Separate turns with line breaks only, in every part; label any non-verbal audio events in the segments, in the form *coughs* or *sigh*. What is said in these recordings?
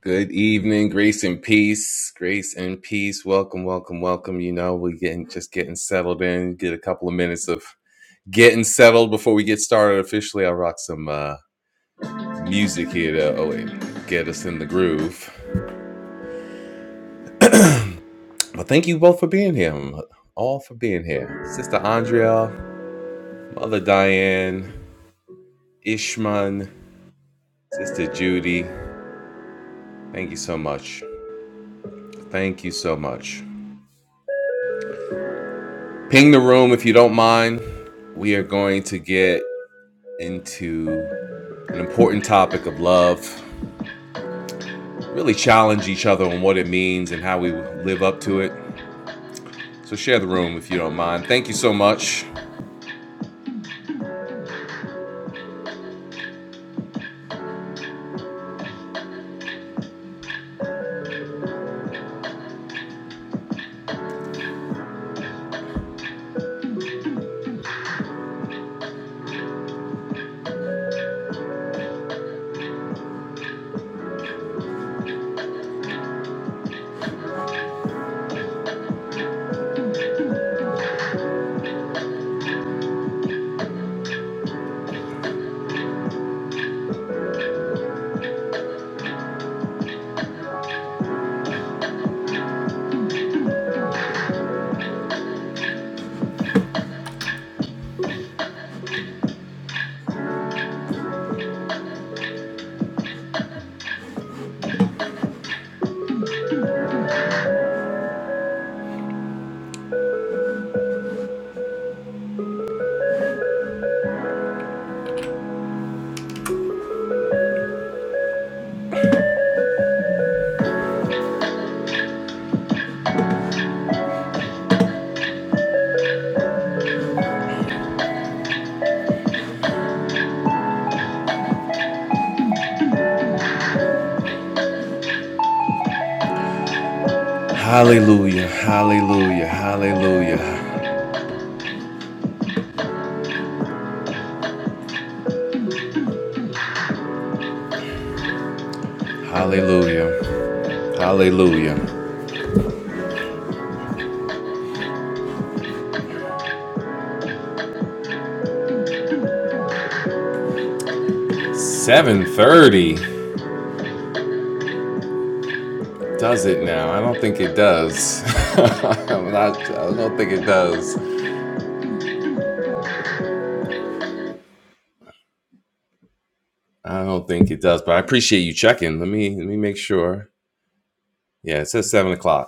Good evening, grace and peace, grace and peace. Welcome, welcome, welcome. You know, we're getting just getting settled in. Get a couple of minutes of getting settled before we get started officially. I'll rock some uh, music here to oh, wait, get us in the groove. But thank you both for being here, all for being here. Sister Andrea, Mother Diane, Ishman, Sister Judy. Thank you so much. Thank you so much. Ping the room if you don't mind. We are going to get into an important topic of love, really challenge each other on what it means and how we live up to it. So share the room if you don't mind. Thank you so much. Hallelujah, hallelujah, hallelujah, hallelujah, hallelujah. 7:30 does it now? I don't think it does. *laughs* I'm not, I don't think it does. I don't think it does, but I appreciate you checking. Let me let me make sure. Yeah, it says seven o'clock.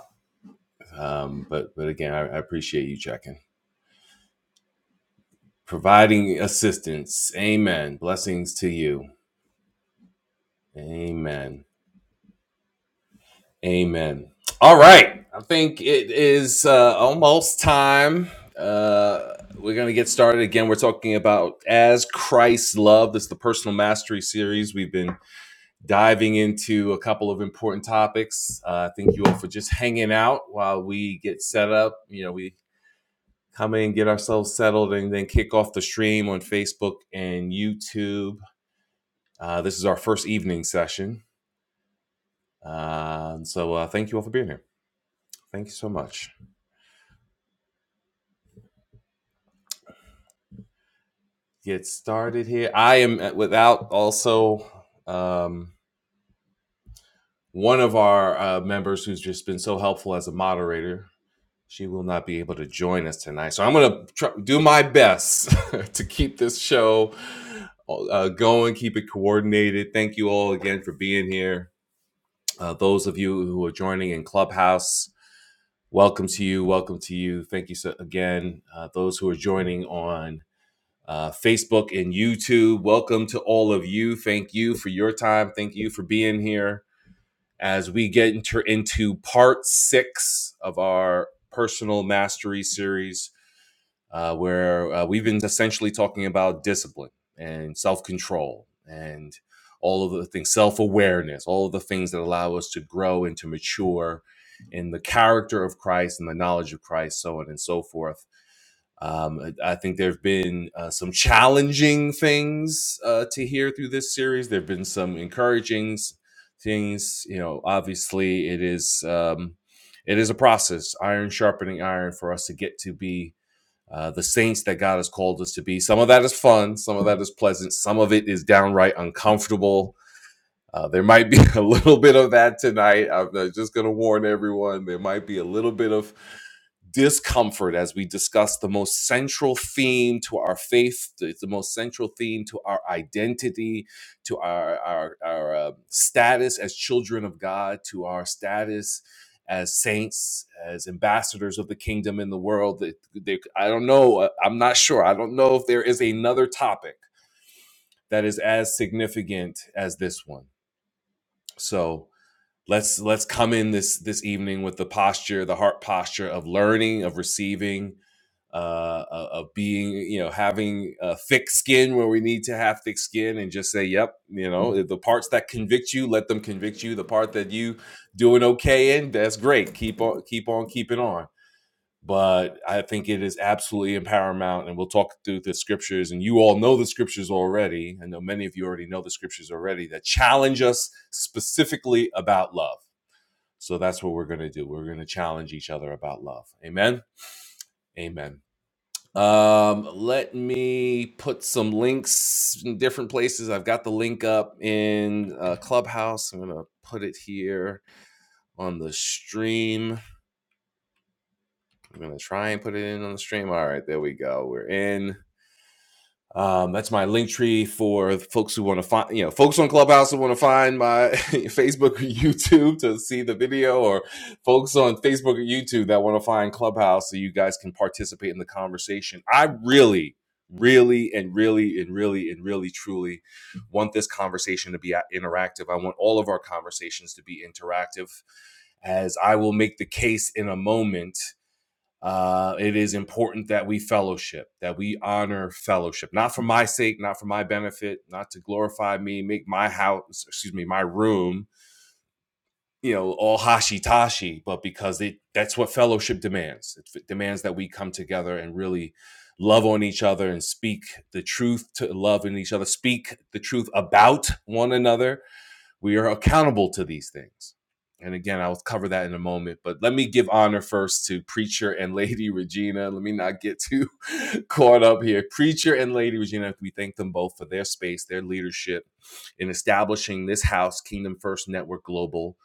Um, but but again, I, I appreciate you checking, providing assistance. Amen. Blessings to you. Amen. Amen. All right. I think it is uh, almost time. Uh, we're gonna get started again. We're talking about as Christ loved. This is the personal mastery series. We've been diving into a couple of important topics. Uh, thank you all for just hanging out while we get set up. You know we come in, get ourselves settled, and then kick off the stream on Facebook and YouTube. Uh, this is our first evening session. Uh, so uh, thank you all for being here. Thank you so much. Get started here. I am uh, without also um, one of our uh, members who's just been so helpful as a moderator. She will not be able to join us tonight. So I'm going to do my best *laughs* to keep this show uh, going, keep it coordinated. Thank you all again for being here Uh, those of you who are joining in Clubhouse, welcome to you. Welcome to you. Thank you so, again. Uh, those who are joining on uh, Facebook and YouTube, welcome to all of you. Thank you for your time. Thank you for being here as we get inter- into part six of our personal mastery series uh, where uh, we've been essentially talking about discipline and self control and all of the things, self awareness, all of the things that allow us to grow and to mature in the character of Christ and the knowledge of Christ, so on and so forth. Um, I I think there have been uh, some challenging things uh, to hear through this series. There have been some encouraging s- things. You know, obviously, it is um, it is a process, iron sharpening iron, for us to get to be uh, the saints that God has called us to be. Some of that is fun, some of that is pleasant, some of it is downright uncomfortable. Uh, there might be *laughs* a little bit of that tonight. I'm uh, just going to warn everyone. There might be a little bit of discomfort as we discuss the most central theme to our faith, It's the most central theme to our identity, to our, our, our uh, status as children of God, to our status as saints, as ambassadors of the kingdom in the world. That- that- I don't know. uh, I'm not sure. I don't know if there is another topic that is as significant as this one. So, let's let's come in this this evening with the posture the heart posture of learning of receiving uh uh, of being you know having uh, thick skin where we need to have thick skin and just say yep you know the parts that convict you let them convict you the part that you doing okay in that's great keep on keep on keeping on but i think it is absolutely paramount and we'll talk through the scriptures and you all know the scriptures already i know many of you already know the scriptures already that challenge us specifically about love so that's what we're going to do. We're going to challenge each other about love. Amen. Amen. Um, let me put some links in different places. I've got the link up in uh, Clubhouse. I'm going to put it here on the stream. I'm going to try and put it in on the stream. All right, there we go. We're in. Um, that's my link tree for folks who want to find, you know, folks on Clubhouse who want to find my *laughs* Facebook or YouTube to see the video, or folks on Facebook or YouTube that want to find Clubhouse so you guys can participate in the conversation. I really, really, and really, and really, and really, truly want this conversation to be a- interactive. I want all of our conversations to be interactive, as I will make the case in a moment uh, it is important that we fellowship, that we honor fellowship, not for my sake, not for my benefit, not to glorify me, make my house, excuse me, my room, you know, all hashi tashi, but because it, that's what fellowship demands. It demands that we come together and really love on each other and speak the truth to love in each other, speak the truth about one another we are accountable to these things. And again, I'll cover that in a moment, but let me give honor first to Preacher and Lady *laughs* Regina. Let me not get too *laughs* caught up here. Preacher and Lady Regina, we thank them both for their space, their leadership in establishing this house, Kingdom First Network Global,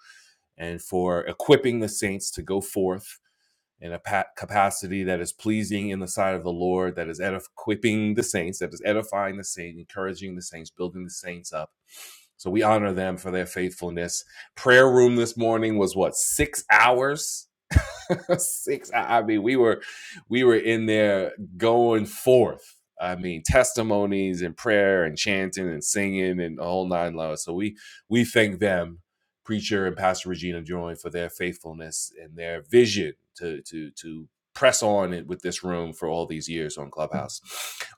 and for equipping the saints to go forth in a capacity that is pleasing in the sight of the Lord, that is edif- equipping the saints, that is edifying the saints, encouraging the saints, building the saints up. So we honor them for their faithfulness. Prayer room this morning was what six hours. *laughs* six. I I mean, we were we were in there going forth. I mean, testimonies and prayer and chanting and singing and the whole nine loads. So we we thank them preacher and pastor regina Joy for their faithfulness and their vision to to to press on with this room for all these years on clubhouse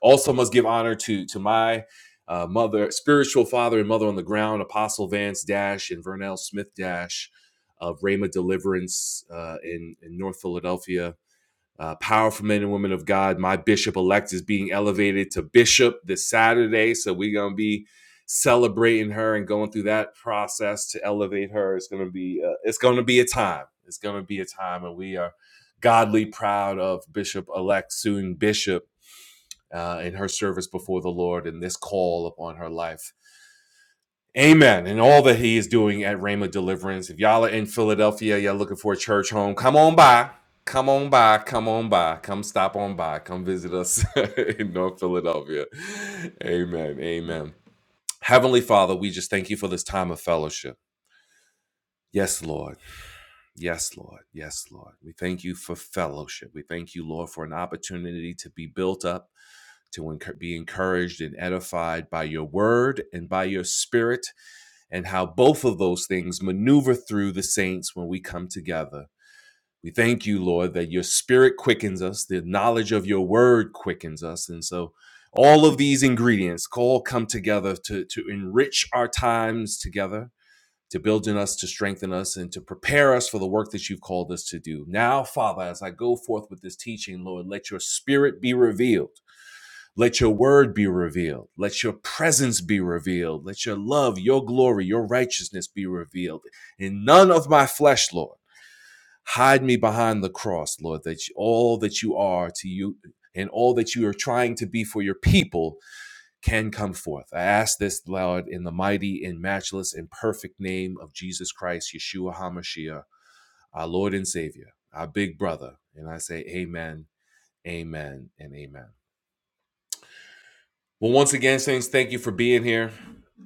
also must give honor to to my uh, mother spiritual father and mother on the ground apostle vance dash and vernell smith dash of Rhema Deliverance uh, in, in North Philadelphia uh, powerful men and women of God. My bishop elect is being elevated to bishop this Saturday. So we're going to be celebrating her and going through that process to elevate her. It's going to be, uh, it's going to be a time. It's going to be a time. And we are godly proud of bishop elect, soon bishop, uh, in her service before the Lord and this call upon her life. Amen. And all that he is doing at Rhema Deliverance. If y'all are in Philadelphia, y'all looking for a church home, come on by. Come on by. Come on by. Come stop on by. Come visit us *laughs* in North Philadelphia. Amen. Amen. Heavenly Father, we just thank you for this time of fellowship. Yes, Lord. Yes, Lord. Yes, Lord. We thank you for fellowship. We thank you, Lord, for an opportunity to be built up, to encour- be encouraged and edified by your word and by your spirit and how both of those things maneuver through the saints when we come together. We thank you, Lord, that your spirit quickens us, the knowledge of your word quickens us. And so all of these ingredients all come together to, to enrich our times together, to build in us, to strengthen us, and to prepare us for the work that you've called us to do. Now, Father, as I go forth with this teaching, Lord, let your spirit be revealed. Let your word be revealed. Let your presence be revealed. Let your love, your glory, your righteousness be revealed. In none of my flesh, Lord, hide me behind the cross, Lord, that all that you are to you and all that you are trying to be for your people can come forth. I ask this, Lord, in the mighty and matchless and perfect name of Jesus Christ, Yeshua HaMashiach, our Lord and Savior, our big brother. And I say, Amen, Amen, and Amen. Well, once again, Saints, thank you for being here.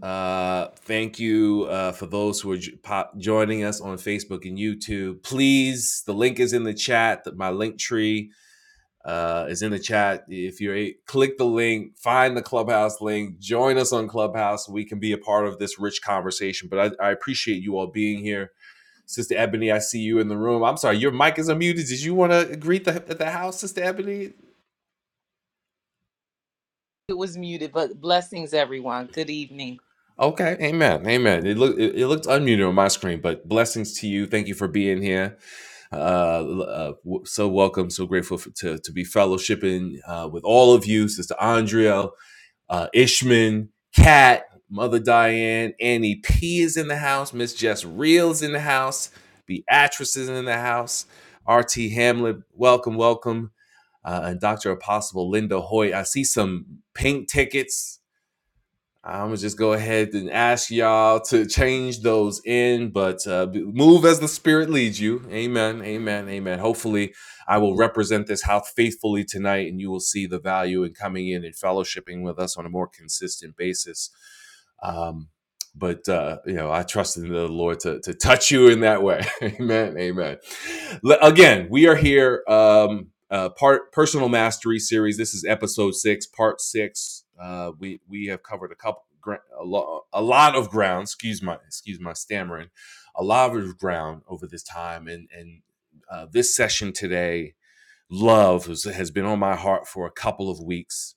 Uh, thank you uh, for those who are jo- pop- joining us on Facebook and YouTube. Please, the link is in the chat. My link tree uh, is in the chat. If you're a- click the link, find the Clubhouse link, join us on Clubhouse. We can be a part of this rich conversation. But I, I appreciate you all being here. Sister Ebony, I see you in the room. I'm sorry, your mic is unmuted. Did you want to greet the, the house, Sister Ebony?
It was muted, but blessings, everyone. Good evening.
Okay, amen, amen. It looked it, it looked unmuted on my screen, but blessings to you. Thank you for being here. Uh, l- uh w- so welcome, so grateful for, to to be fellowshipping uh, with all of you, Sister Andrea, uh, Ishman, Kat, Mother Diane, Annie P is in the house, Miss Jess Reels in the house, Beatrice is in the house, R.T. Hamlet, welcome, welcome, uh, and Doctor Apostle Linda Hoy. I see some pink tickets. I'm gonna just go ahead and ask y'all to change those in, but uh, move as the Spirit leads you. Amen. Amen. Amen. Hopefully, I will represent this house faithfully tonight, and you will see the value in coming in and fellowshipping with us on a more consistent basis. Um, but uh, you know, I trust in the Lord to, to touch you in that way. *laughs* amen. Amen. Again, we are here. Um, uh, part personal mastery series. This is episode six, part six. Uh, we we have covered a couple a lot a lot of ground. Excuse my excuse my stammering. A lot of ground over this time, and and uh, this session today, love has, has been on my heart for a couple of weeks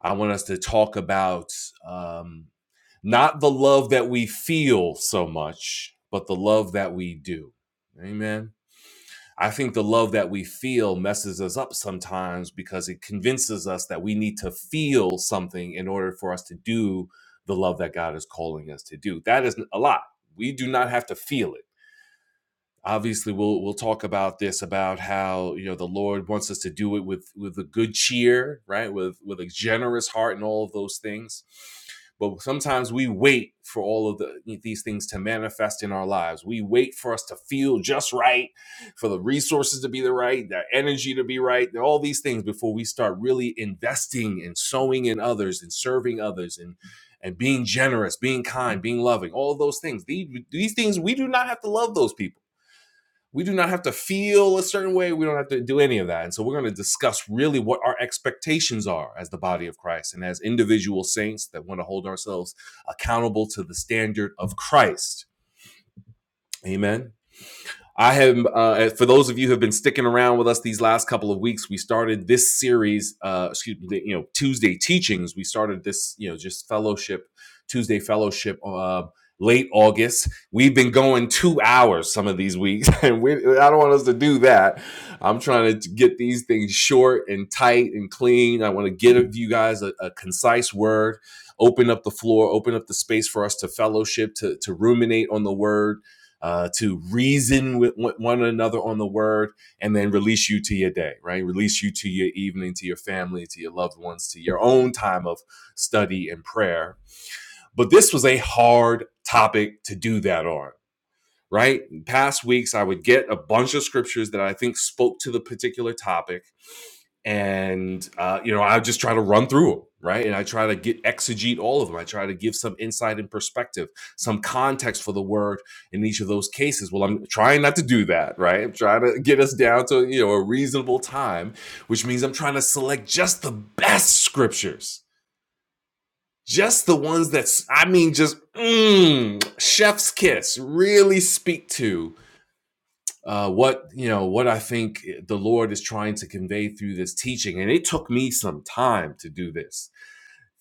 I want us to talk about um, not the love that we feel so much, but the love that we do. Amen. I think the love that we feel messes us up sometimes because it convinces us that we need to feel something in order for us to do the love that God is calling us to do. That is a lot. We do not have to feel it obviously we'll we'll talk about this about how you know the lord wants us to do it with with a good cheer right with with a generous heart and all of those things but sometimes we wait for all of the, these things to manifest in our lives we wait for us to feel just right for the resources to be the right the energy to be right and all these things before we start really investing and sowing in others and serving others and and being generous being kind being loving all of those things these, these things we do not have to love those people we do not have to feel a certain way. We don't have to do any of that. And so we're going to discuss really what our expectations are as the body of Christ and as individual saints that want to hold ourselves accountable to the standard of Christ. Amen. I have, uh, for those of you who have been sticking around with us these last couple of weeks, we started this series, uh, excuse me, you know, Tuesday teachings. We started this, you know, just fellowship, Tuesday fellowship, uh, late August. We've been going two hours some of these weeks, *laughs* and we, I don't want us to do that. I'm trying to get these things short and tight and clean. I want to give you guys a, a concise word, open up the floor, open up the space for us to fellowship, to, to ruminate on the word uh, to reason with one another on the word and then release you to your day, right? Release you to your evening, to your family, to your loved ones, to your own time of study and prayer. But this was a hard topic to do that on, right? In past weeks, I would get a bunch of scriptures that I think spoke to the particular topic and uh, you know i just try to run through them right and i try to get exegete all of them i try to give some insight and perspective some context for the word in each of those cases well i'm trying not to do that right i'm trying to get us down to you know a reasonable time which means i'm trying to select just the best scriptures just the ones that's i mean just mm, chef's kiss really speak to uh, what you know what I think the Lord is trying to convey through this teaching. And it took me some time to do this.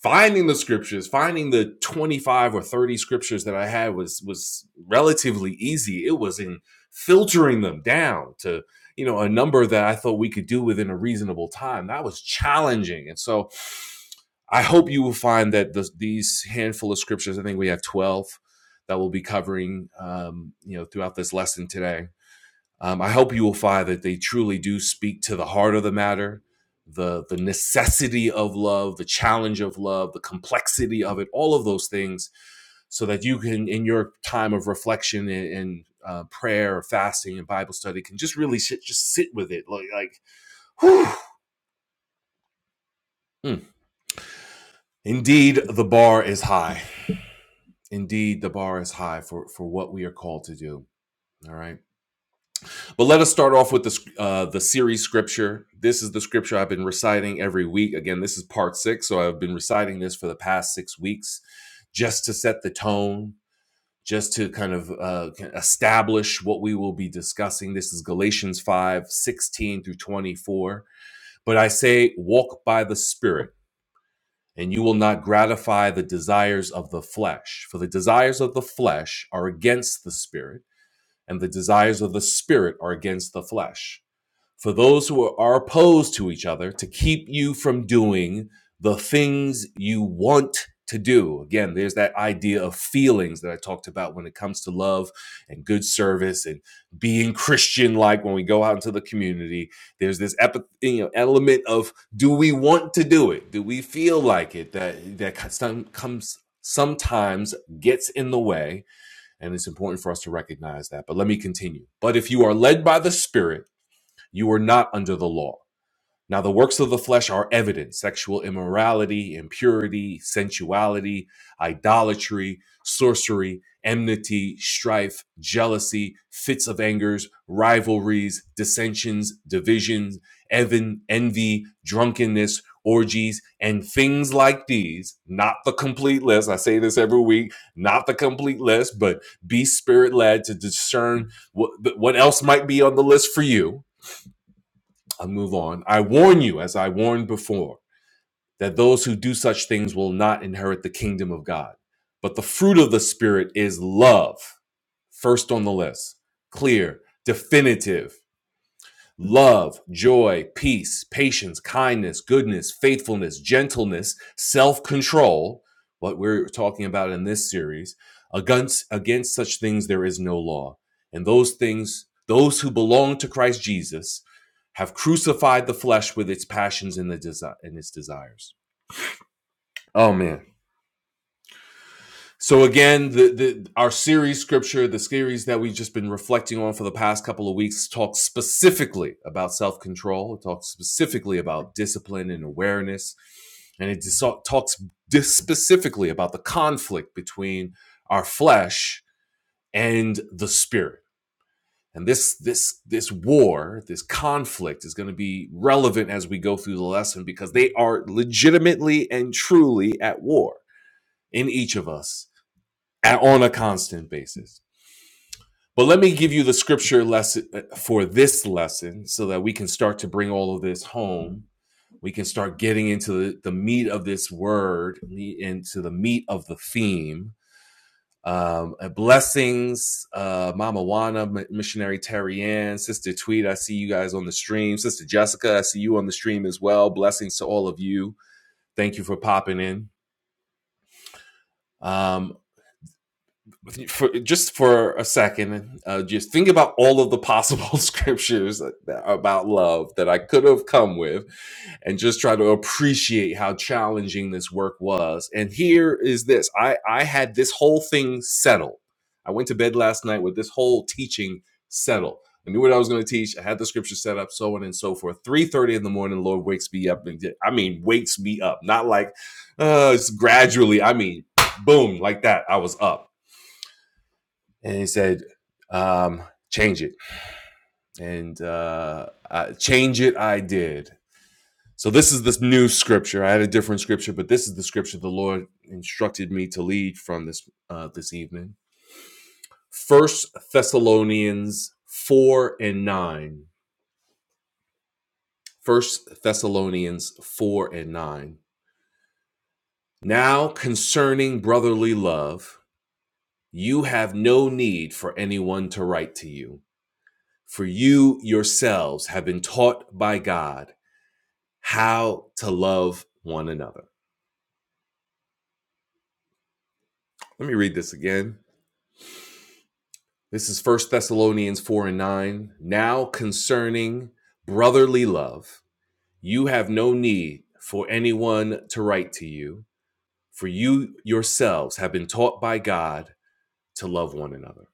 Finding the scriptures, finding the 25 or 30 scriptures that I had was was relatively easy. It was in filtering them down to you know a number that I thought we could do within a reasonable time. That was challenging. And so I hope you will find that the, these handful of scriptures, I think we have 12 that we'll be covering um, you know throughout this lesson today um, I hope you will find that they truly do speak to the heart of the matter, the the necessity of love, the challenge of love, the complexity of it, all of those things, so that you can, in your time of reflection and, and uh, prayer, or fasting, and Bible study, can just really sit, just sit with it, like like. whew. Mm. Indeed, the bar is high. Indeed, the bar is high for for what we are called to do. All right. But let us start off with the uh, the series scripture. This is the scripture I've been reciting every week. Again, this is part six, so I've been reciting this for the past six weeks, just to set the tone, just to kind of uh, establish what we will be discussing. This is Galatians five sixteen through twenty four. But I say, walk by the Spirit, and you will not gratify the desires of the flesh. For the desires of the flesh are against the Spirit, and the desires of the Spirit are against the flesh for those who are opposed to each other to keep you from doing the things you want to do. Again, there's that idea of feelings that I talked about when it comes to love and good service and being Christian like when we go out into the community. There's this epi- you know, element of do we want to do it? Do we feel like it that that some, comes sometimes gets in the way and it's important for us to recognize that. But let me continue. But if you are led by the spirit you are not under the law. Now, the works of the flesh are evident sexual immorality, impurity, sensuality, idolatry, sorcery, enmity, strife, jealousy, fits of angers, rivalries, dissensions, divisions, even, envy, drunkenness, orgies, and things like these. Not the complete list. I say this every week, not the complete list, but be spirit led to discern what, what else might be on the list for you I'll move on. I warn you, as I warned before, that those who do such things will not inherit the kingdom of God. But the fruit of the Spirit is love, first on the list, clear, definitive love, joy, peace, patience, kindness, goodness, faithfulness, gentleness, self control, what we're talking about in this series, against, against such things there is no law. And those things, those who belong to Christ Jesus have crucified the flesh with its passions and, the desi- and its desires. Oh, man. So again, the, the our series scripture, the series that we've just been reflecting on for the past couple of weeks, talks specifically about self control. It talks specifically about discipline and awareness, and it talks specifically about the conflict between our flesh and the spirit. And this this this war, this conflict, is going to be relevant as we go through the lesson because they are legitimately and truly at war in each of us at- on a constant basis. But let me give you the scripture lesson uh, for this lesson so that we can start to bring all of this home. We can start getting into the, the meat of this word, into the meat of the theme. Um, uh, blessings, uh, Mama Wana, Missionary Terry Ann, Sister Tweet, I see you guys on the stream. Sister Jessica, I see you on the stream as well. Blessings to all of you. Thank you for popping in. Um, for just for a second, uh, just think about all of the possible *laughs* scriptures about love that I could have come with, and just try to appreciate how challenging this work was. And here is this: I I had this whole thing settled. I went to bed last night with this whole teaching settled. I knew what I was going to teach. I had the scripture set up, so on and so forth. Three thirty in the morning, Lord wakes me up. And, I mean, wakes me up. Not like uh, it's gradually. I mean, boom, like that. I was up and he said, um, "Change it." And uh, I, change it, I did. So this is this new scripture. I had a different scripture, but this is the scripture the Lord instructed me to lead from this uh, this evening. First Thessalonians four and nine. First Thessalonians four and nine. Now concerning brotherly love, you have no need for anyone to write to you, for you yourselves have been taught by God how to love one another. Let me read this again. This is First Thessalonians 4 and 9. Now concerning brotherly love, you have no need for anyone to write to you, for you yourselves have been taught by God to love one another.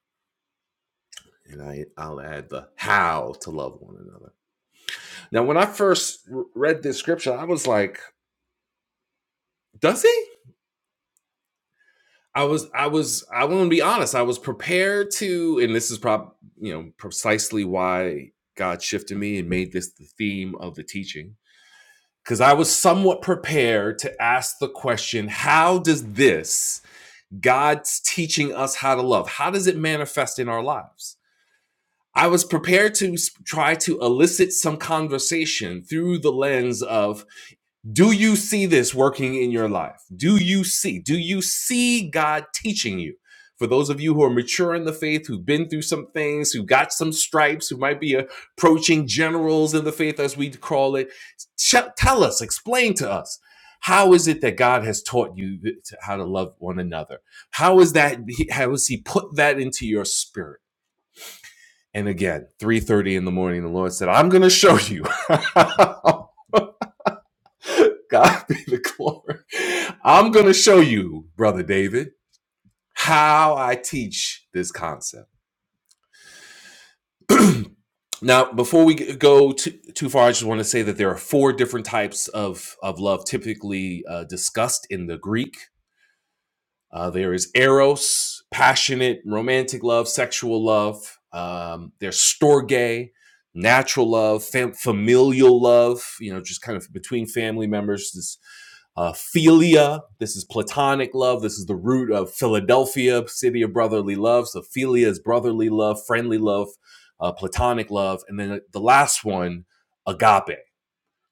And I, I'll add the how to love one another. Now, when I first read this scripture, I was like, does he? I was, I was, I want to be honest. I was prepared to, and this is prob, you know, precisely why God shifted me and made this the theme of the teaching. Because I was somewhat prepared to ask the question, how does this, God's teaching us how to love, how does it manifest in our lives? I was prepared to try to elicit some conversation through the lens of do you see this working in your life? Do you see? Do you see God teaching you? For those of you who are mature in the faith, who've been through some things, who got some stripes, who might be approaching generals in the faith, as we call it, ch- tell us, explain to us, how is it that God has taught you th- to- how to love one another? How is that? How has He put that into your spirit? And again, 3:30 in the morning, the Lord said, "I'm going to show you." *laughs* *laughs* God be the glory. I'm going to show you, Brother David, how I teach this concept. *clears throat* now, before we go too, too far, I just want to say that there are four different types of, of love typically uh, discussed in the Greek. Uh, there is eros, passionate, romantic love, sexual love. Um, there's storge, natural love, fam- familial love. You know, just kind of between family members. This uh, philia. This is platonic love. This is the root of Philadelphia, city of brotherly love. So philia is brotherly love, friendly love, uh, platonic love, and then the last one, agape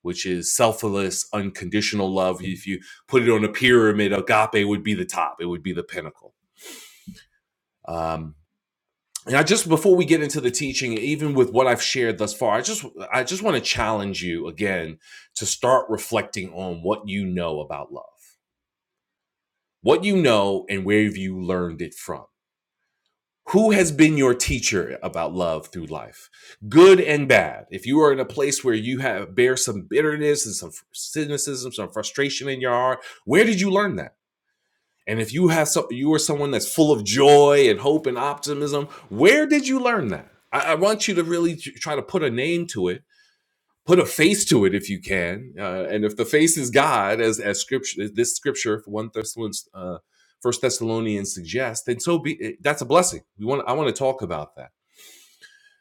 which is selfless, unconditional love. If you put it on a pyramid, agape would be the top, it would be the pinnacle. Um, and I just before we get into the teaching, even with what I've shared thus far, I just I just want to challenge you again to start reflecting on what you know about love, what you know, and where have you learned it from Who has been your teacher about love through life, good and bad? If you are in a place where you have bear some bitterness and some cynicism, some frustration in your heart, where did you learn that? And if you have some, you are someone that's full of joy and hope and optimism, where did you learn that? I, I want you to really try to put a name to it put a face to it if you can. Uh, and if the face is God, as as scripture this scripture one Thessalonians uh, First Thessalonians suggests, then so be. eh, That's a blessing. We want. I want to talk about that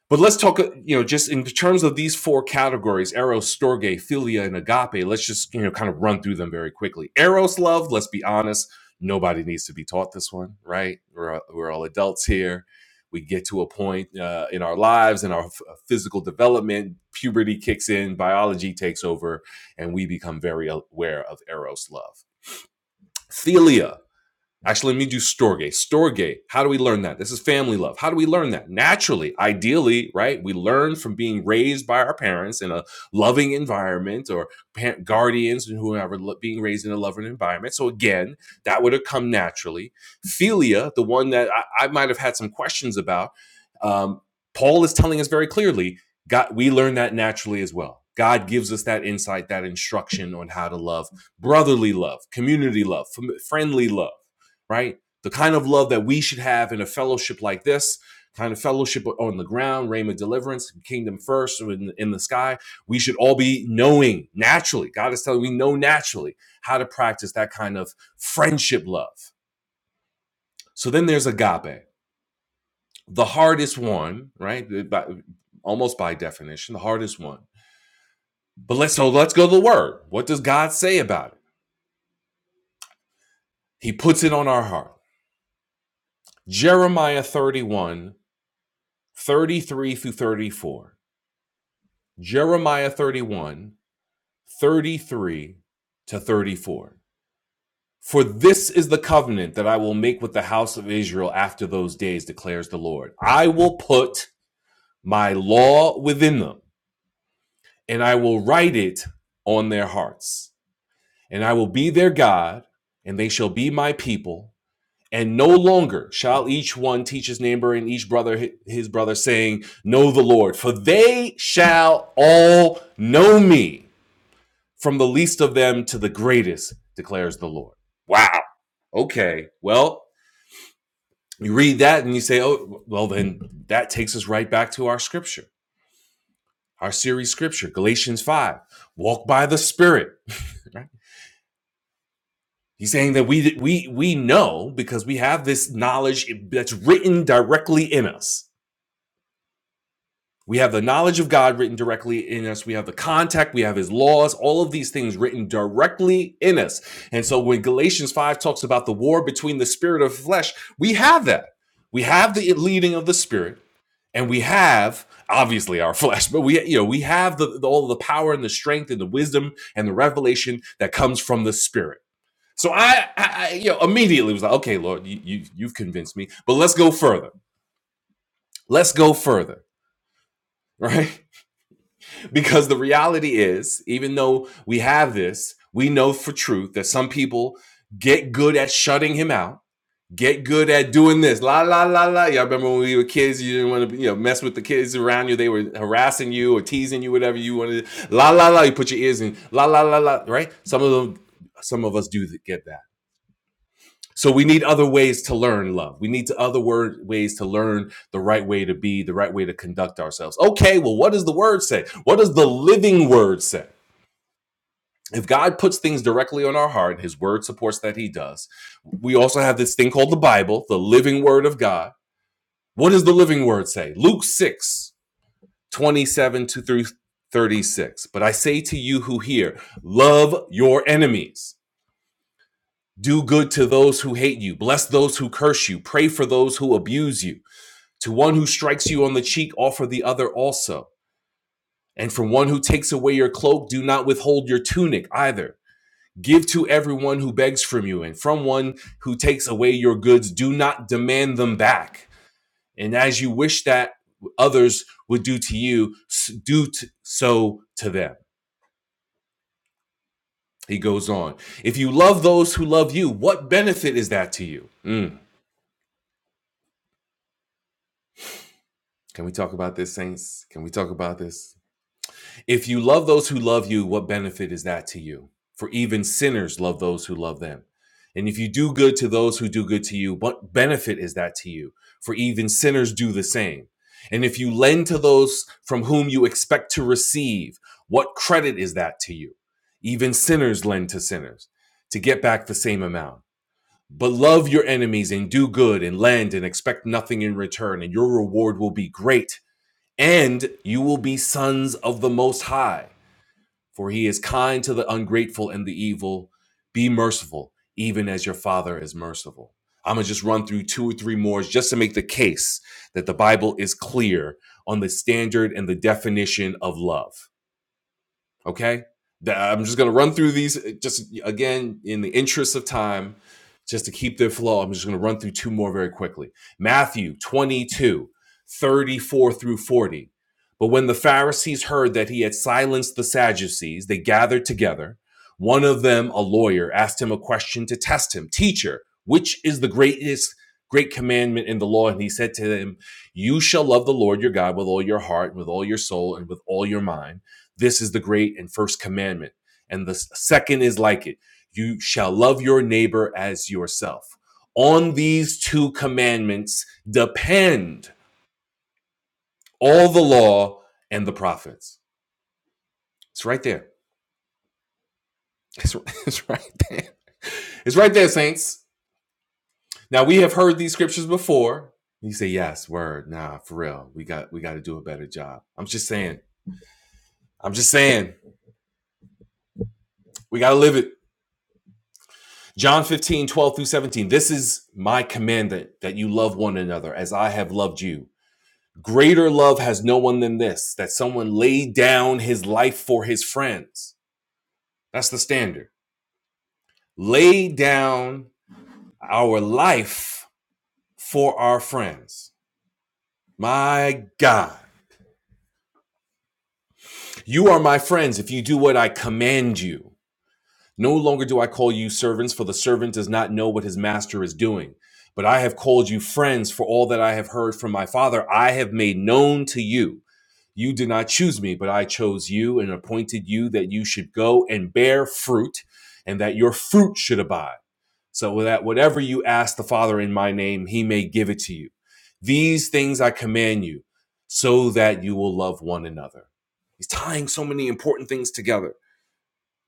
but let's talk, uh, you know, just in terms of these four categories Eros, Storge, Philia, and Agape, let's just, you know, kind of run through them very quickly. Eros love, let's be honest, nobody needs to be taught this one, right? We're, we're all adults here. We get to a point uh, in our lives in our f- uh, physical development, puberty kicks in, biology takes over, and we become very aware of Eros love. Philia Actually, let me do storge. Storge. How do we learn that? This is family love. How do we learn that? Naturally, ideally, right? We learn from being raised by our parents in a loving environment or parent, guardians and whoever being raised in a loving environment. So again, that would have come naturally. Philia, the one that I, I might have had some questions about, um, Paul is telling us very clearly. God, we learn that naturally as well. God gives us that insight, that instruction on how to love, brotherly love, community love, friendly love right? The kind of love that we should have in a fellowship like this, kind of fellowship on the ground, Rhema deliverance, kingdom first in, in the sky. We should all be knowing naturally. God is telling we know naturally how to practice that kind of friendship love. So then there's agape, the hardest one, right? The- by- almost by definition, the hardest one. But let's so let's go to the word. What does God say about it? He puts it on our heart. Jeremiah 31 33 through 34. Jeremiah 31, 33 to 34. For this is the covenant that I will make with the house of Israel after those days, declares the Lord. I will put my law within them, and I will write it on their hearts. And I will be their God, and they shall be my people. And no longer shall each one teach his neighbor and each brother his brother, saying, Know the Lord, for they shall all know me from the least of them to the greatest, declares the Lord. Wow. Okay. Well, you read that and you say, oh, well, then that takes us right back to our scripture, our series scripture, Galatians 5. Walk by the Spirit. *laughs* He's saying that we we we know because we have this knowledge that's written directly in us. We have the knowledge of God written directly in us. We have the contact. We have his laws, all of these things written directly in us. And so when Galatians 5 talks about the war between the spirit of flesh, we have that. We have the leading of the spirit and we have obviously our flesh, but we, you know, we have the, the- all the power and the strength and the wisdom and the revelation that comes from the spirit. So I, I, I you know, immediately was like, okay, Lord, you, you, you've convinced me, but let's go further. Let's go further, *laughs* right? because the reality is, even though we have this, we know for truth that some people get good at shutting him out, get good at doing this. La la la la. Y'all remember when we were kids, you didn't want to you know mess with the kids around you. They were harassing you or teasing you, whatever you wanted. La la la. You put your ears in. La la la la. Right? Some of them, some of us do get that so we need other ways to learn love. We need to other word ways to learn the right way to be, the right way to conduct ourselves. Okay, well, what does the word say? What does the living word say? If God puts things directly on our heart, his word supports that he does. We also have this thing called the Bible, the living word of God. What does the living word say? Luke 6 27 to through 36. But I say to you who hear, love your enemies. Do good to those who hate you. Bless those who curse you. Pray for those who abuse you. To one who strikes you on the cheek, offer the other also. And from one who takes away your cloak, do not withhold your tunic either. Give to everyone who begs from you, and from one who takes away your goods, do not demand them back. And as you wish that others would do to you, do so to them. He goes on. If you love those who love you, what benefit is that to you? Mm. Can we talk about this, saints? Can we talk about this? If you love those who love you, what benefit is that to you? For even sinners love those who love them. And if you do good to those who do good to you, what benefit is that to you? For even sinners do the same. And if you lend to those from whom you expect to receive, what credit is that to you? Even sinners lend to sinners to get back the same amount. But love your enemies and do good and lend and expect nothing in return, and your reward will be great, and you will be sons of the Most High for he is kind to the ungrateful and the evil. Be merciful, even as your Father is merciful. I'm going to just run through two or three more just to make the case that the Bible is clear on the standard and the definition of love. Okay. I'm just going to run through these uh, just again in the interest of time, just to keep their flow. I'm just going to run through two more very quickly Matthew 22, 34 through 40. But when the Pharisees heard that he had silenced the Sadducees, they gathered together. One of them, a lawyer, asked him a question to test him Teacher, which is the greatest great commandment in the law? And he said to them, You shall love the Lord your God with all your heart, and with all your soul, and with all your mind this is the great and first commandment. And the second is like it you shall love your neighbor as yourself. On these two commandments depend all the law and the prophets. It's right there. It's, *laughs* it's right there. It's right there, saints. Now we have heard these scriptures before. You say, yes, word, nah, for real. We got we gotta do a better job. I'm just saying. I'm just saying. We gotta live it. John 15 12 through 17. This is my commandment that you love one another as I have loved you. Greater love has no one than this, that someone lay down his life for his friends. That's the standard. Lay down our life for our friends. My God, you are my friends if you do what I command you. No longer do I call you servants, for the servant does not know what his master is doing. But I have called you friends, for all that I have heard from my Father, I have made known to you. You did not choose me, but I chose you and appointed you that you should go and bear fruit, and that your fruit should abide. So that whatever you ask the Father in my name, he may give it to you. These things I command you, so that you will love one another. He's tying so many important things together.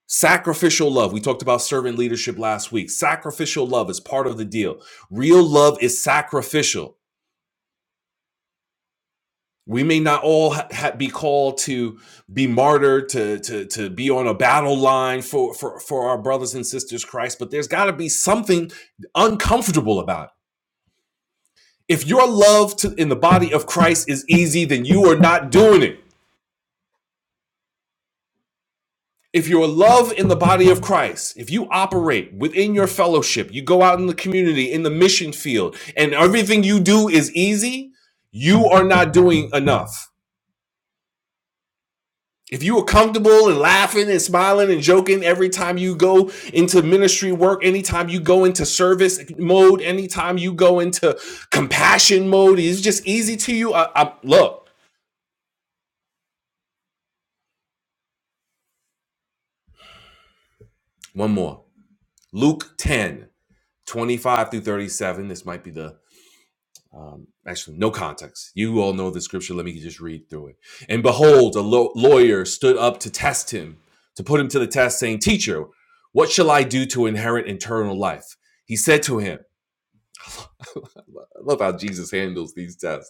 Sacrificial love. We talked about servant leadership last week. Sacrificial love is part of the deal. Real love is sacrificial. We may not all ha- ha- be called to be martyred, to, to, to be on a battle line for, for, for our brothers and sisters in Christ, but there's got to be something uncomfortable about it. If your love to, in the body of Christ is easy, then you are not doing it. if you're love in the body of Christ, if you operate within your fellowship, you go out in the community, in the mission field, and everything you do is easy, you are not doing enough. If you are comfortable and laughing and smiling and joking every time you go into ministry work, anytime you go into service mode, anytime you go into compassion mode, it's just easy to you. I, I, look, one more. Luke 10 25 through 37. This might be the um, actually no context you all know the scripture let me just read through it and behold a lo- lawyer stood up to test him to put him to the test saying teacher what shall i do to inherit eternal life he said to him i love how jesus handles these tests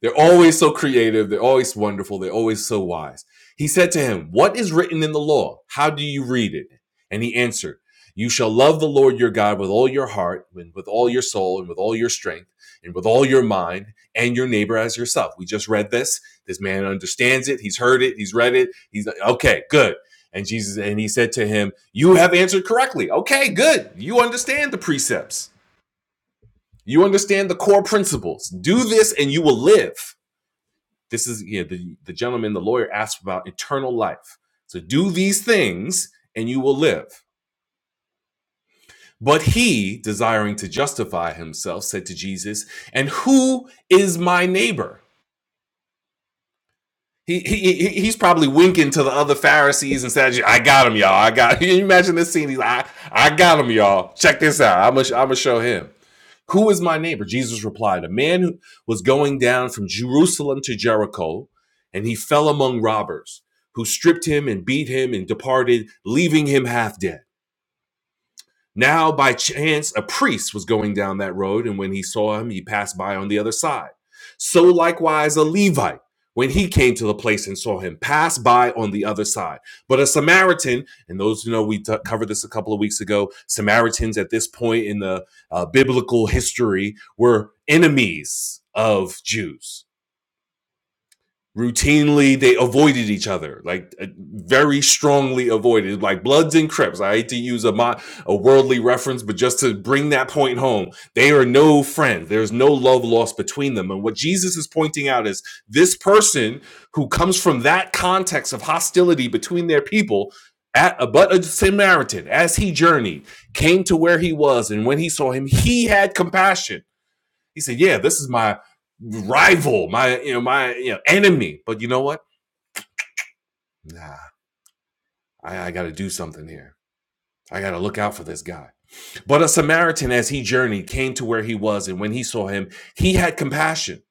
they're always so creative. They're always wonderful. They're always so wise. He said to him, What is written in the law? How do you read it? And he answered, You shall love the Lord your God with all your heart, and with all your soul, and with all your strength, and with all your mind, and your neighbor as yourself. We just read this. This man understands it. He's heard it. He's read it. He's like, okay, good. And Jesus, and he said to him, You have answered correctly. Okay, good. You understand the precepts. You understand the core principles. Do this and you will live. This is yeah, the, the gentleman, the lawyer asked about eternal life. So do these things and you will live. But he, desiring to justify himself, said to Jesus, And who is my neighbor? He, he he's probably winking to the other Pharisees and Sadducees. I got him, y'all. I got. *laughs* him. Can you imagine this scene? He's like, I, I got him, y'all. Check this out. I'm gonna show him. Who is my neighbor? Jesus replied, A man who was going down from Jerusalem to Jericho, and he fell among robbers, who stripped him and beat him and departed, leaving him half dead. Now, by chance, a priest was going down that road, and when he saw him, he passed by on the other side. So likewise, a Levite, when he came to the place and saw him, passed by on the other side. But a Samaritan, and those who know, we t- covered this a couple of weeks ago, Samaritans at this point in the uh, biblical history were enemies of Jews routinely they avoided each other like uh, very strongly avoided like bloods and crips i hate to use a mo- a worldly reference but just to bring that point home they are no friends there's no love lost between them and what jesus is pointing out is this person who comes from that context of hostility between their people at a, but a samaritan as he journeyed came to where he was and when he saw him he had compassion he said, "Yeah, this is my rival, my you know my you know enemy." But you know what? Nah, I, I got to do something here. I got to look out for this guy. But a Samaritan, as he journeyed, came to where he was, and when he saw him, he had compassion.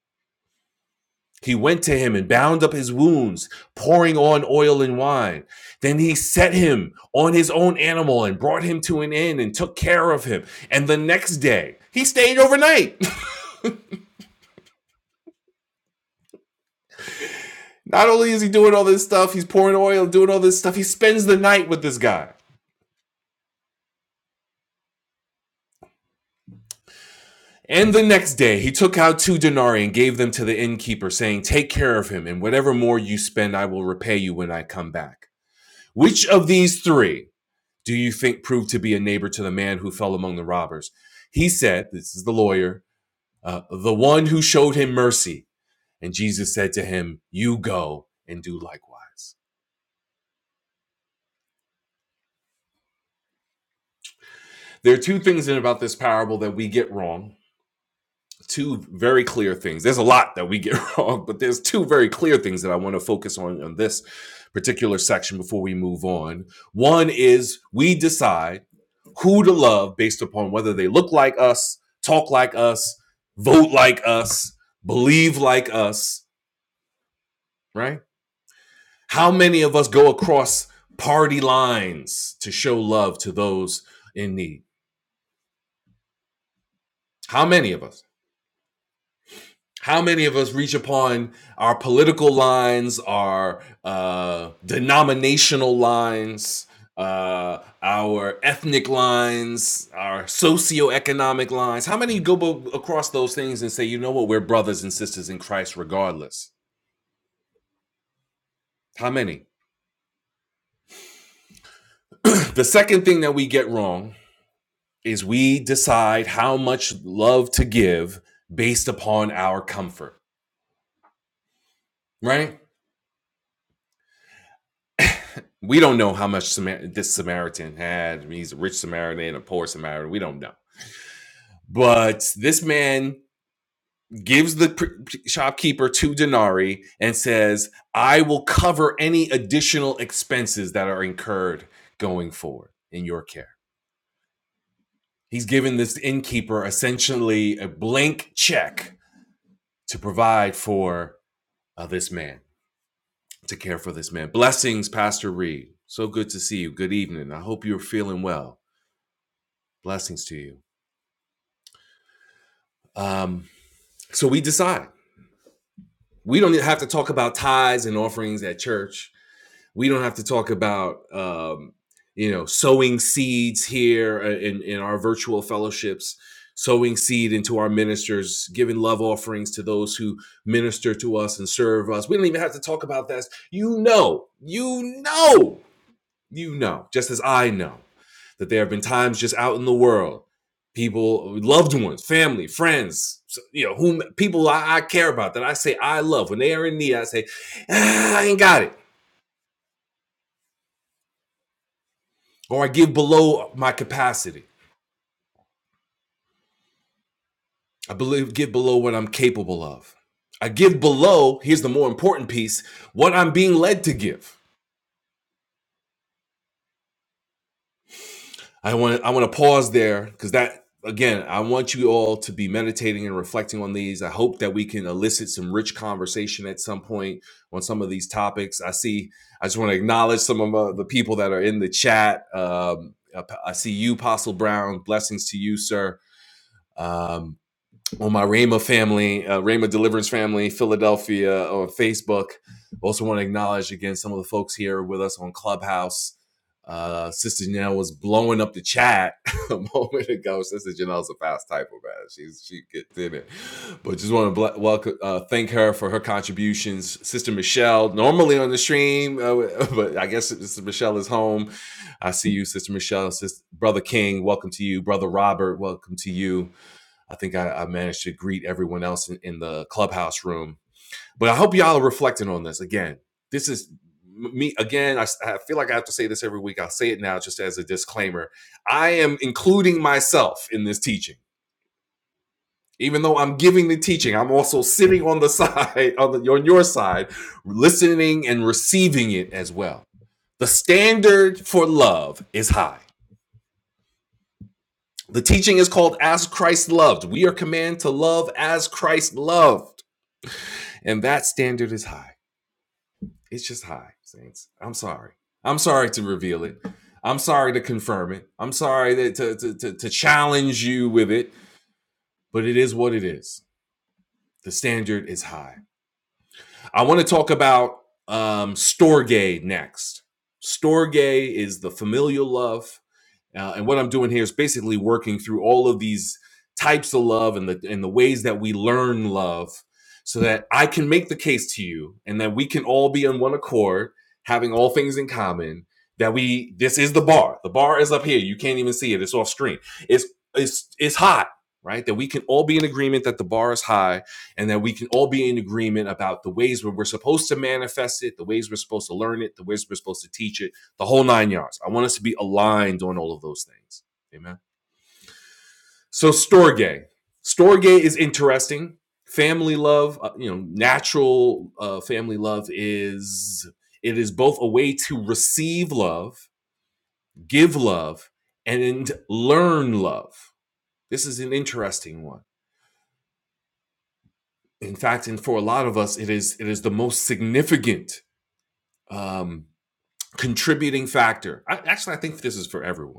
He went to him and bound up his wounds, pouring on oil and wine. Then he set him on his own animal and brought him to an inn and took care of him. And the next day, he stayed overnight. Not only is he doing all this stuff, he's pouring oil, doing all this stuff, he spends the night with this guy. And the next day, he took out two denarii and gave them to the innkeeper, saying, Take care of him, and whatever more you spend, I will repay you when I come back. Which of these three do you think proved to be a neighbor to the man who fell among the robbers? He said, This is the lawyer, uh, the one who showed him mercy. And Jesus said to him, You go and do likewise. There are two things in about this parable that we get wrong two very clear things. There's a lot that we get *laughs* wrong, but there's two very clear things that I want to focus on in this particular section before we move on. One is we decide who to love based upon whether they look like us, talk like us, vote like us, believe like us, right? How many of us go across party lines to show love to those in need? How many of us? how many of us reach upon our political lines, our uh, denominational lines, uh, our ethnic lines, our socioeconomic lines? How many go bo- across those things and say, you know what, we're brothers and sisters in Christ regardless? How many? *clears throat* the second thing that we get wrong is we decide how much love to give based upon our comfort, right? we don't know how much Samar- this Samaritan had. I mean, He's a rich Samaritan and a poor Samaritan. We don't know. But this man gives the pr- shopkeeper two denarii and says, I will cover any additional expenses that are incurred going forward in your care. He's given this innkeeper essentially a blank check to provide for uh, this man, to care for this man. Blessings, Pastor Reed. So good to see you. Good evening. I hope you're feeling well. Blessings to you. Um, so we decide we don't have to talk about tithes and offerings at church. We don't have to talk about um, you know sowing seeds here uh, in, in our virtual fellowships, sowing seed into our ministers, giving love offerings to those who minister to us and serve us. We don't even have to talk about that. You know, you know, you know, just as I know that there have been times just out in the world, people, loved ones, family, friends, so- you know, whom people I, I care about that I say I love. When they are in need, I say, "Ah, I ain't got it. Or I give below my capacity. I believe give below what I'm capable of. I give below, here's the more important piece, what I'm being led to give. I want I want to pause there because that again, I want you all to be meditating and reflecting on these. I hope that we can elicit some rich conversation at some point on some of these topics. I see. I just want to acknowledge some of uh, the people that are in the chat. Um, I I see you, Apostle Brown. Blessings to you, sir. Um, on my Rama family, uh, Rama Deliverance family, Philadelphia uh, on Facebook. Also want to acknowledge again some of the folks here with us on Clubhouse. Uh, Sister Janelle was blowing up the chat *laughs* a moment ago. Sister Janelle's a fast typer, man. She's she gets in it. But just want to ble- welcome, uh, thank her for her contributions. Sister Michelle, normally on the stream, uh, *laughs* but I guess Sister Michelle is home. I see you, Sister Michelle. Sister Brother King, welcome to you. Brother Robert, welcome to you. I think I, I managed to greet everyone else in, in the clubhouse room. But I hope y'all are reflecting on this again. This is me again. I I feel like I have to say this every week. I'll say it now just as a disclaimer. I am including myself in this teaching. Even though I'm giving the teaching, I'm also sitting on the *laughs* side, on, the, on your side, listening and receiving it as well. The standard for love is high. The teaching is called As Christ Loved. We are commanded to love as Christ loved. And that standard is high. It's just high, Saints. I'm sorry. I'm sorry to reveal it. I'm sorry to confirm it. I'm sorry that to, to, to, to challenge you with it, but it is what it is. The standard is high. I want to talk about um, Storge next. Storge is the familial love Uh, and what I'm doing here is basically working through all of these types of love and the and the ways that we learn love, so that I can make the case to you, and that we can all be on one accord, having all things in common. That we this is the bar. The bar is up here. You can't even see it. It's off screen. It's it's it's high, right? That we can all be in agreement that the bar is high, and that we can all be in agreement about the ways where we're supposed to manifest it, the ways we're supposed to learn it, the ways we're supposed to teach it the whole nine yards. I want us to be aligned on all of those things. Amen. So Storge. Storge is interesting. Family love, uh, you know, natural uh, family love is it is both a way to receive love, give love, and learn love. This is an interesting one. In fact, and for a lot of us, it is it is the most significant um, contributing factor. I, actually, I think this is for everyone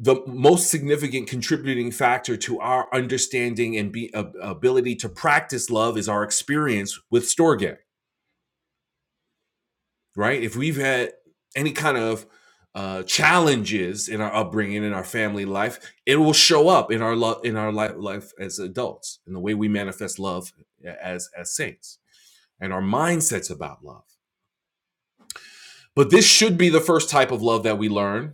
the most significant contributing factor to our understanding and be, ab- ability to practice love is our experience with storge right if we've had any kind of uh, challenges in our upbringing in our family life it will show up in our love in our life, life as adults in the way we manifest love as as saints and our mindsets about love but this should be the first type of love that we learn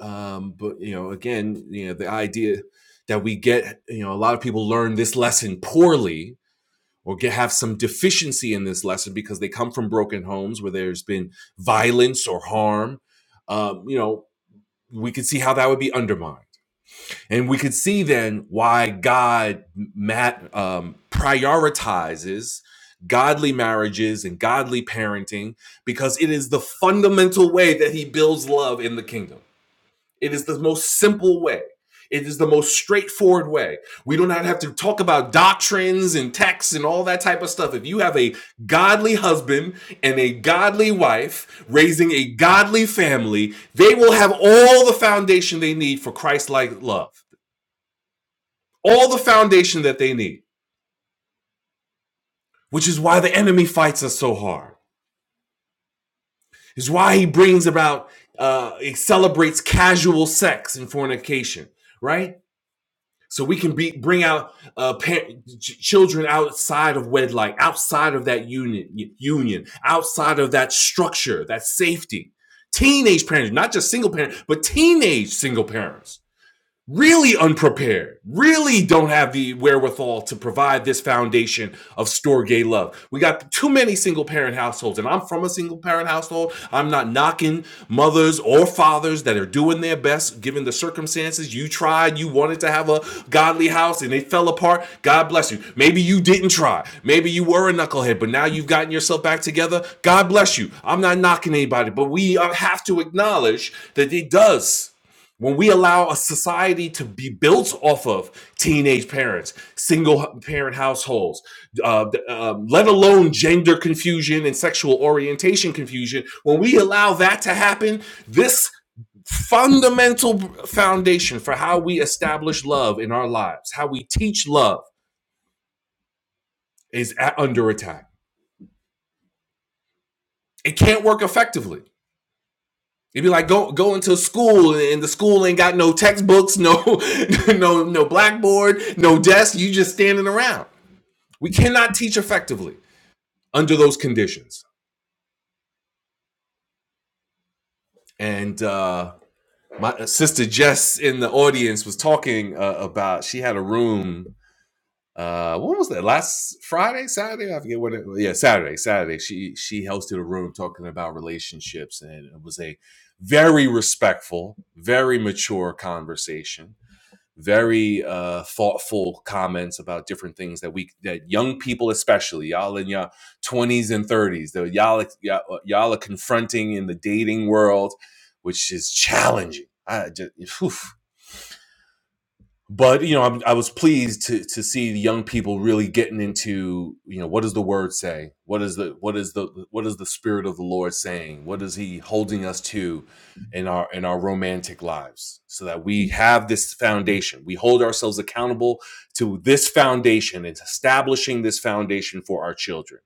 um, but you know again you know the idea that we get you know a lot of people learn this lesson poorly or get, have some deficiency in this lesson because they come from broken homes where there's been violence or harm um, you know we could see how that would be undermined and we could see then why god mat, um, prioritizes godly marriages and godly parenting because it is the fundamental way that he builds love in the kingdom it is the most simple way. It is the most straightforward way. We do not have to talk about doctrines and texts and all that type of stuff. If you have a godly husband and a godly wife raising a godly family, they will have all the foundation they need for Christ like love, all the foundation that they need, which is why the enemy fights us so hard, is why he brings about, uh, he celebrates casual sex and fornication, right? so we can be bring out uh, par- ch- children outside of wedlock, outside of that union, union, outside of that structure, that safety. Teenage parents, not just single parents but teenage single parents really unprepared, really don't have the wherewithal to provide this foundation of store gay love. We got too many single parent households, and I'm from a single parent household. I'm not knocking mothers or fathers that are doing their best given the circumstances. You tried, you wanted to have a godly house, and it fell apart. God bless you. Maybe you didn't try. Maybe you were a knucklehead, but now you've gotten yourself back together. God bless you. I'm not knocking anybody, but we uh, have to acknowledge that it does when we allow a society to be built off of teenage parents, single parent households, uh, um, let alone gender confusion and sexual orientation confusion, when we allow that to happen, this fundamental foundation for how we establish love in our lives, how we teach love, is under attack. It can't work effectively It'd be like go going to school and the school ain't got no textbooks, no *laughs* no no blackboard, no desk. You just standing around. We cannot teach effectively under those conditions. And uh, my sister Jess in the audience was talking uh, about she had a room. Uh, when was that? Last Friday, Saturday? I forget what it. was. Yeah, Saturday, Saturday. She she hosted a room talking about relationships, and it was a very respectful, very mature conversation very uh, thoughtful comments about different things that we that young people especially y'all in your 20s and 30s that y'all y'all y'all are confronting in the dating world which is challenging i just oof but you know I'm, i was pleased to to see the young people really getting into you know what does the word say what is the what is the what is the spirit of the lord saying what is he holding us to in our in our romantic lives so that we have this foundation we hold ourselves accountable to this foundation and establishing this foundation for our children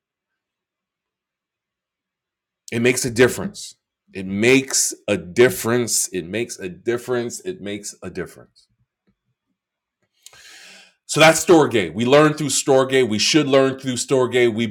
it makes a difference it makes a difference it makes a difference it makes a difference So that's Storge. We learn through Storge. We should learn through Storge. We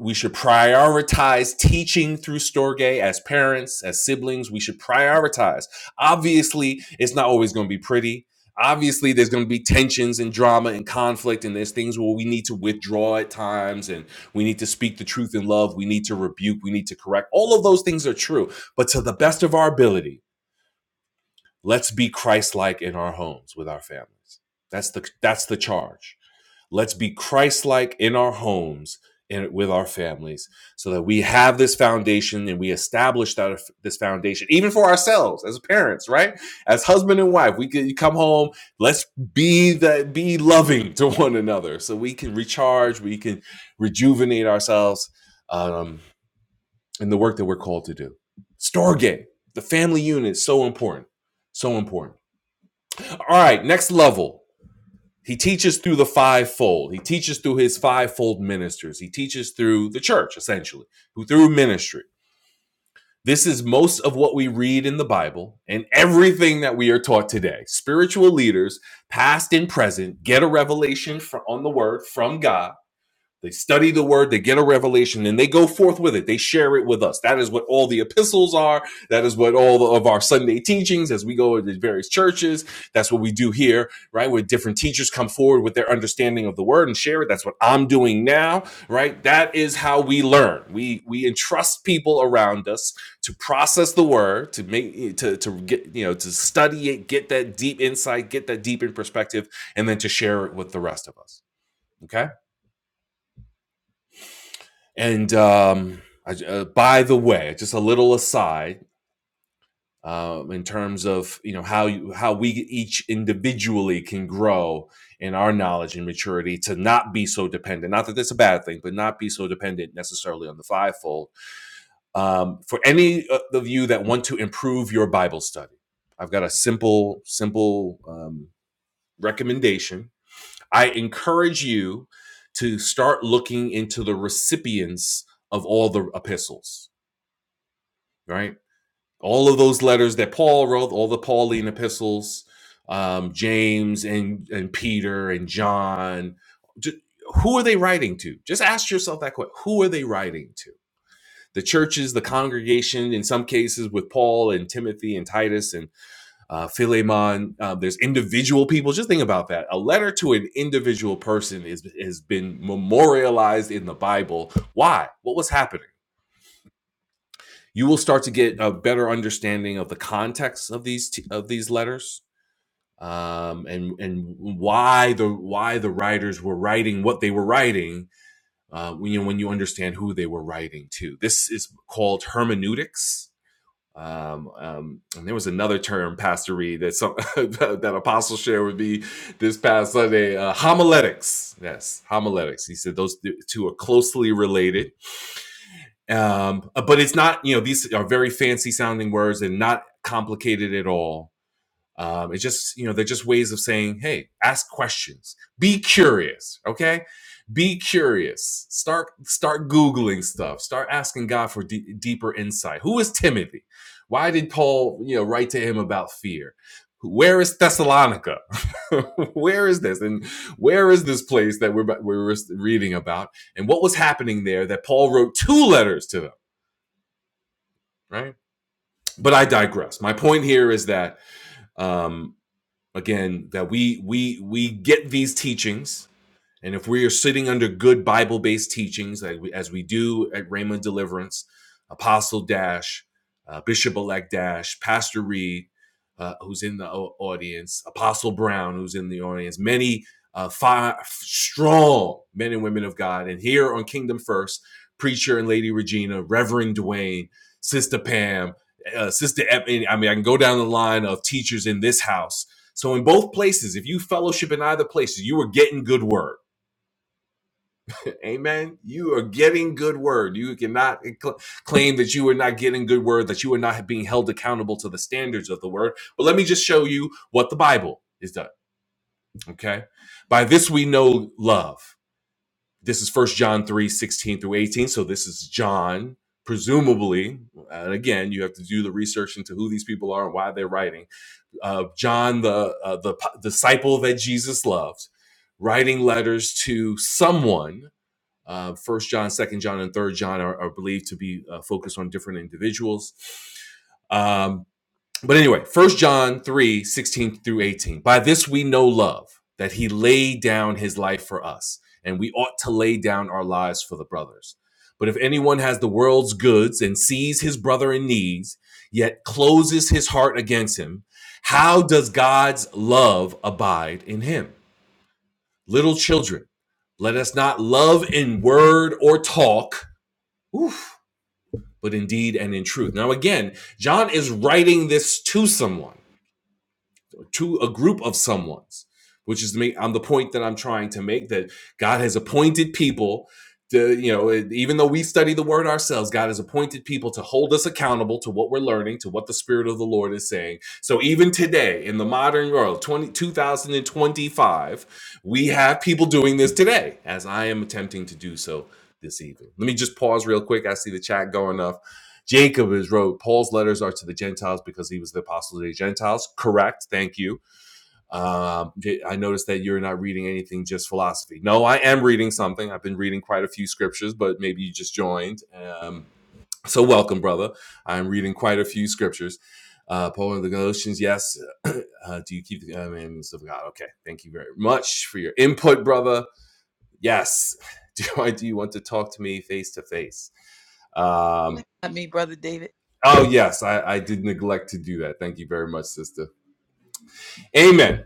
we should prioritize teaching through Storge as parents, as siblings. We should prioritize. Obviously, it's not always going to be pretty. Obviously, there's going to be tensions and drama and conflict, and there's things where we need to withdraw at times, and we need to speak the truth in love. We need to rebuke. We need to correct. All of those things are true. But to the best of our ability, let's be Christ-like in our homes with our families. That's the that's the charge. Let's be Christ like in our homes and with our families so that we have this foundation and we establish that this foundation, even for ourselves as parents, right? As husband and wife, we can come home, let's be that be loving to one another so we can recharge, we can rejuvenate ourselves um, in the work that we're called to do. Storge, the family unit, so important. So important. All right, next level. He teaches through the fivefold. He teaches through his fivefold ministers. He teaches through the church, essentially, through ministry. This is most of what we read in the Bible and everything that we are taught today. Spiritual leaders, past and present, get a revelation on the word from God they study the word, they get a revelation, and they go forth with it. They share it with us. That is what all the epistles are. That is what all of our Sunday teachings as we go to various churches. That's what we do here, right? Where different teachers come forward with their understanding of the word and share it. That's what I'm doing now, right? That is how we learn. We we entrust people around us to process the word, to make to to get, you know, to study it, get that deep insight, get that deep in perspective, and then to share it with the rest of us. Okay? And um, I, uh, by the way, just a little aside um, in terms of you know how you, how we each individually can grow in our knowledge and maturity to not be so dependent. Not that that's a bad thing, but not be so dependent necessarily on the fivefold. Um, for any uh, of you that want to improve your Bible study, I've got a simple simple um, recommendation. I encourage you to start looking into the recipients of all the epistles right? All of those letters that Paul wrote, all the Pauline epistles, um, James and, and Peter and John, ju- who are they writing to? Just ask yourself that question. Who are they writing to? The churches, the congregation, in some cases with Paul and Timothy and Titus and uh, Philemon, uh, there's individual people. Just think about that. A letter to an individual person is, has been memorialized in the Bible. Why? What was happening? you will start to get a better understanding of the context of these t- of these letters um, and and why the why the writers were writing what they were writing uh, when you when you understand who they were writing to. This is called hermeneutics. Um, um, and there was another term, Pastor Reed, that some *laughs* that Apostle shared with me this past Sunday. Uh, homiletics, yes, homiletics. He said those two are closely related um, uh, but it's not you know these are very fancy sounding words and not complicated at all um, it's just you know they're just ways of saying hey ask questions be curious okay be curious start start googling stuff start asking god for de- deeper insight who is timothy why did paul you know write to him about fear where is thessalonica *laughs* where is this and where is this place that we're, we're reading about and what was happening there that paul wrote two letters to them right but i digress my point here is that um again that we we we get these teachings and if we are sitting under good Bible based teachings, like we, as we do at Rhema Deliverance, Apostle Dash, uh, Bishop Elect Dash, Pastor Reed, uh, who's in the uh, audience, Apostle Brown, who's in the audience, many uh, fi- strong men and women of God. And here on Kingdom First, Preacher and Lady Regina, Reverend Dwayne, Sister Pam, uh, Sister, Ep- I mean, I can go down the line of teachers in this house. So in both places, if you fellowship in either places, you are getting good word Amen. You are getting good word. You cannot cl- claim that you are not getting good word, that you are not being held accountable to the standards of the word. But let me just show you what the Bible is done. Okay. By this we know love. This is First John 3 16 through 18. So this is John, presumably. And again, you have to do the research into who these people are and why they're writing. Uh, John, the, uh, the p- disciple that Jesus loved, writing letters to someone uh, First John, Second John, and Third John are, are believed to be uh, focused on different individuals. Um, but anyway, First John 3 16 through 18. By this we know love, that he laid down his life for us, and we ought to lay down our lives for the brothers. But if anyone has the world's goods and sees his brother in need, yet closes his heart against him, how does God's love abide in him? Little children, let us not love in word or talk, oof, but in deed and in truth. Now, again, John is writing this to someone to a group of someone's, which is me. i the point that I'm trying to make that God has appointed people. To, you know, even though we study the word ourselves, God has appointed people to hold us accountable to what we're learning, to what the Spirit of the Lord is saying. So even today, in the modern world, 20, 2025, we have people doing this today, as I am attempting to do so this evening. Let me just pause real quick. I see the chat going up. Jacob is wrote, Paul's letters are to the Gentiles because he was the apostle to the Gentiles. Correct. Thank you. Um, J- I noticed that you're not reading anything, just philosophy. No, I am reading something. I've been reading quite a few scriptures, but maybe you just joined. Um, so welcome, brother. I'm reading quite a few scriptures. Uh, Paul and the Galatians, yes. *clears throat* uh, do you keep the commandments of God? Okay, thank you very much for your input, brother. Yes. *laughs* Do I? Do you want to talk to me face to face? Um,
Not me, Brother David.
Oh yes, I, I did neglect to do that. Thank you very much, sister. Amen.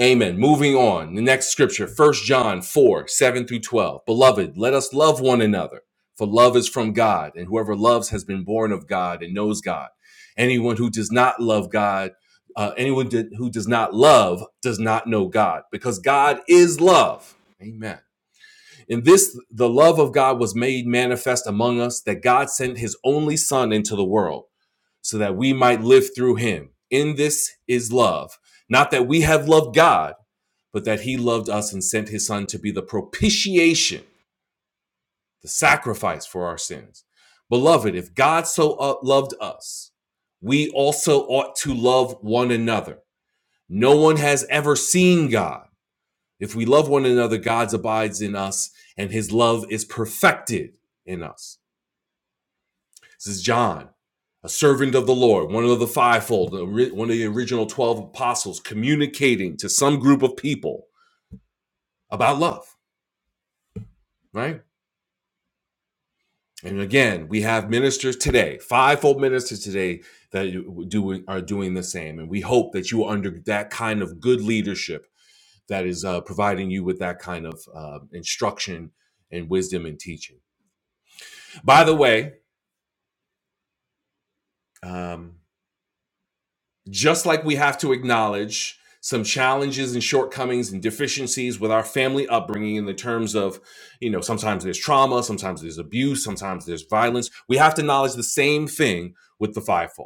Amen. Moving on. The next scripture, First John 4, 7 through 12. Beloved, let us love one another, for love is from God, and whoever loves has been born of God and knows God. Anyone who does not love God, uh, anyone did, who does not love does not know God, because God is love. Amen. In this, the love of God was made manifest among us that God sent his only Son into the world so that we might live through him. In this is love. Not that we have loved God but that he loved us and sent his son to be the propitiation, the sacrifice for our sins. Beloved, if God so uh, loved us, we also ought to love one another. No one has ever seen God. If we love one another, God abides in us and his love is perfected in us. This is John, a servant of the Lord, one of the fivefold, one of the original 12 apostles, communicating to some group of people about love, right? And again, we have ministers today, fivefold ministers today that do are doing the same. And we hope that you are under that kind of good leadership that is uh, providing you with that kind of uh, instruction and wisdom and teaching. By the way, um, just like we have to acknowledge some challenges and shortcomings and deficiencies with our family upbringing in the terms of, you know, sometimes there's trauma, sometimes there's abuse, sometimes there's violence. We have to acknowledge the same thing with the fivefold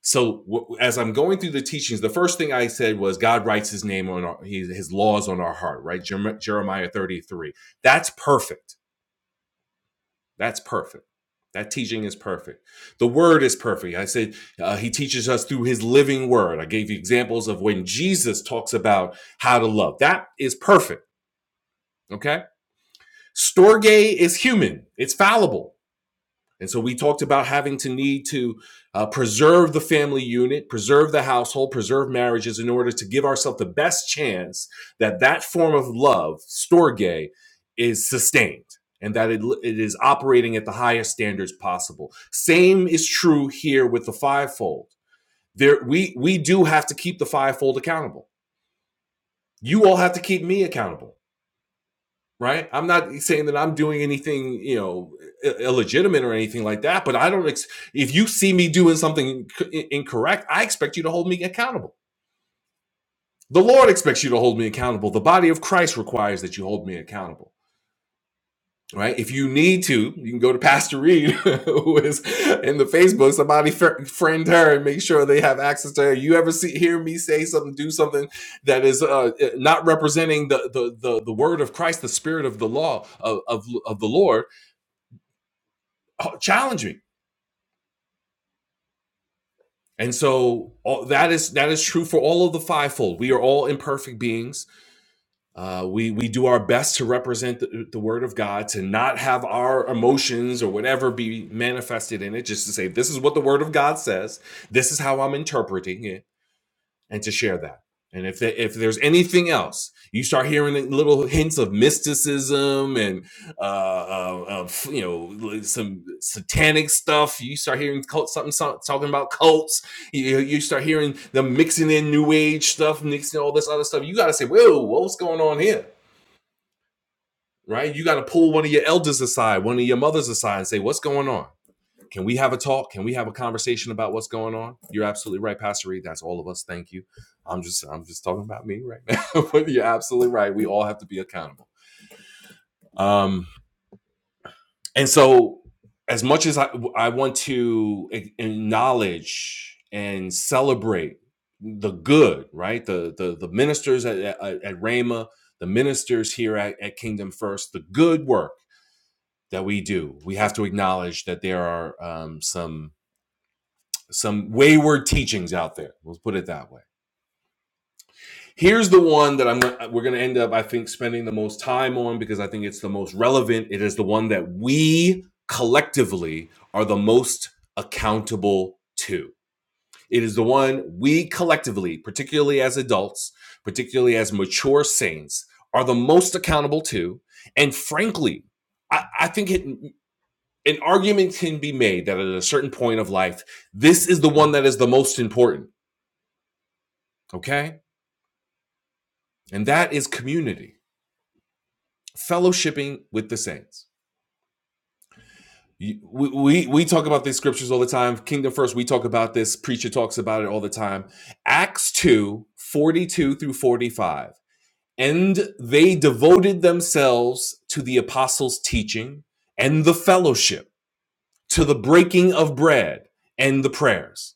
So w- as I'm going through the teachings, the first thing I said was God writes His name on our, his, his laws on our heart, right? Jeremiah 33. That's perfect. That's perfect. That teaching is perfect. The word is perfect. I said uh, He teaches us through His living word. I gave you examples of when Jesus talks about how to love. That is perfect. Okay. Storge is human. It's fallible. And so we talked about having to need to uh, preserve the family unit, preserve the household, preserve marriages in order to give ourselves the best chance that that form of love, storge, is sustained and that it, it is operating at the highest standards possible. Same is true here with the fivefold. There, we, we do have to keep the fivefold accountable. You all have to keep me accountable right? I'm not saying that I'm doing anything, you know, illegitimate or anything like that, but I don't ex- if you see me doing something inc- incorrect, I expect you to hold me accountable. The Lord expects you to hold me accountable. The body of Christ requires that you hold me accountable. Right. If you need to, you can go to Pastor Reed, *laughs* who is in the Facebook. Somebody fr- friend her and make sure they have access to her. You ever see hear me say something, do something that is uh, not representing the, the the the word of Christ, the spirit of the law of, of of the Lord Oh, challenge me. And so all, that is that is true for all of the fivefold. We are all imperfect beings. Uh, we we do our best to represent the, the word of God, to not have our emotions or whatever be manifested in it. Just to say, this is what the word of God says. This is how I'm interpreting it and to share that. And if the, if there's anything else, you start hearing little hints of mysticism and uh, uh, of you know like some satanic stuff. You start hearing cult something, some- talking about cults. You, you start hearing them mixing in new age stuff, mixing all this other stuff. You got to say, whoa, what's going on here, right? You got to pull one of your elders aside, one of your mothers aside, and say, what's going on? Can we have a talk? Can we have a conversation about what's going on? You're absolutely right, Pastor Reed. That's all of us. Thank you. I'm just I'm just talking about me right now. *laughs* but you're absolutely right. We all have to be accountable. Um, and so as much as I, I want to acknowledge and celebrate the good, right? The the the ministers at at, at Rhema, the ministers here at, at Kingdom First, the good work that we do. We have to acknowledge that there are um, some some wayward teachings out there. Let's put it that way. Here's the one that I'm gonna- we're going to end up I think spending the most time on because I think it's the most relevant. It is the one that we collectively are the most accountable to. It is the one we collectively, particularly as adults, particularly as mature saints, are the most accountable to. And frankly, I, I think it, an argument can be made that at a certain point of life, this is the one that is the most important. Okay and that is community, fellowshipping with the saints. We, we we talk about these scriptures all the time. Kingdom first, we talk about this. Preacher talks about it all the time. Acts 2 42 through 45. And they devoted themselves to the apostles' teaching and the fellowship, to the breaking of bread and the prayers.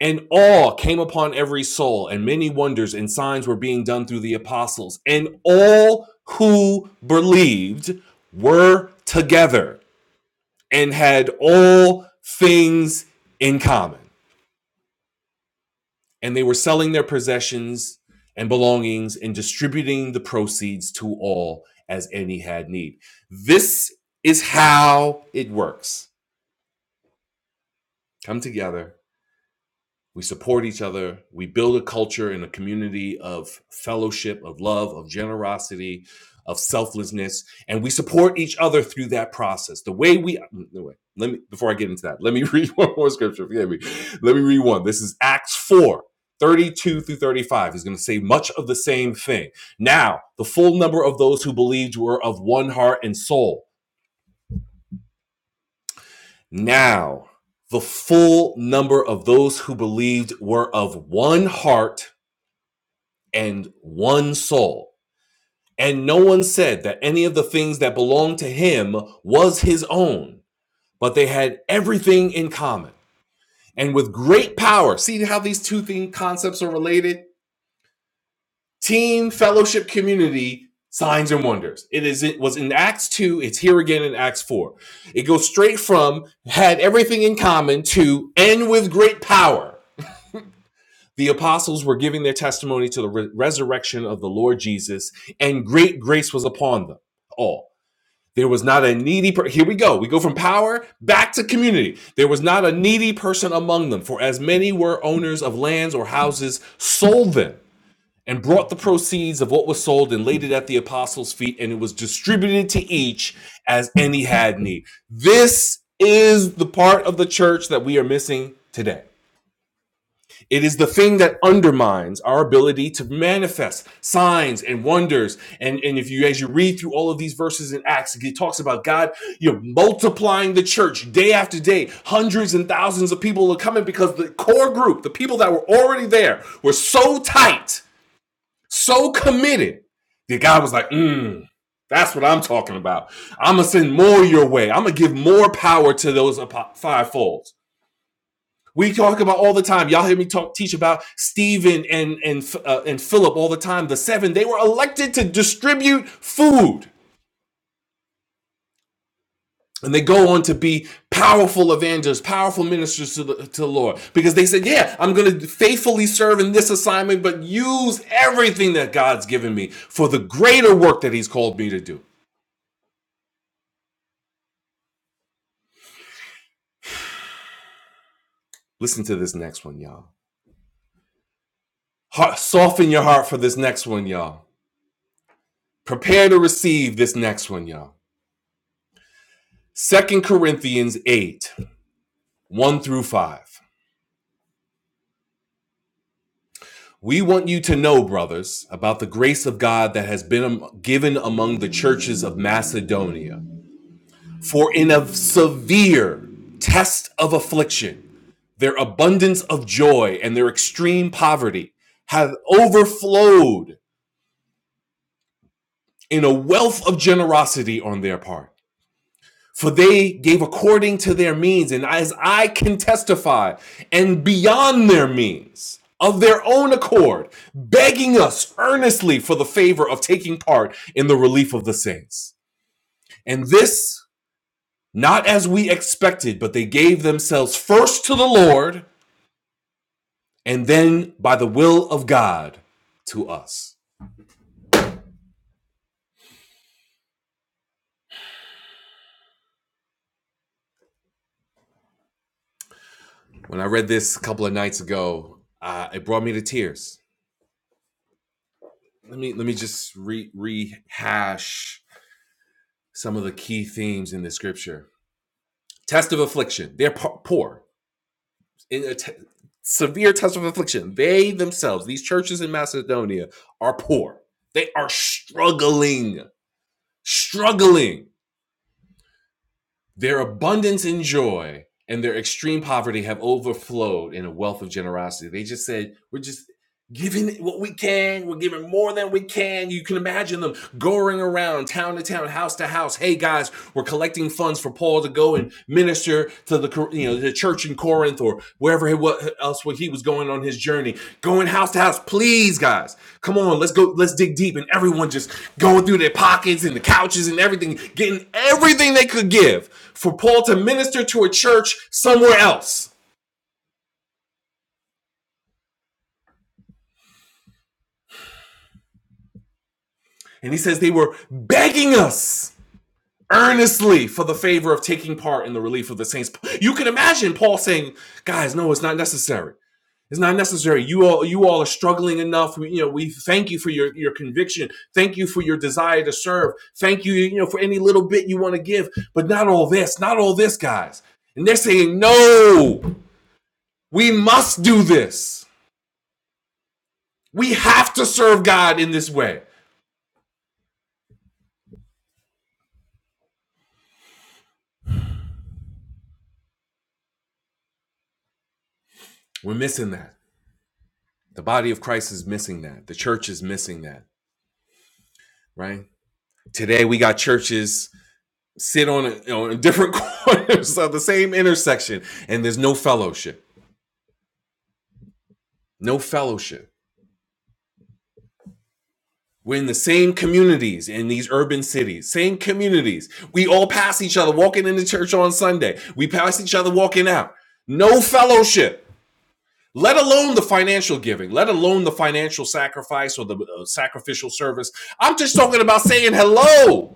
And awe came upon every soul, and many wonders and signs were being done through the apostles. And all who believed were together and had all things in common. And they were selling their possessions and belongings and distributing the proceeds to all as any had need. This is how it works come together, We support each other. We build a culture and a community of fellowship, of love, of generosity, of selflessness, and we support each other through that process. The way we mm, no, let me before I get into that, let me *laughs* read one more scripture. Forgive me. Let me read one. This is Acts 4 32 through 35 He's going to say much of the same thing. Now, the full number of those who believed were of one heart and soul. Now, the full number of those who believed were of one heart and one soul. And no one said that any of the things that belonged to him was his own, but they had everything in common. And with great power, see how these two thing concepts are related? Team, fellowship, community, signs and wonders. It is it was in Acts 2, it's here again in Acts 4. It goes straight from had everything in common to and with great power. The apostles were giving their testimony to the re- resurrection of the Lord Jesus, and great grace was upon them all. There was not a needy per- here we go. We go from power back to community. There was not a needy person among them, for as many were owners of lands or houses sold them and brought the proceeds of what was sold and laid it at the apostles' feet, and it was distributed to each as any had need. This is the part of the church that we are missing today it is the thing that undermines our ability to manifest signs and wonders. And, and if you, as you read through all of these verses in Acts, it talks about God, you're multiplying the church day after day. Hundreds and thousands of people are coming because the core group, the people that were already there, were so tight, so committed that God was like, mm, that's what I'm talking about. I'm going to send more your way. I'm going to give more power to those fivefold. We talk about all the time. Y'all hear me talk, teach about Stephen and and uh, and Philip all the time. The seven they were elected to distribute food, and they go on to be powerful evangelists, powerful ministers to the, to the Lord because they said, "Yeah, I'm going to faithfully serve in this assignment, but use everything that God's given me for the greater work that He's called me to do." Listen to this next one, y'all. Heart, soften your heart for this next one, y'all. Prepare to receive this next one, y'all. Second Corinthians eight. 1 through 5. We want you to know, brothers, about the grace of God that has been given among the churches of Macedonia. For in a severe test of affliction, their abundance of joy and their extreme poverty have overflowed in a wealth of generosity on their part. For they gave according to their means, and as I can testify, and beyond their means, of their own accord, begging us earnestly for the favor of taking part in the relief of the saints. And this, not as we expected, but they gave themselves first to the Lord, and then by the will of God to us. When I read this a couple of nights ago, uh, it brought me to tears. Let me let me just re- rehash some of the key themes in the scripture. Test of affliction. They're poor. In a te- severe test of affliction. They themselves, these churches in Macedonia, are poor. They are struggling, struggling. Their abundance in joy and their extreme poverty have overflowed in a wealth of generosity. They just said, We're just giving what we can. We're giving more than we can. You can imagine them going around town to town, house to house. Hey guys, we're collecting funds for Paul to go and minister to the you know the church in Corinth or wherever he, what else what he was going on his journey. Going house to house, please guys, come on, let's go, let's dig deep, and everyone just going through their pockets and the couches and everything, getting everything they could give for Paul to minister to a church somewhere else. And he says they were begging us earnestly for the favor of taking part in the relief of the saints. You can imagine Paul saying, "Guys, no, it's not necessary. It's not necessary. You all, you all are struggling enough. We, you know, we thank you for your your conviction. Thank you for your desire to serve. Thank you, you know, for any little bit you want to give. But not all this. Not all this, guys." And they're saying, "No, we must do this. We have to serve God in this way." We're missing that. The body of Christ is missing that. The church is missing that. Right? Today we got churches sit on you know, different *laughs* corners of the same intersection, and there's no fellowship. No fellowship. We're in the same communities in these urban cities, same communities. We all pass each other walking into church on Sunday. We pass each other walking out. No fellowship, let alone the financial giving, let alone the financial sacrifice or the uh, sacrificial service. I'm just talking about saying hello.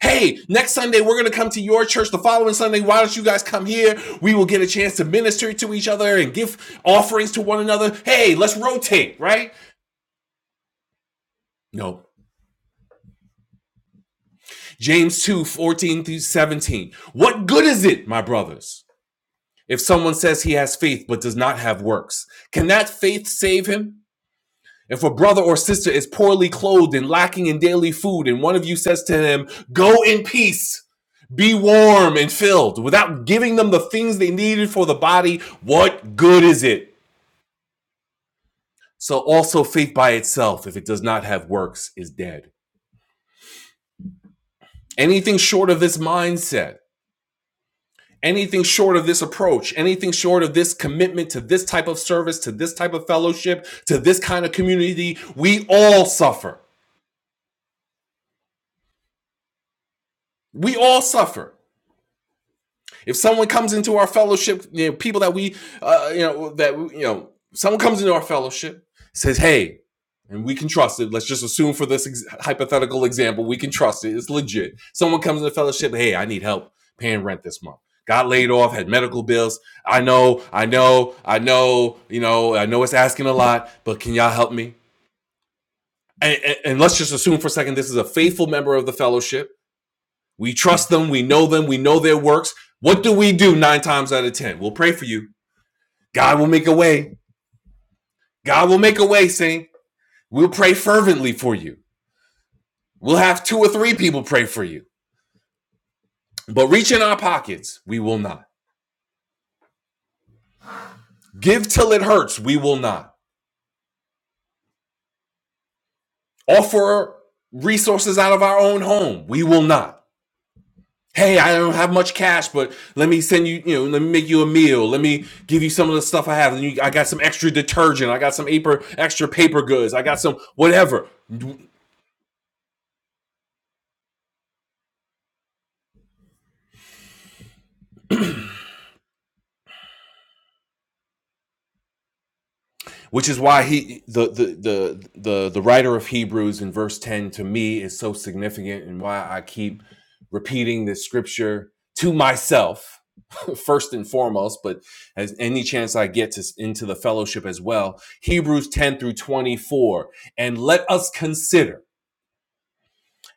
Hey, next Sunday we're going to come to your church. The following Sunday, why don't you guys come here? We will get a chance to minister to each other and give offerings to one another. Hey, let's rotate, right? No. James 2 14 through 17. What good is it, my brothers, if someone says he has faith but does not have works? Can that faith save him? If a brother or sister is poorly clothed and lacking in daily food, and one of you says to him, Go in peace, be warm and filled, without giving them the things they needed for the body, what good is it? So also faith by itself, if it does not have works, is dead. Anything short of this mindset, anything short of this approach, anything short of this commitment to this type of service, to this type of fellowship, to this kind of community, we all suffer. We all suffer. If someone comes into our fellowship, you know, people that we, uh, you know, that you know, someone comes into our fellowship, says, "Hey," and we can trust it. Let's just assume for this ex- hypothetical example, we can trust it. It's legit. Someone comes into the fellowship, "Hey, I need help paying rent this month." Got laid off, had medical bills. I know, I know, I know. You know, I know it's asking a lot, but can y'all help me? And, and, and let's just assume for a second this is a faithful member of the fellowship we trust them. We know them. We know their works. What do we do nine times out of 10? We'll pray for you. God will make a way. God will make a way, Saint. We'll pray fervently for you. We'll have two or three people pray for you. But reach in our pockets, we will not. Give till it hurts, we will not. Offer resources out of our own home, we will not. hey, I don't have much cash, but let me send you, you know, let me make you a meal. Let me give you some of the stuff I have. I got some extra detergent. I got some extra paper goods. I got some whatever. Which is why he, the, the the the the writer of Hebrews in verse ten, to me is so significant, and why I keep repeating this scripture to myself *laughs* first and foremost, but as any chance I get to into the fellowship as well. Hebrews ten through twenty four, and let us consider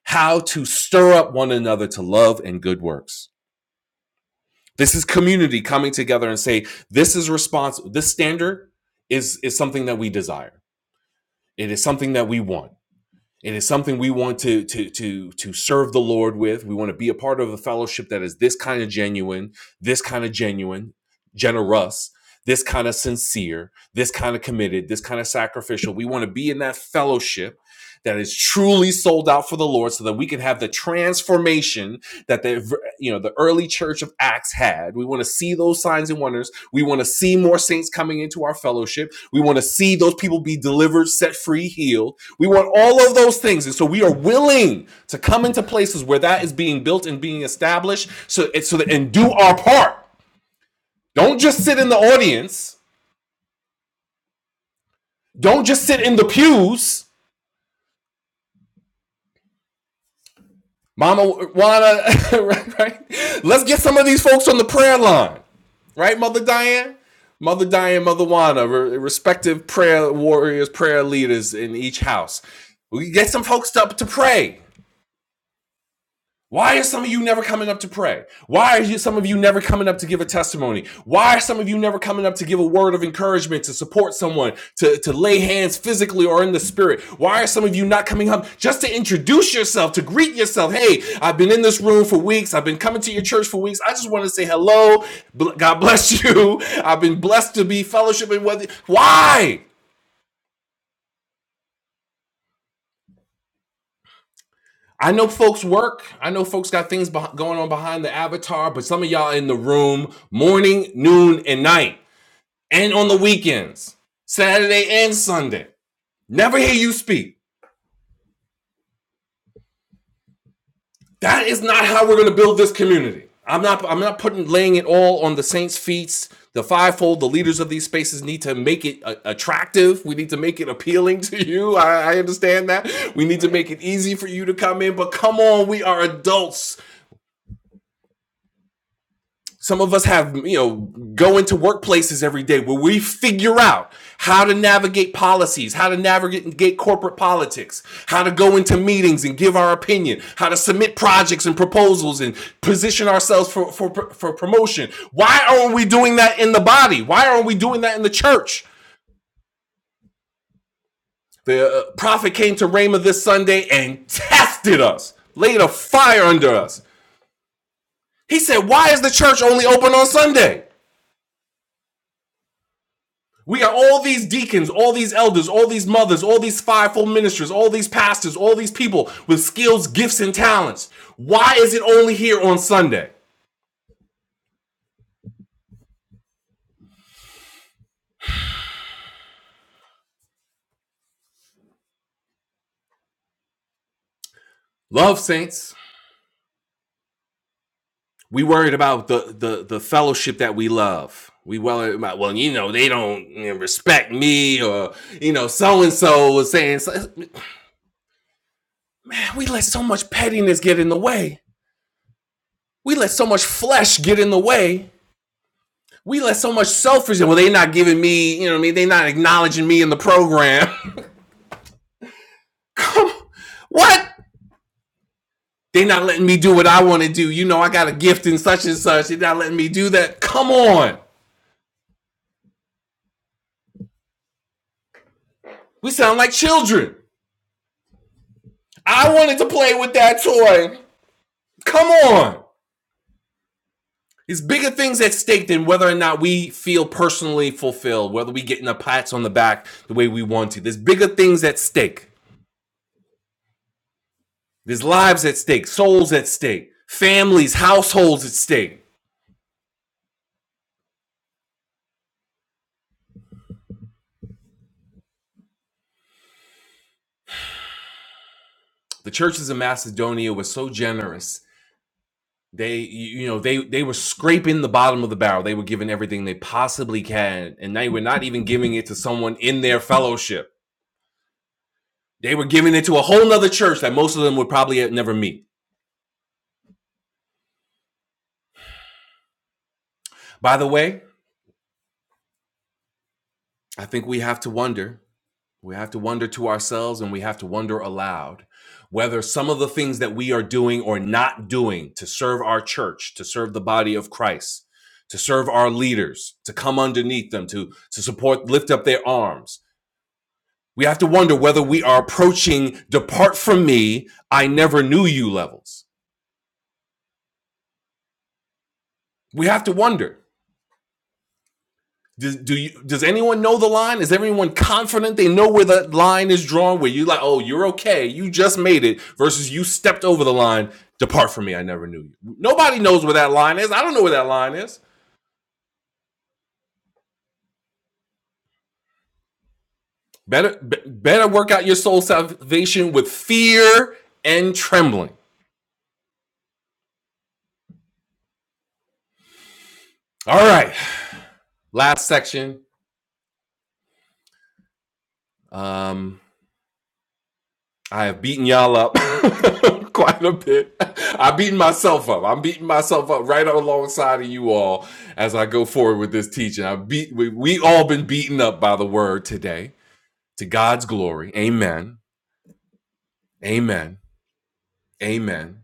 how to stir up one another to love and good works. This is community coming together and say, this is responsible. This standard is, is something that we desire. It is something that we want. It is something we want to, to, to, to serve the Lord with. We want to be a part of a fellowship that is this kind of genuine, this kind of genuine, generous, this kind of sincere, this kind of committed, this kind of sacrificial. We want to be in that fellowship that is truly sold out for the Lord so that we can have the transformation that the you know the early church of acts had we want to see those signs and wonders we want to see more saints coming into our fellowship we want to see those people be delivered set free healed we want all of those things and so we are willing to come into places where that is being built and being established so so that and do our part don't just sit in the audience don't just sit in the pews mama wanna *laughs* right, right let's get some of these folks on the prayer line right, Mother Diane? Mother Diane, Mother Juana, re- respective prayer warriors, prayer leaders in each house. We get some folks up to pray. Why are some of you never coming up to pray? Why are you, some of you never coming up to give a testimony? Why are some of you never coming up to give a word of encouragement, to support someone, to, to lay hands physically or in the spirit? Why are some of you not coming up just to introduce yourself, to greet yourself? Hey, I've been in this room for weeks. I've been coming to your church for weeks. I just want to say hello. God bless *laughs* you. I've been blessed to be fellowshipping with you. Why? I know folks work. I know folks got things beh going on behind the avatar, but some of y'all in the room morning, noon, and night, and on the weekends, Saturday and Sunday. Never hear you speak. That is not how we're going to build this community. I'm not. I'm not putting laying it all on the saints' feet. The fivefold, the leaders of these spaces need to make it uh, attractive. We need to make it appealing to you. I, I understand that. We need to make it easy for you to come in. But come on, we are adults. Some of us have, you know, go into workplaces every day where we figure out how to navigate policies, how to navigate corporate politics, how to go into meetings and give our opinion, how to submit projects and proposals and position ourselves for, for, for promotion. Why aren't we doing that in the body? Why aren't we doing that in the church? The uh, prophet came to Ramah this Sunday and tested us, laid a fire under us. He said, Why is the church only open on Sunday? We got all these deacons, all these elders, all these mothers, all these fivefold ministers, all these pastors, all these people with skills, gifts, and talents. Why is it only here on Sunday? Love saints. We worried about the the the fellowship that we love. We well about well, you know, they don't respect me, or you know, so and so was saying, so- man, we let so much pettiness get in the way. We let so much flesh get in the way we let so much selfish in. well they're not giving me you know what i mean they're not acknowledging me in the program *laughs* what they're not letting me do what i want to do you know i got a gift in such and such they're not letting me do that come on we sound like children i wanted to play with that toy come on it's bigger things at stake than whether or not we feel personally fulfilled whether we getting a pats on the back the way we want to there's bigger things at stake there's lives at stake souls at stake families households at stake The churches in Macedonia were so generous. They, you know, they they were scraping the bottom of the barrel. They were giving everything they possibly can, and they were not even giving it to someone in their fellowship. They were giving it to a whole nother church that most of them would probably never meet. By the way, I think we have to wonder We have to wonder to ourselves and we have to wonder aloud whether some of the things that we are doing or not doing to serve our church, to serve the body of Christ, to serve our leaders, to come underneath them, to, to support, lift up their arms. We have to wonder whether we are approaching depart from me, I never knew you levels. We have to wonder. Does, do you does anyone know the line? Is everyone confident they know where the line is drawn? Where you like, oh, you're okay, you just made it, versus you stepped over the line. Depart from me, I never knew you. Nobody knows where that line is. I don't know where that line is. Better be- better work out your soul salvation with fear and trembling. All right, last section. Um, I have beaten y'all up *laughs* quite a bit. I've beaten myself up. I'm beating myself up right alongside of you all as I go forward with this teaching. I beat we, we all been beaten up by the word today. To God's glory. Amen. Amen. Amen.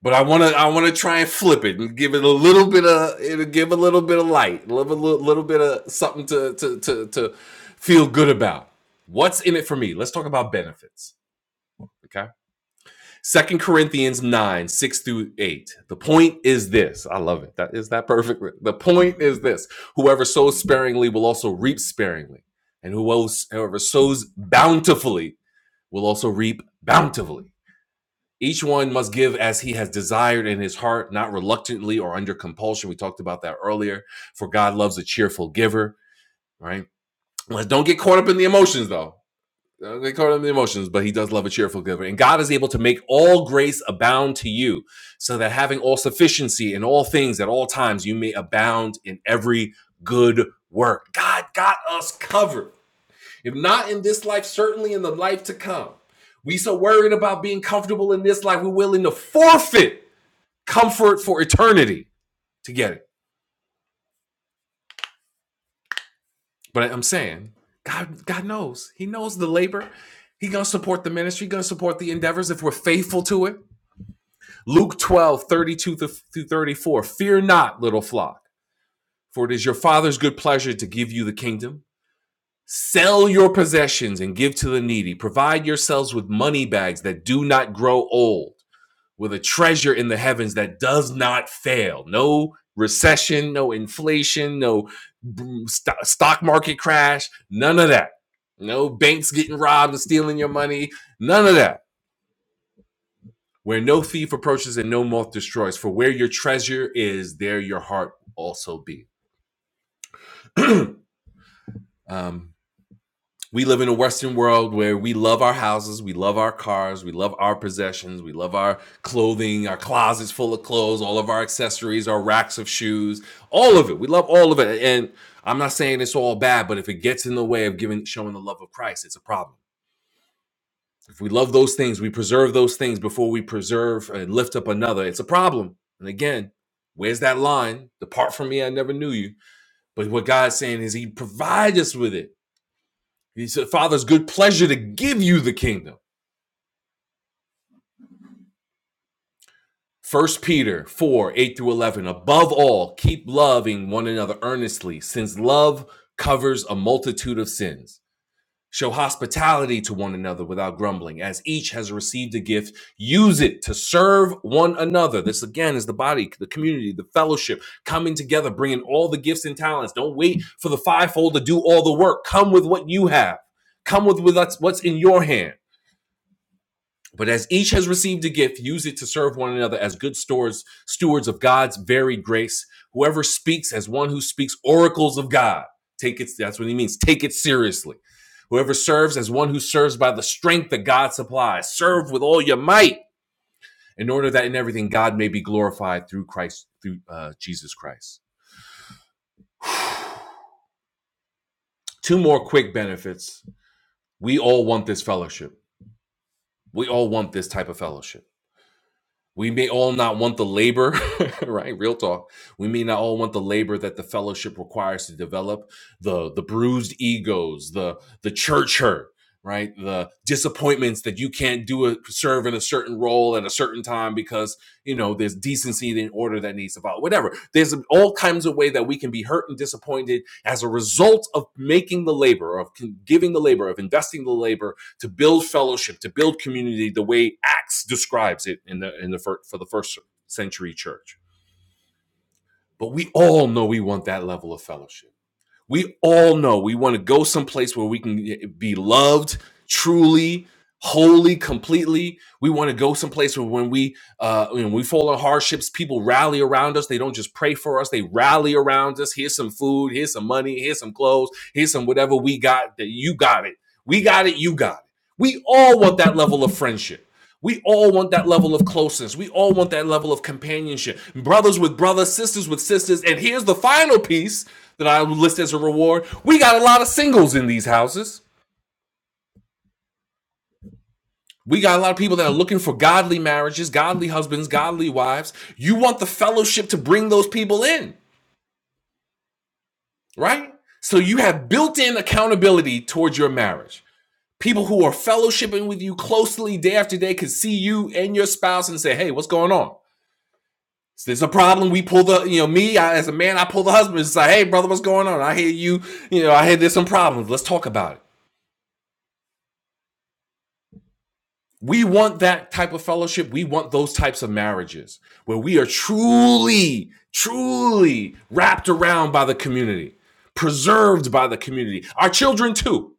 But I want to I want to try and flip it and give it a little bit of it'll give a little bit of light, a little, little, little bit of something to to to to feel good about. What's in it for me? Let's talk about benefits. Okay Second Corinthians 9, 6 through 8. The point is this. I love it. That is that perfect. The point is this. Whoever sows sparingly will also reap sparingly. And whoever sows bountifully will also reap bountifully. Each one must give as he has desired in his heart, not reluctantly or under compulsion. We talked about that earlier. For God loves a cheerful giver, right? let don't get caught up in the emotions though. Uh, They call them the emotions, but he does love a cheerful giver. And God is able to make all grace abound to you, so that having all sufficiency in all things at all times, you may abound in every good work. God got us covered. If not in this life, certainly in the life to come. We so worried about being comfortable in this life, we're willing to forfeit comfort for eternity to get it. But I'm saying, God, God knows. He knows the labor. He's gonna support the ministry, gonna support the endeavors if we're faithful to it. Luke 12 32 through 34. Fear not, little flock, for it is your Father's good pleasure to give you the kingdom. Sell your possessions and give to the needy. Provide yourselves with money bags that do not grow old, with a treasure in the heavens that does not fail. No recession, no inflation, no boom- stock market crash, none of that. No banks getting robbed and stealing your money, none of that. Where no thief approaches and no moth destroys, for where your treasure is, there your heart also be. *clears throat* um, we live in a Western world where we love our houses, we love our cars, we love our possessions, we love our clothing, our closets full of clothes, all of our accessories, our racks of shoes, all of it. We love all of it. And I'm not saying it's all bad, but if it gets in the way of giving showing the love of Christ, it's a problem If we love those things, we preserve those things before we preserve and lift up another. It's a problem. And again, where's that line? Depart from me, I never knew you. But what God's saying is He provides us with it. He said, Father's good pleasure to give you the kingdom. First Peter 4, 8 through 11. Above all, keep loving one another earnestly, since love covers a multitude of sins. Show hospitality to one another without grumbling. As each has received a gift, use it to serve one another. This again is the body, the community, the fellowship coming together, bringing all the gifts and talents. Don't wait for the fivefold to do all the work. Come with what you have. Come with what's in your hand. But as each has received a gift, use it to serve one another as good stewards, stewards of God's varied grace. Whoever speaks as one who speaks oracles of God. Take it, that's what he means. Take it seriously. Whoever serves as one who serves by the strength that God supplies. Serve with all your might in order that in everything God may be glorified through Christ, through uh, Jesus Christ. Two more quick benefits. We all want this fellowship. We all want this type of fellowship. We may all not want the labor, *laughs* right? Real talk. We may not all want the labor that the fellowship requires to develop the the bruised egos, the the church hurt, right? The disappointments that you can't do a serve in a certain role at a certain time because you know there's decency and order that needs to follow. Whatever. There's all kinds of ways that we can be hurt and disappointed as a result of making the labor, of giving the labor, of investing the labor to build fellowship, to build community, the way Acts describes it in the in the for, for the first century church. But we all know we want that level of fellowship. We all know we want to go someplace where we can be loved truly, wholly, completely. We want to go someplace where when we uh, when we fall on hardships, people rally around us. They don't just pray for us; they rally around us. Here's some food. Here's some money. Here's some clothes. Here's some whatever we got. That you got it. We got it. You got it. We all want that level of friendship. We all want that level of closeness. We all want that level of companionship. Brothers with brothers, sisters with sisters. And here's the final piece that I would list as a reward. We got a lot of singles in these houses. We got a lot of people that are looking for godly marriages, godly husbands, godly wives. You want the fellowship to bring those people in, right? So you have built in accountability towards your marriage. People who are fellowshipping with you closely day after day can see you and your spouse and say, hey, what's going on? Is this a problem. We pull the, you know, me I, as a man, I pull the husband. It's like, hey, brother, what's going on? I hear you, you know, I hear there's some problems. Let's talk about it. We want that type of fellowship. We want those types of marriages where we are truly, truly wrapped around by the community, preserved by the community. Our children too.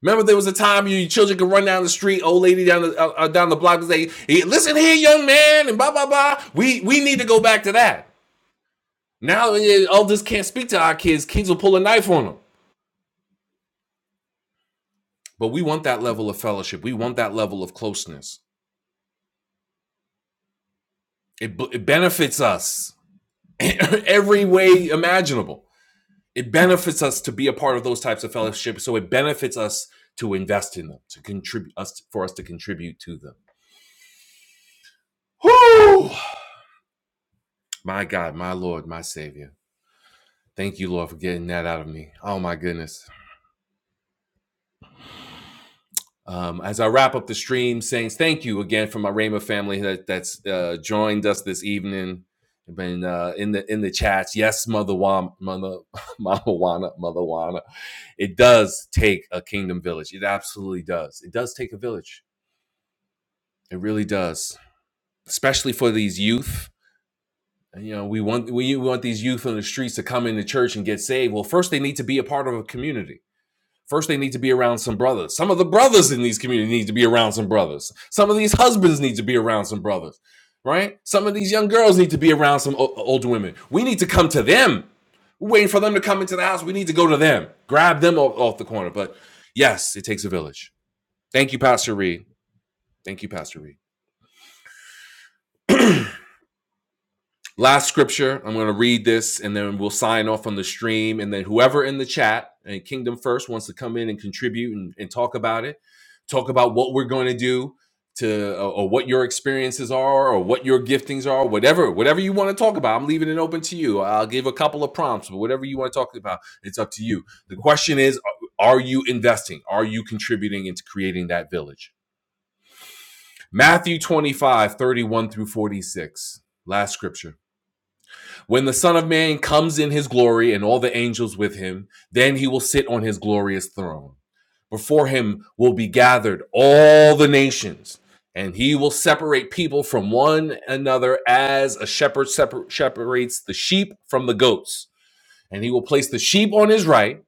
Remember, there was a time your children could run down the street, old lady down the uh, uh, down the block, and say, "Hey, "Listen here, young man," and blah blah blah. We we need to go back to that. Now, eh, elders can't speak to our kids. Kids will pull a knife on them. But we want that level of fellowship. We want that level of closeness. It, it benefits us *coughs* *laughs* every way imaginable. It benefits us to be a part of those types of fellowship, so it benefits us to invest in them, to contribute us for us to contribute to them. Whew! My God, my Lord, my Savior. Thank you, Lord, for getting that out of me. Oh my goodness. Um, as I wrap up the stream, Saints, thank you again for my Rama family that that's uh, joined us this evening. Been uh, in the in the chats. Yes, mother, Wa- mother, *laughs* mama, wana, mother, wana. It does take a kingdom village. It absolutely does. It does take a village. It really does, especially for these youth. You know, we want we want these youth on the streets to come into church and get saved. Well, first they need to be a part of a community First, they need to be around some brothers. Some of the brothers in these communities need to be around some brothers. Some of these husbands need to be around some brothers, right? Some of these young girls need to be around some o- older women. We need to come to them. We're waiting for them to come into the house. We need to go to them, grab them off, off the corner. But yes, it takes a village. Thank you, Pastor Reed. Thank you, Pastor Reed. Last scripture, I'm going to read this and then we'll sign off on the stream. And then whoever in the chat and Kingdom First wants to come in and contribute and, and talk about it, talk about what we're going to do to or, or what your experiences are or what your giftings are, whatever, whatever you want to talk about. I'm leaving it open to you. I'll give a couple of prompts, but whatever you want to talk about, it's up to you. The question is, are you investing? Are you contributing into creating that village? Matthew 25, 31 through 46. Last scripture. When the Son of Man comes in his glory and all the angels with him, then he will sit on his glorious throne. Before him will be gathered all the nations, and he will separate people from one another as a shepherd separ- separates the sheep from the goats. And he will place the sheep on his right,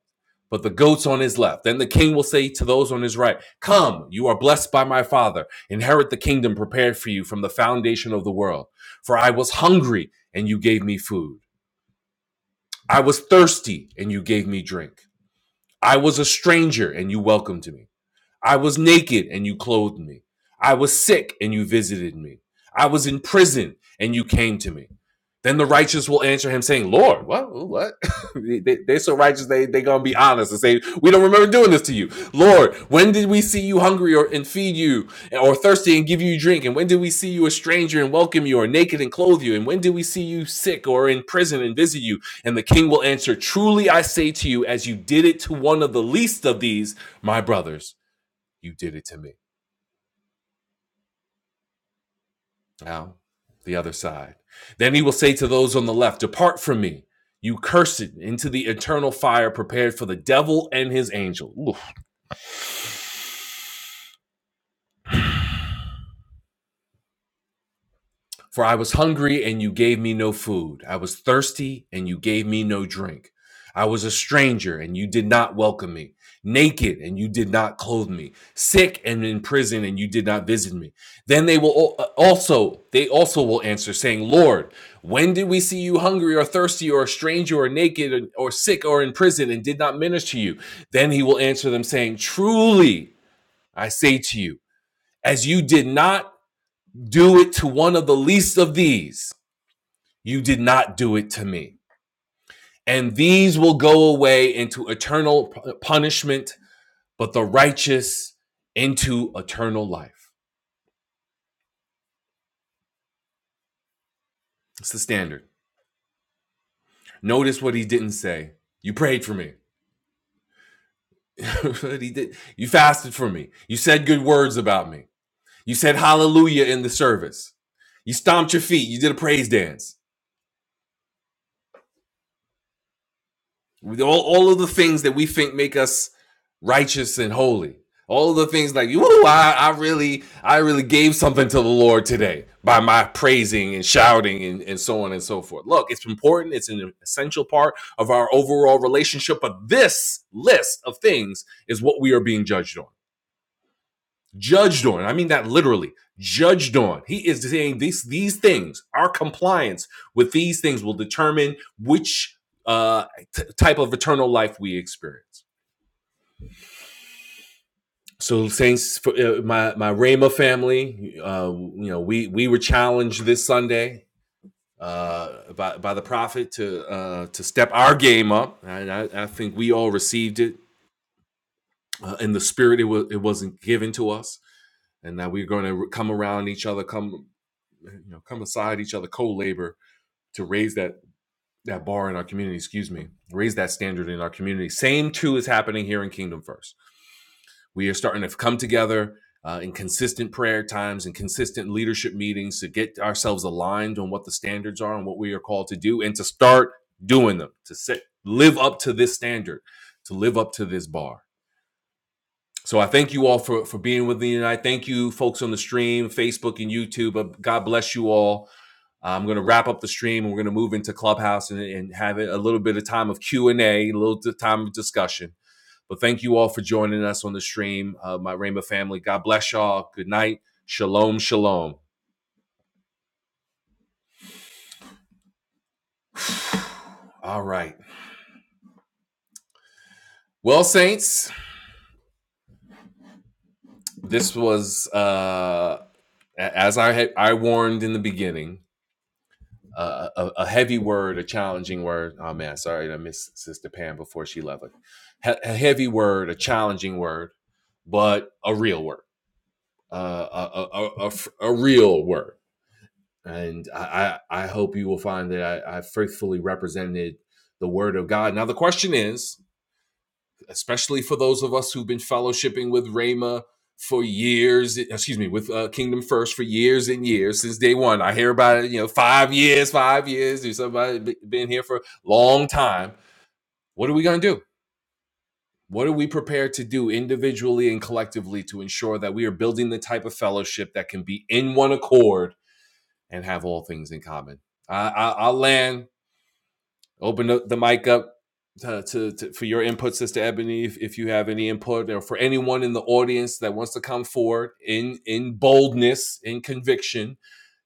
but the goats on his left. Then the king will say to those on his right, Come, you are blessed by my father. Inherit the kingdom prepared for you from the foundation of the world. For I was hungry, and you gave me food. I was thirsty and you gave me drink. I was a stranger and you welcomed me. I was naked and you clothed me. I was sick and you visited me. I was in prison and you came to me. Then the righteous will answer him, saying, Lord, what? What? *laughs* they, are so righteous, they, they're going to be honest and say, We don't remember doing this to you. Lord, when did we see you hungry or, and feed you, or thirsty and give you drink? And when did we see you a stranger and welcome you, or naked and clothe you? And when did we see you sick or in prison and visit you? And the king will answer, Truly I say to you, as you did it to one of the least of these, my brothers you did it to me. Now, the other side. Then he will say to those on the left, Depart from me, you cursed, into the eternal fire prepared for the devil and his angel. Ooh, For I was hungry, and you gave me no food. I was thirsty, and you gave me no drink. I was a stranger, and you did not welcome me. Naked, and you did not clothe me. Sick and in prison, and you did not visit me. Then they will also they also will answer, saying, Lord, when did we see you hungry or thirsty or a stranger or naked or sick or in prison and did not minister to you? Then he will answer them, saying, Truly I say to you, as you did not do it to one of the least of these you did not do it to me. And these will go away into eternal punishment, but the righteous into eternal life. It's the standard. Notice what he didn't say. You prayed for me. *laughs* But he did. You fasted for me. You said good words about me. You said hallelujah in the service. You stomped your feet. You did a praise dance. With all, all of the things that we think make us righteous and holy. All of the things like, ooh, I, I really, I really gave something to the Lord today by my praising and shouting and, and so on and so forth. Look, it's important, it's an essential part of our overall relationship, but this list of things is what we are being judged on judged on. I mean that literally, judged on. He is saying these these things, our compliance with these things will determine which uh, t- type of eternal life we experience. So, saints, for, uh, my my Rama family, uh, you know, we we were challenged this Sunday uh, by by the prophet to uh, to step our game up, and I, I think we all received it uh, in the spirit it was it wasn't given to us and now we're going to come around each other, come you know come aside each other co-labor to raise that that bar in our community excuse me raise that standard in our community same too is happening here in kingdom first we are starting to come together uh, in consistent prayer times and consistent leadership meetings to get ourselves aligned on what the standards are and what we are called to do and to start doing them to set live up to this standard to live up to this bar so I thank you all for for being with me tonight. Thank you, folks on the stream, Facebook and YouTube. Uh, God bless you all. I'm going to wrap up the stream, and we're going to move into Clubhouse and, and have a little bit of time of Q and A, a little time of discussion. But thank you all for joining us on the stream, uh, my Rhema family. God bless y'all. Good night. Shalom, shalom. *sighs* All right. Well, saints, this was uh, as I had I warned in the beginning. uh, a, a heavy word, a challenging word. Oh man, sorry, I missed Sister Pam before she left. Like, He- a heavy word, a challenging word, but a real word, uh, a a, a, a real word. And I, I, I hope you will find that I, I faithfully represented the word of God. Now the question is, especially for those of us who've been fellowshipping with Rama for years, eh, excuse me, with uh, Kingdom First for years and years since day one. I hear about it, you know, five years, five years, or somebody be- been here for a long time. What are we going to do? What are we prepared to do individually and collectively to ensure that we are building the type of fellowship that can be in one accord and have all things in common? I, I, I'll land. Open the, the mic up to, to, to for your input, Sister Ebony, if, if you have any input, or for anyone in the audience that wants to come forward in in boldness, in conviction,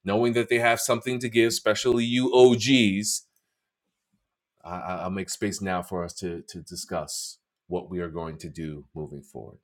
knowing that they have something to give, especially you OGs. I, I- I'll make space now for us to to discuss what we are going to do moving forward.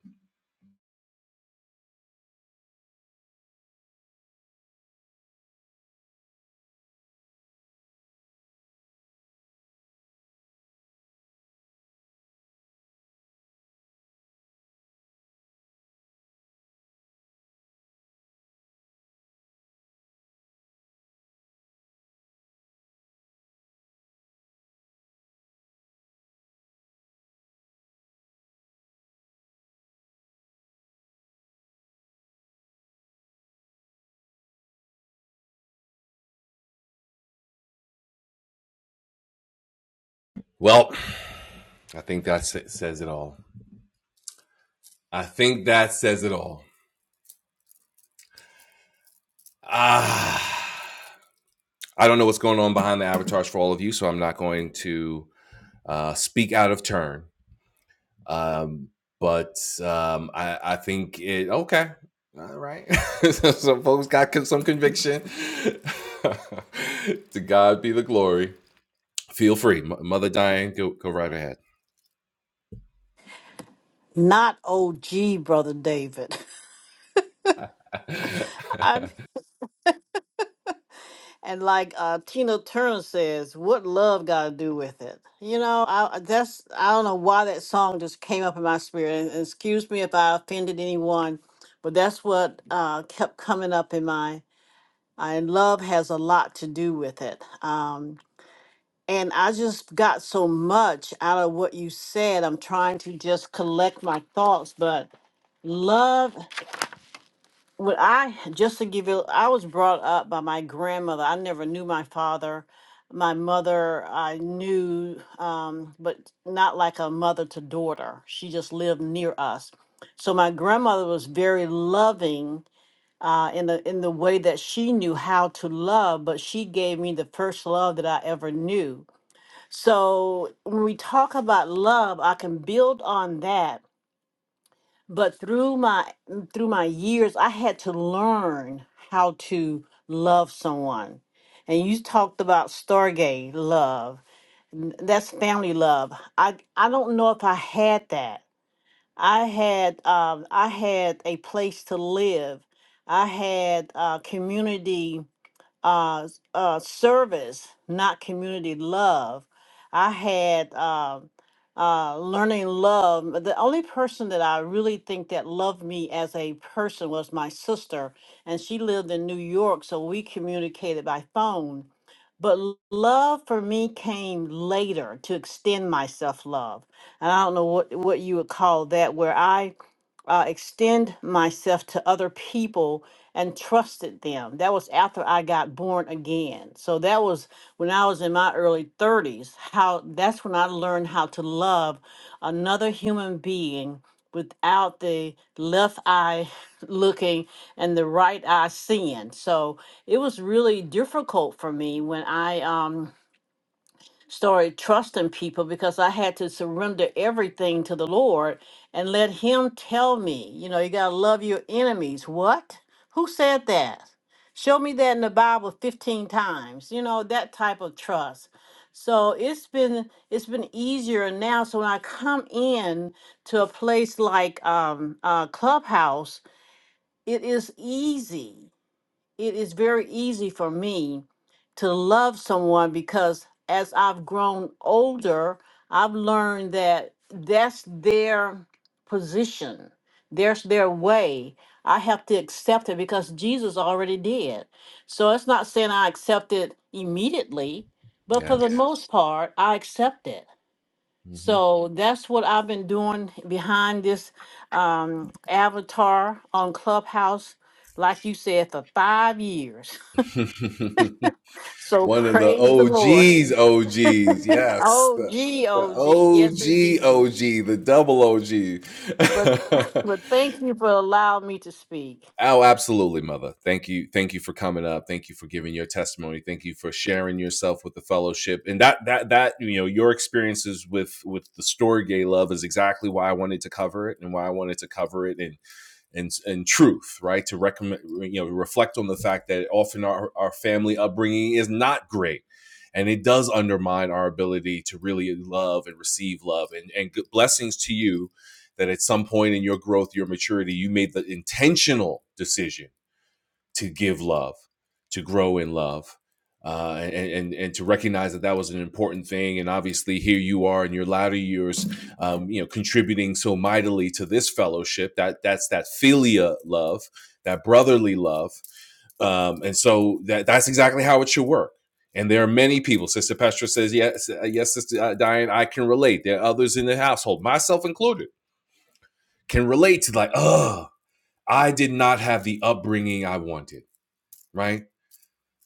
Well, I think that sa- says it all. I think that says it all. Ah, I don't know what's going on behind the avatars for all of you, so I'm not going to. uh, speak out of turn. Um, but um, I, I think it okay. All right, *laughs* some folks got some conviction. *laughs* to God be the glory. Feel free, M- Mother Diane, go go right ahead.
Not OG, Brother David. *laughs* I, and like uh, Tina Turner says, what love got to do with it? You know, I, that's I don't know why that song just came up in my spirit. And, and excuse me if I offended anyone, but that's what uh, kept coming up in my. And love has a lot to do with it. Um, and I just got so much out of what you said. I'm trying to just collect my thoughts, but love. Well, I just to give you, I was brought up by my grandmother. I never knew my father. My mother, I knew, um, but not like a mother to daughter. She just lived near us. So my grandmother was very loving uh, in the in the way that she knew how to love, but she gave me the first love that I ever knew. So when we talk about love, I can build on that but through my mm, through my years i had to learn how to love someone and you talked about stargate love N- that's family love i i don't know if i had that i had um i had a place to live i had uh community uh, s- uh, service, not community love. I had um uh, learning love. The only person that I really think that loved me as a person was my sister, and she lived in New York, so we communicated by phone. But l- love for me came later to extend myself love. And I don't know what, what you would call that, where I uh, extend myself to other people and trusted them. That was after I got born again. So that was when I was in my early 30s. How that's when I learned how to love another human being without the left eye *laughs* looking and the right eye seeing. So it was really difficult for me when I um started trusting people because I had to surrender everything to the Lord and let Him tell me, you know, you got to love your enemies. What? Who said that? Show me that in the Bible 15 times, you know, that type of trust. So it's been it's been easier now. So when I come in to a place like um, uh, Clubhouse, it is easy it is very easy for me to love someone because as I've grown older, I've learned that that's their position, there's their way. I have to accept it because Jesus already did. So it's not saying I accept it immediately,
*laughs*
but for the Yes.
yes.
most part, I accept it.
hmm
So that's what I've been doing behind this um, avatar on Clubhouse, like you said, for five years. *laughs*
*laughs*
So
One of the
praise the Lord.
OGs,
*laughs*
OGs, yes,
Oh,
the,
gee,
the
oh, gee. Yes,
OG,
indeed.
OG, the double
But, *laughs*
OG. *laughs*
but thank you for allowing me to speak.
Oh, absolutely, mother. Thank you. Thank you for coming up. Thank you for giving your testimony. Thank you for sharing yourself with the fellowship. And that that that you know, your experiences with with the story gay love is exactly why I wanted to cover it and why I wanted to cover it and and and truth, right? To recommend, you know, reflect on the fact that often our, our family upbringing is not great, and it does undermine our ability to really love and receive love. And and blessings to you that at some point in your growth, your maturity, you made the intentional decision to give love, to grow in love, uh, and, and and to recognize that that was an important thing. And obviously, here you are in your latter years, um, you know, contributing so mightily to this fellowship. That that's that philia love, that brotherly love, um, and so that that's exactly how it should work. And there are many people. Sister Petra says, "Yes, uh, yes, Sister uh, Diane, I can relate." There are others in the household, myself included, can relate to like, "Oh, I did not have the upbringing I wanted." Right?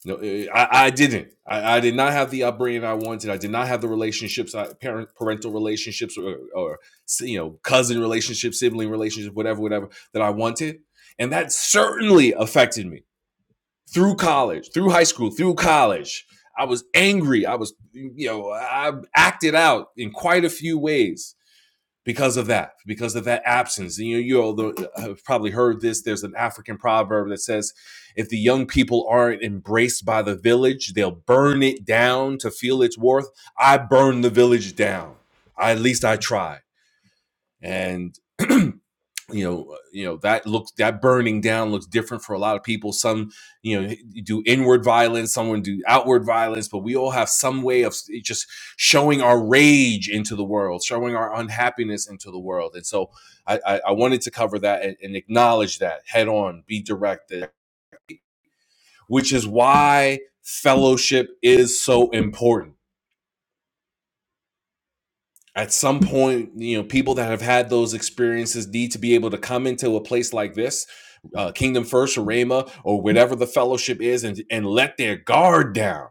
No, eh, eh, I, I didn't. I, I did not have the upbringing I wanted. I did not have the relationships, I, parent parental relationships, or, or you know, cousin relationships, sibling relationships, whatever, whatever that I wanted, and that certainly affected me through college, through high school, through college. I was angry. I was, you know, I acted out in quite a few ways because of that, because of that absence. And you, you all have probably heard this. There's an African proverb that says, if the young people aren't embraced by the village, they'll burn it down to feel its worth. I burned the village down. I, at least I tried. And *clears throat* you know uh, you know that looks that burning down looks different for a lot of people some you know do inward violence someone do outward violence but we all have some way of just showing our rage into the world showing our unhappiness into the world and so i i, I wanted to cover that and, and acknowledge that head on be directed which is why fellowship is so important at some point, you know, people that have had those experiences need to be able to come into a place like this, uh, Kingdom First or Rhema or whatever the fellowship is, and and let their guard down.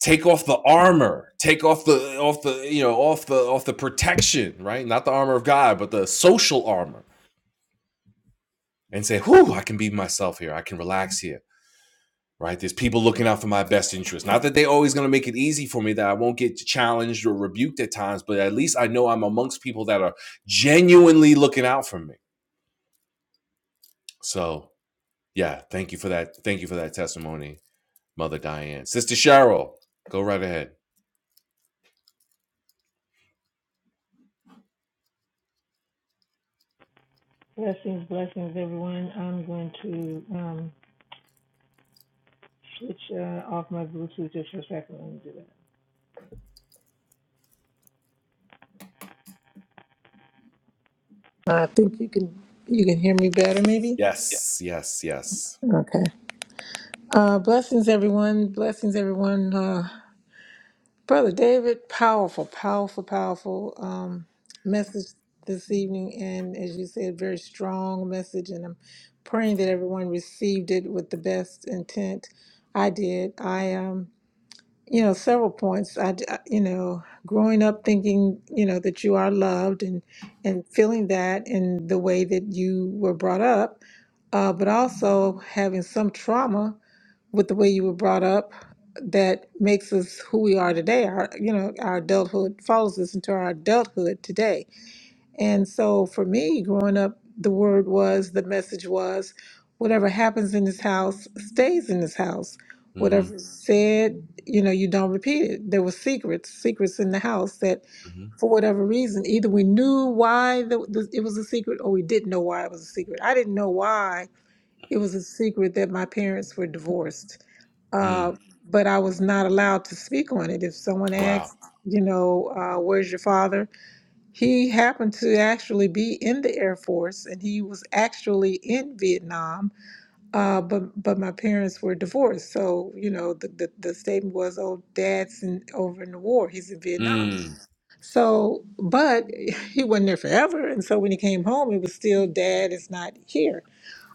Take off the armor. Take off the off the you know off the off the protection, right? Not the armor of God, but the social armor, and say, "Whew, I can be myself here. I can relax here. right? There's people looking out for my best interest. Not that they're always going to make it easy for me, that I won't get challenged or rebuked at times, but at least I know I'm amongst people that are genuinely looking out for me. So, yeah, thank you for that. Thank you for that testimony, Mother Diane. Sister Cheryl, go right ahead.
Blessings, blessings, everyone. I'm going to um, switch uh, off my Bluetooth just for a second. Let me do that. I think you can you can hear me better, maybe.
Yes, yes, yes.
Okay. Uh, blessings, everyone. Blessings, everyone. Uh, Brother David, powerful, powerful, powerful um, message this evening, and as you said, very strong message. And I'm praying that everyone received it with the best intent. I did. I um. you know, several points. I, d- I- you know, growing up thinking, you know, that you are loved and and feeling that in the way that you were brought up, uh, but also having some trauma with the way you were brought up that makes us who we are today. Our, you know, our adulthood follows us into our adulthood today and so for me, growing up, the word was, the message was, whatever happens in this house stays in this house.
hmm
Whatever is said, you know, you don't repeat it. There were secrets, secrets in the house that,
hmm
for whatever reason, either we knew why the, the, it was a secret or we didn't know why it was a secret. I didn't know why it was a secret that my parents were divorced uh,
Mm,
but I was not allowed to speak on it. If someone
wow.
asked, you know, uh, where's your father? He happened to actually be in the Air Force, and he was actually in Vietnam. Uh, but but my parents were divorced, so you know the, the the statement was, "Oh, Dad's in, over in the war. He's in Vietnam."
Mm,
So, but *laughs* he wasn't there forever, and so when he came home, it was still Dad is not here.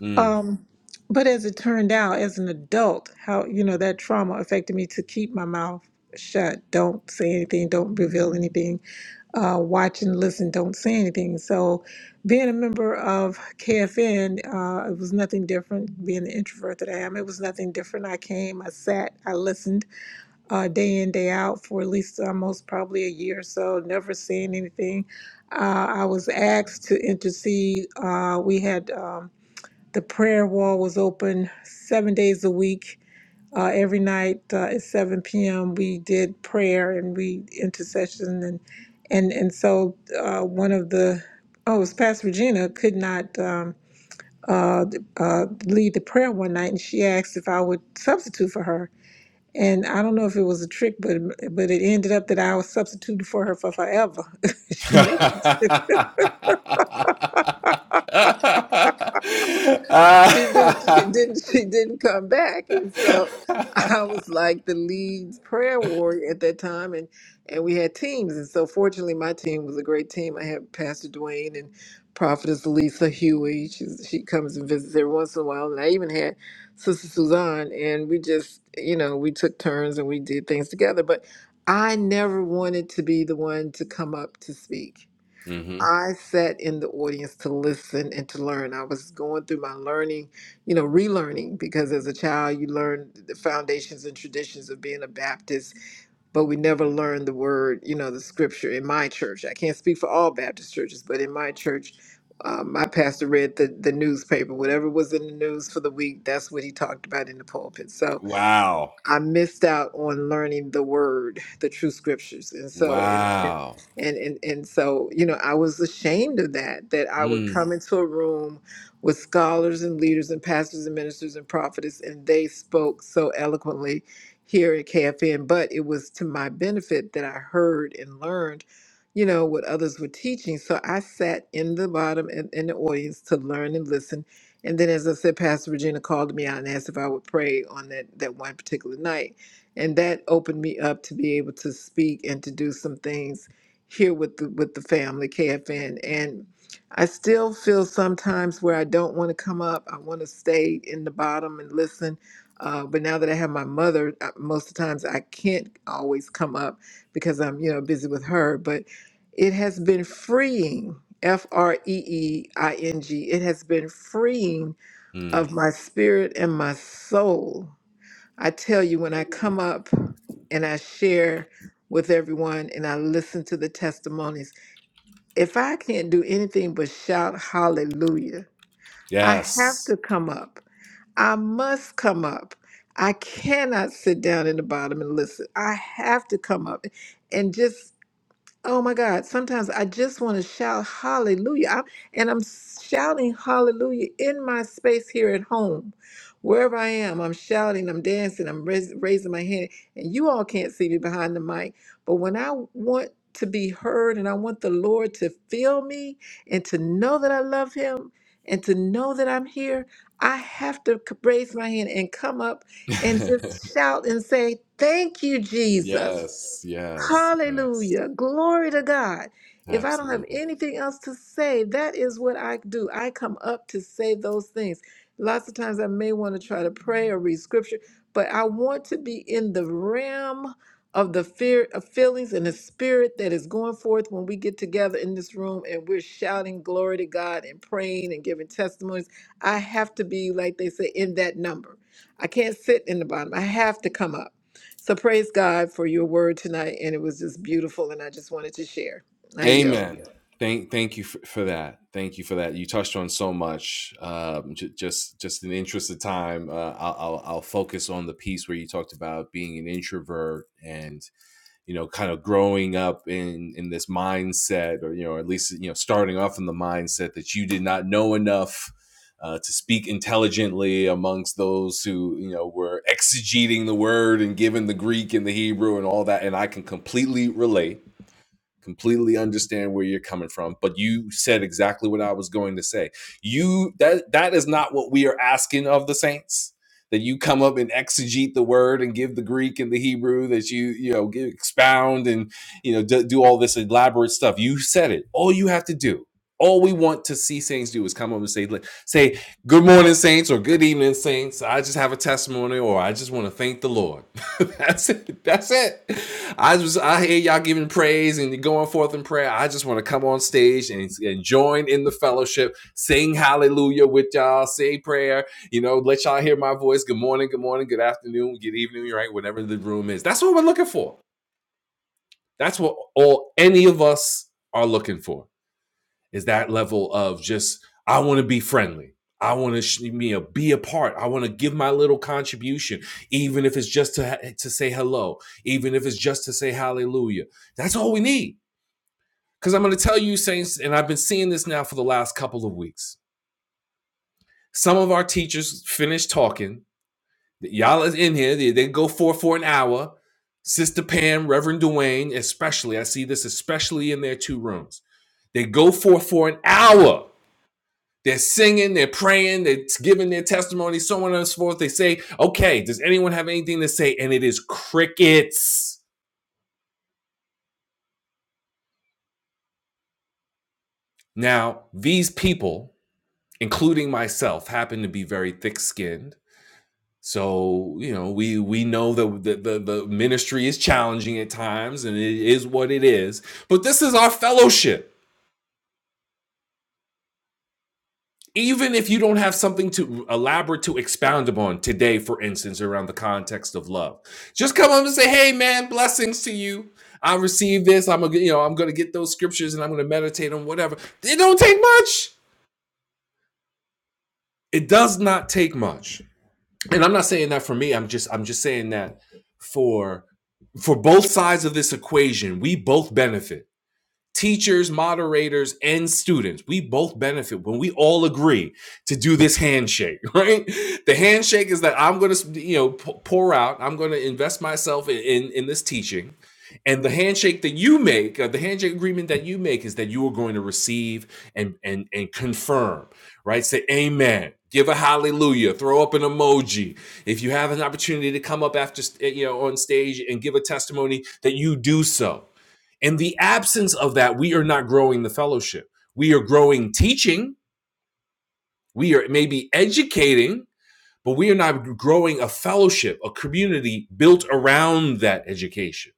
mm.
Um, but as it turned out, as an adult, how you know that trauma affected me to keep my mouth shut, don't say anything, don't reveal anything uh, watch and listen, don't say anything. So, being a member of KFN, uh, it was nothing different. Being the introvert that I am, it was nothing different. I came, I sat, I listened uh, day in, day out for at least almost probably a year or so, never saying anything. Uh, I was asked to intercede. Uh, we had um, the prayer wall was open seven days a week uh, every night uh, at 7 p.m., we did prayer and we intercession and and and so uh, one of the oh, it was Pastor Regina could not um, uh, uh, lead the prayer one night, and she asked if I would substitute for her. And I don't know if it was a trick, but but it ended up that I was substituted for her for forever.
*laughs*
*laughs* she didn't she
*laughs*
didn't *laughs* she didn't come back and so
*laughs*
i was like the lead prayer warrior at that time and and we had teams and so fortunately my team was a great team i had pastor dwayne and prophetess lisa huey She's, she comes and visits every once in a while and i even had sister suzanne and we just you know we took turns and we did things together but i never wanted to be the one to come up to speak
*laughs* hmm
I sat in the audience to listen and to learn. I was going through my learning, you know, relearning, because as a child, you learn the foundations and traditions of being a Baptist, but we never learned the word, you know, the scripture in my church. I can't speak for all Baptist churches, but in my church, um, my pastor read the, the newspaper. Whatever was in the news for the week, that's what he talked about in the pulpit. So,
Wow.
I missed out on learning the word, the true scriptures. And so and
Wow.
and and, and so, you know, I was ashamed of that, that I would
Mm,
come into a room with scholars and leaders and pastors and ministers and prophets, and they spoke so eloquently here at KFN. But it was to my benefit that I heard and learned, you know, what others were teaching. So I sat in the bottom and in the audience to learn and listen and then, as I said, Pastor Regina called me out and asked if I would pray on that, that one particular night. And that opened me up to be able to speak and to do some things here with the, with the family, KFN. And I still feel sometimes where I don't want to come up. I want to stay in the bottom and listen. Uh, but now that I have my mother, uh, most of the times I can't always come up because I'm, you know, busy with her. But it has been freeing F R E E I N G. It has been freeing
mm.
of my spirit and my soul. I tell you, when I come up and I share with everyone and I listen to the testimonies, if I can't do anything but shout hallelujah, I have
Yes.
to come up. I must come up. I cannot sit down in the bottom and listen. I have to come up. And just Oh my God, sometimes I just want to shout hallelujah. I'm, and I'm shouting hallelujah in my space here at home. Wherever I am, I'm shouting, I'm dancing, I'm rais- raising my hand. And you all can't see me behind the mic. But when I want to be heard and I want the Lord to feel me and to know that I love Him and to know that I'm here, I have to c- raise my hand and come up
*laughs*
and
yes.
just shout and say, Thank you, Jesus.
Yes. Yes.
Hallelujah. Glory to God. If I don't have
Absolutely.
anything else to say, that is what I do. I come up to say those things. Lots of times I may want to try to pray or read scripture, but I want to be in the realm of the fear of feelings and the spirit that is going forth when we get together in this room and we're shouting glory to God and praying and giving testimonies. I have to be, like they say, in that number. I can't sit in the bottom. I have to come up. So praise God for your word tonight. And it was just beautiful. And I just wanted to share. I yield.
Amen. Thank, thank you for, for that. Thank you for that. You touched on so much. Um, j- just, just in the interest of time, uh, I'll, I'll, I'll focus on the piece where you talked about being an introvert and you know, kind of growing up in in this mindset, or you know, at least you know, starting off in the mindset that you did not know enough uh, to speak intelligently amongst those who you know were exegeting the word and given the Greek and the Hebrew and all that. And I can completely relate completely understand where you're coming from but you said exactly what i was going to say you that that is not what we are asking of the saints that you come up and exegete the word and give the greek and the hebrew that you you know give, expound and you know do, do all this elaborate stuff you said it all you have to do all we want to see saints do is come up and say say good morning saints or good evening saints i just have a testimony or i just want to thank the lord *laughs* that's it. That's it. I just I hear y'all giving praise and going forth in prayer. I just want to come on stage and, and join in the fellowship, sing hallelujah with y'all, say prayer. You know, let y'all hear my voice. Good morning, good morning, good afternoon, good evening, right? Whatever the room is. That's what we're looking for. That's what all any of us are looking for is that level of just I want to be friendly. I want to sh- me uh, be a part. I want to give my little contribution, even if it's just to to say hello, even if it's just to say hallelujah. That's all we need. Because I'm going to tell you, saints, and I've been seeing this now for the last couple of weeks. Some of our teachers finish talking. Y'all is in here. They, they go for for an hour. Sister Pam, Reverend Dwayne, especially. I see this especially in their two rooms. They go for for an hour They're singing, they're praying, they're giving their testimony, so on and so forth. They say, okay, does anyone have anything to say? And it is crickets. Now, these people, including myself, happen to be very thick skinned. So, you know, we we know that the, the, the ministry is challenging at times and it is what it is. But this is our fellowship. even if you don't have something to elaborate to expound upon today, for instance, around the context of love, just come up and say, "Hey, man, blessings to you. I received this. I'm gonna, you know, I'm gonna get those scriptures and I'm gonna meditate on whatever." It don't take much. It does not take much. And I'm not saying that for me. I'm just, I'm just saying that for for both sides of this equation, we both benefit teachers, moderators, and students, we both benefit when we all agree to do this handshake, *laughs* right? The handshake is that I'm going to, you know, pour out, I'm going to invest myself in, in, in this teaching. And the handshake that you make, uh, the handshake agreement that you make is that you are going to receive and, and, and confirm, right? Say amen, give a hallelujah, throw up an emoji. If you have an opportunity to come up after, you know, on stage and give a testimony that you do so in the absence of that, we are not growing the fellowship. We are growing teaching, we are maybe educating, but we are not growing a fellowship, a community built around that education.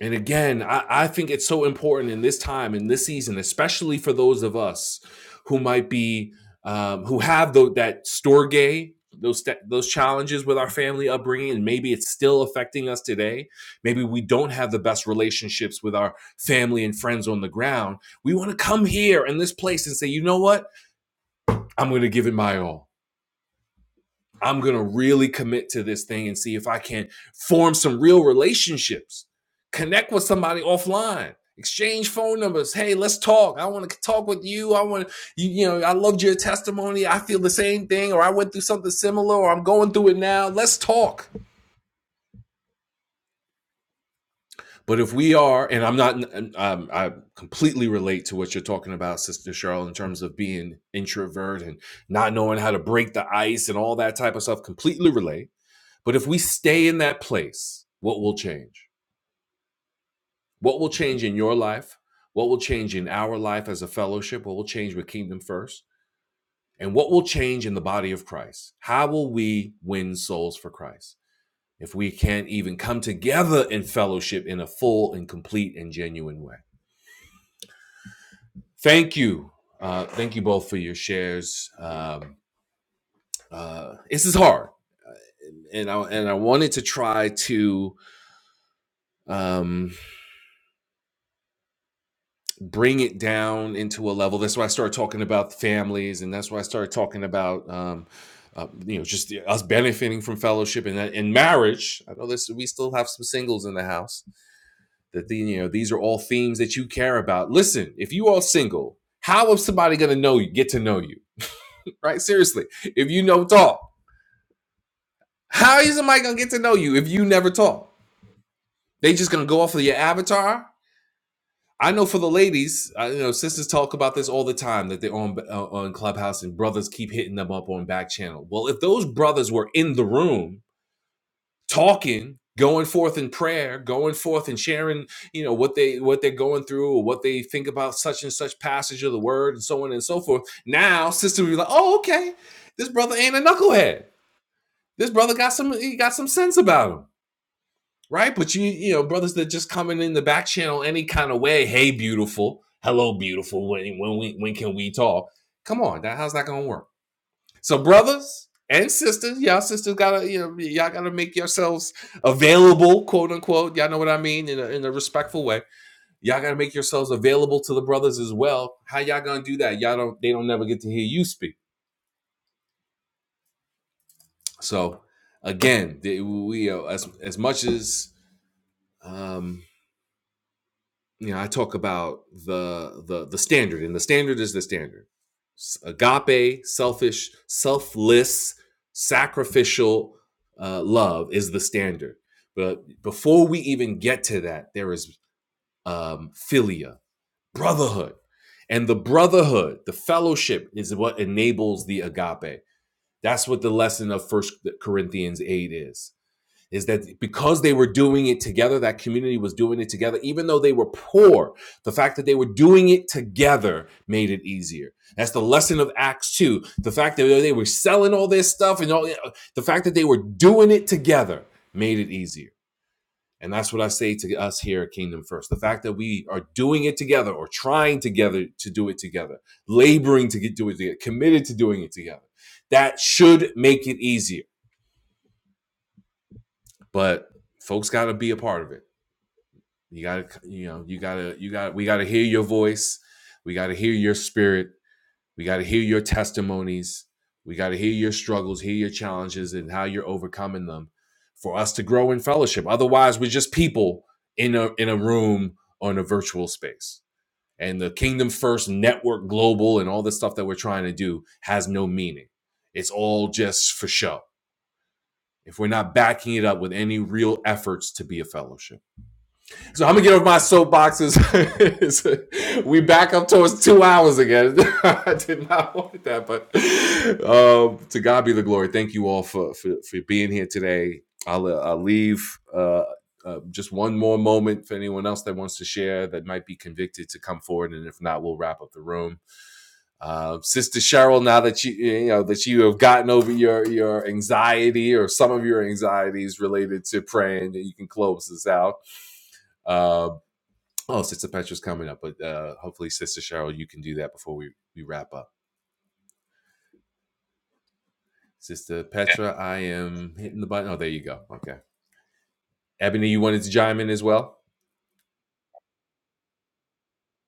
And again, I, I think it's so important in this time, in this season, especially for those of us who might be, um, who have tho- that store gay, those those challenges with our family upbringing, and maybe it's still affecting us today. Maybe we don't have the best relationships with our family and friends on the ground. We want to come here in this place and say, you know what? I'm going to give it my all. I'm going to really commit to this thing and see if I can form some real relationships, connect with somebody offline, exchange phone numbers. Hey, let's talk. I want to talk with you. I want to, you, you know, I loved your testimony. I feel the same thing, or I went through something similar, or I'm going through it now. Let's talk. But if we are, and I'm not, um, I completely relate to what you're talking about, Sister Cheryl, in terms of being introvert and not knowing how to break the ice and all that type of stuff, completely relate But if we stay in that place, what will change? What will change in your life? What will change in our life as a fellowship? What will change with Kingdom First? And what will change in the body of Christ? How will we win souls for Christ if we can't even come together in fellowship in a full and complete and genuine way? Thank you. Uh, thank you both for your shares. Um, uh, this is hard, and I and I wanted to try to um, bring it down into a level. That's why I started talking about families, and that's why I started talking about um, uh, you know just us benefiting from fellowship and and marriage. I know this. We still have some singles in the house. That the, you know these are all themes that you care about. Listen, if you are single, how is somebody going to know you? Get to know you, right? Seriously, if you don't talk, how is somebody going to get to know you if you never talk? They just going to go off of your avatar I know for the ladies, I, you know, sisters talk about this all the time that they're on uh, on Clubhouse and brothers keep hitting them up on back channel. Well, if those brothers were in the room talking, going forth in prayer, going forth and sharing, you know, what they what they're going through or what they think about such and such passage of the word and so on and so forth. Now, sister would be like, "Oh, okay. This brother ain't a knucklehead. This brother got some he got some sense about him." right? But you, you know, brothers that just coming in the back channel any kind of way. Hey, beautiful. Hello, beautiful. When when we when can we talk? Come on, that how's that gonna work? So, brothers and sisters, y'all sisters gotta you know y'all gotta make yourselves available, quote unquote. Y'all know what I mean in a, in a respectful way. Y'all gotta make yourselves available to the brothers as well. How y'all gonna do that? Y'all don't they don't never get to hear you speak. So again, the- we uh, as as much as um, you know, I talk about the the the standard, and the standard is the standard. Agape, selfish, selfless, sacrificial uh, love is the standard. But before we even get to that, there is um, philia, brotherhood, and the brotherhood, the fellowship, is what enables the agape. That's what the lesson of First Corinthians eight is is that because they were doing it together, that community was doing it together, even though they were poor, the fact that they were doing it together made it easier. That's the lesson of Acts 2. The fact that they were selling all this stuff and all the fact that they were doing it together made it easier. And that's what I say to us here at Kingdom First. The fact that we are doing it together or trying together to do it together, laboring to get, do it together, committed to doing it together, that should make it easier. But folks got to be a part of it. You gotta, you know, you gotta, you got, we gotta hear your voice. We gotta hear your spirit. We gotta hear your testimonies. We gotta hear your struggles, hear your challenges, and how you're overcoming them, for us to grow in fellowship. Otherwise, we're just people in a in a room on a virtual space. And the Kingdom First Network Global and all the stuff that we're trying to do has no meaning. It's all just for show. If we're not backing it up with any real efforts to be a fellowship. So I'm gonna get off my soapboxes. *laughs* we back up towards two hours again. *laughs* I did not want that, but um, to God be the glory. Thank you all for for, for being here today. I'll, uh, I'll leave uh, uh, just one more moment for anyone else that wants to share that might be convicted to come forward, and if not, we'll wrap up the room. Uh, Sister Cheryl, now that you you know that you have gotten over your your anxiety or some of your anxieties related to praying, that you can close this out. Um, Oh, Sister Petra's coming up, but uh, hopefully, Sister Cheryl, you can do that before we, we wrap up. Sister Petra, I am hitting the button. Oh, there you go. Okay. Ebony, you wanted to chime in as well?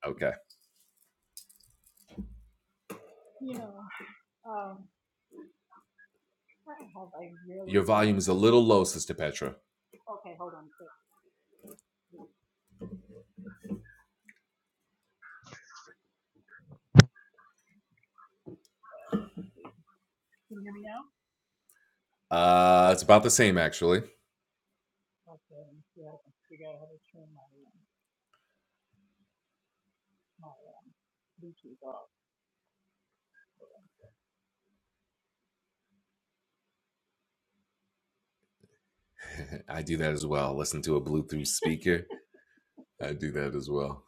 Okay.
You know, um, I have a
Your
really hard.
volume is a little low, Sister Petra.
Okay, hold on a second. Can you hear me now?
Uh, it's about the same, actually.
Okay, yeah, I figure out how to turn my um, my um, Bluetooth off.
*laughs* I do that as well. Listen to a Bluetooth speaker. I do that as well.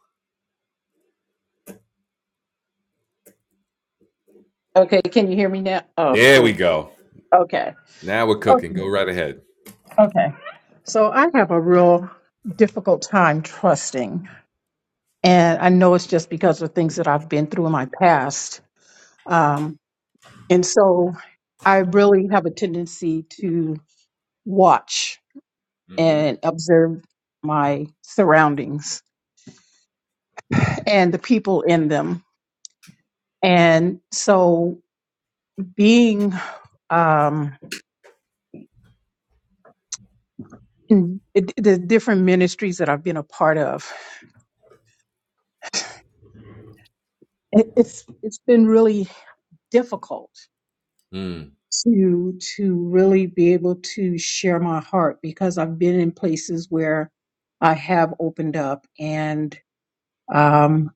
Okay, can you hear me now? Oh,
There
oh,
we go.
okay,
Now we're cooking.
okay,
Go right ahead.
okay. So I have a real difficult time trusting, and I know it's just because of things that I've been through in my past. Um, and so I really have a tendency to watch
Mm-hmm.
and observe my surroundings and the people in them. And so being um, in the different ministries that I've been a part of, it, it's it's been really difficult
Mm,
to to really be able to share my heart because I've been in places where I have opened up and um,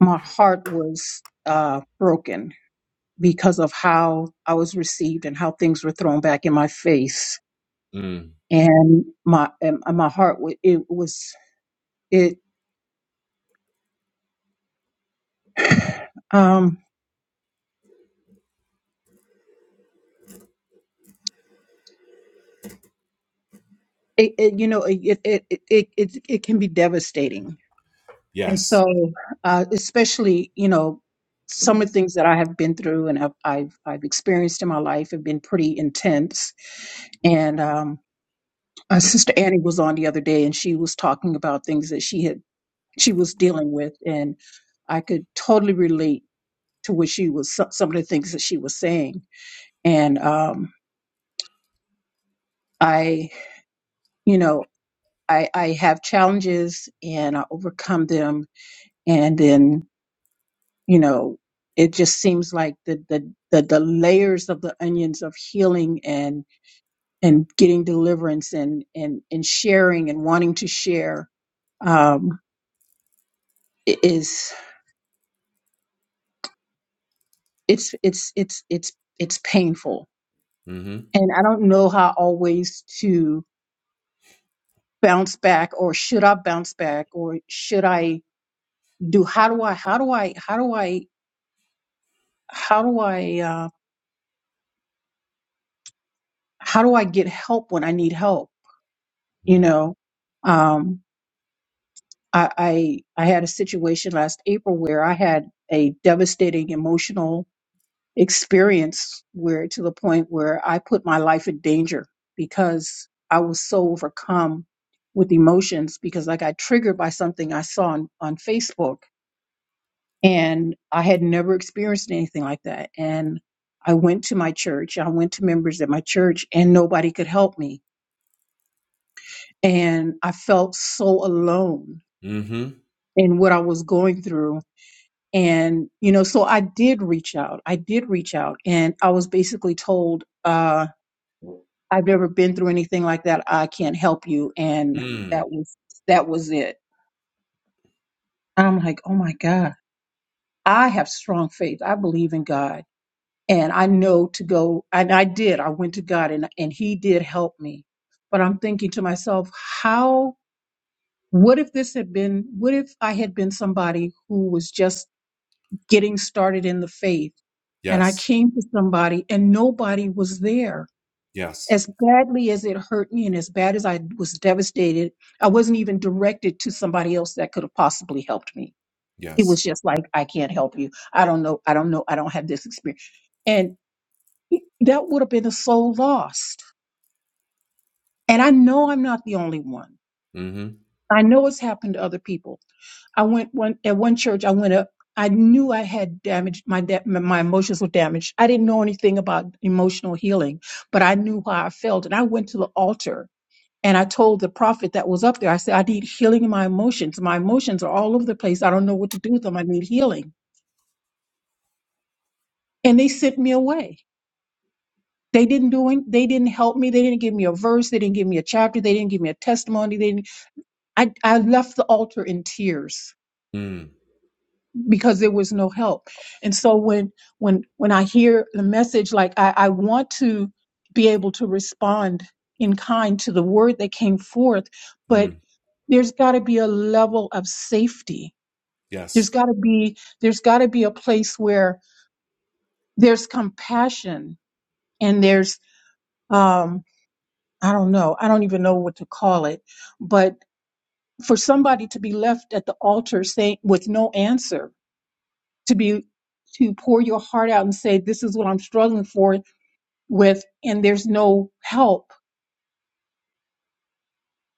my heart was uh, broken because of how I was received and how things were thrown back in my face
mm,
and my and my heart wa- it was it *sighs* um it, it you know it it, it it it it can be devastating and
yes.
so uh especially you know some of the things that I have been through and I've I've, I've experienced in my life have been pretty intense and um uh, sister Annie was on the other day and she was talking about things that she had she was dealing with and I could totally relate to what she was some some of the things that she was saying and um I, you know, I, I have challenges and I overcome them. And then, you know, it just seems like the, the, the, the layers of the onions of healing and, and getting deliverance and, and, and sharing and wanting to share, um, i- is, it's, it's, it's, it's, it's painful.
Mm-hmm.
And I don't know how always to bounce back or should I bounce back or should I do, how do I, how do I, how do I how do I uh, how do I get help when I need help? You
Mm,
know, um, I, I I had a situation last April where I had a devastating emotional experience where to the point where I put my life in danger because I was so overcome with emotions because I got triggered by something I saw on, on Facebook and I had never experienced anything like that and I went to my church, I went to members at my church and nobody could help me and I felt so alone
mm-hmm.
in what I was going through. And, you know, so I did reach out. I did reach out and I was basically told, uh, I've never been through anything like that. I can't help you. And
Mm,
that was, that was it. I'm like, oh my God, I have strong faith. I believe in God and I know to go. And I did, I went to God and, and he did help me. But I'm thinking to myself, how What if this had been, what if I had been somebody who was just getting started in the faith and I
yes.
came to somebody and nobody was there?
Yes.
As badly as it hurt me and as bad as I was devastated, I wasn't even directed to somebody else that could have possibly helped me. It
Yes.
was just like, I can't help you. I don't know. I don't know. I don't have this experience. And that would have been a soul lost. And I know I'm not the only one.
Mm-hmm.
I know it's happened to other people. I went one at one church. I went up. I knew I had damaged my da- my emotions were damaged. I didn't know anything about emotional healing, but I knew how I felt, and I went to the altar and I told the prophet that was up there. I said, "I need healing in my emotions. My emotions are all over the place. I don't know what to do with them. I need healing." And they sent me away. They didn't do. Any, they didn't help me. They didn't give me a verse. They didn't give me a chapter. They didn't give me a testimony. They didn't. I I left the altar in tears
Mm.
because there was no help. And so when when when I hear the message, like I, I want to be able to respond in kind to the word that came forth, but
Mm.
there's got to be a level of safety. There's
Yes.
got to be there's got to be a place where there's compassion and there's um, I don't know I don't even know what to call it, but for somebody to be left at the altar saying with no answer to be to pour your heart out and say this is what i'm struggling for with and there's no help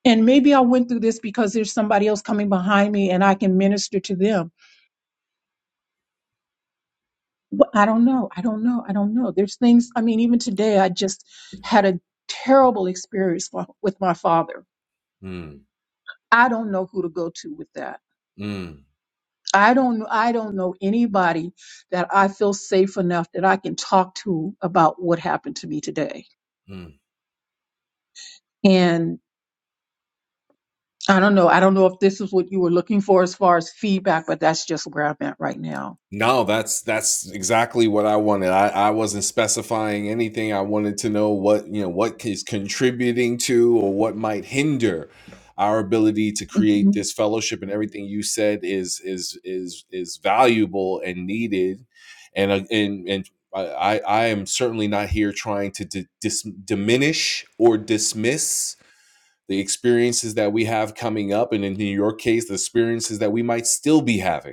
and maybe i went through this because there's somebody else coming behind me and i can minister to them but i don't know i don't know i don't know there's things i mean even today i just had a terrible experience for, with my father
Mm.
i don't know who to go to with that
Mm.
i don't i don't know anybody that i feel safe enough that i can talk to about what happened to me today
Mm.
I don't know. I don't know if this is what you were looking for as far as feedback, but that's just where I'm at right now.
No, that's that's exactly what I wanted. I, I wasn't specifying anything. I wanted to know what you know what is contributing to or what might hinder our ability to
hmm
create this fellowship. And everything you said is is is is valuable and needed. And uh, and and I I I am certainly not here trying to di- dis- diminish or dismiss the experiences that we have coming up, and in your case, the experiences that we might still be having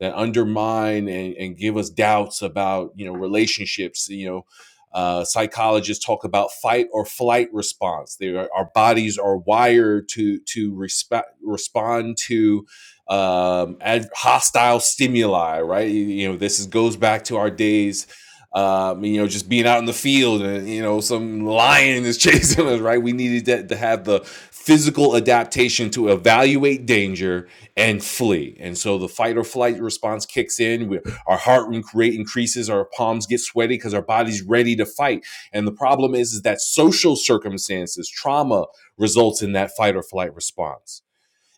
that undermine and, and give us doubts about you know relationships you know uh, psychologists talk about fight or flight response. They are, our bodies are wired to to respe- respond to um, ad- hostile stimuli, right? You, you know, this is, goes back to our days. Um, you know, just being out in the field and you know some lion is *laughs* chasing us, right? We needed to, to have the physical adaptation to evaluate danger and flee. And so the fight or flight response kicks in. We, our heart rate increases. Our palms get sweaty because our body's ready to fight. And the problem is, is that social circumstances, trauma results in that fight or flight response.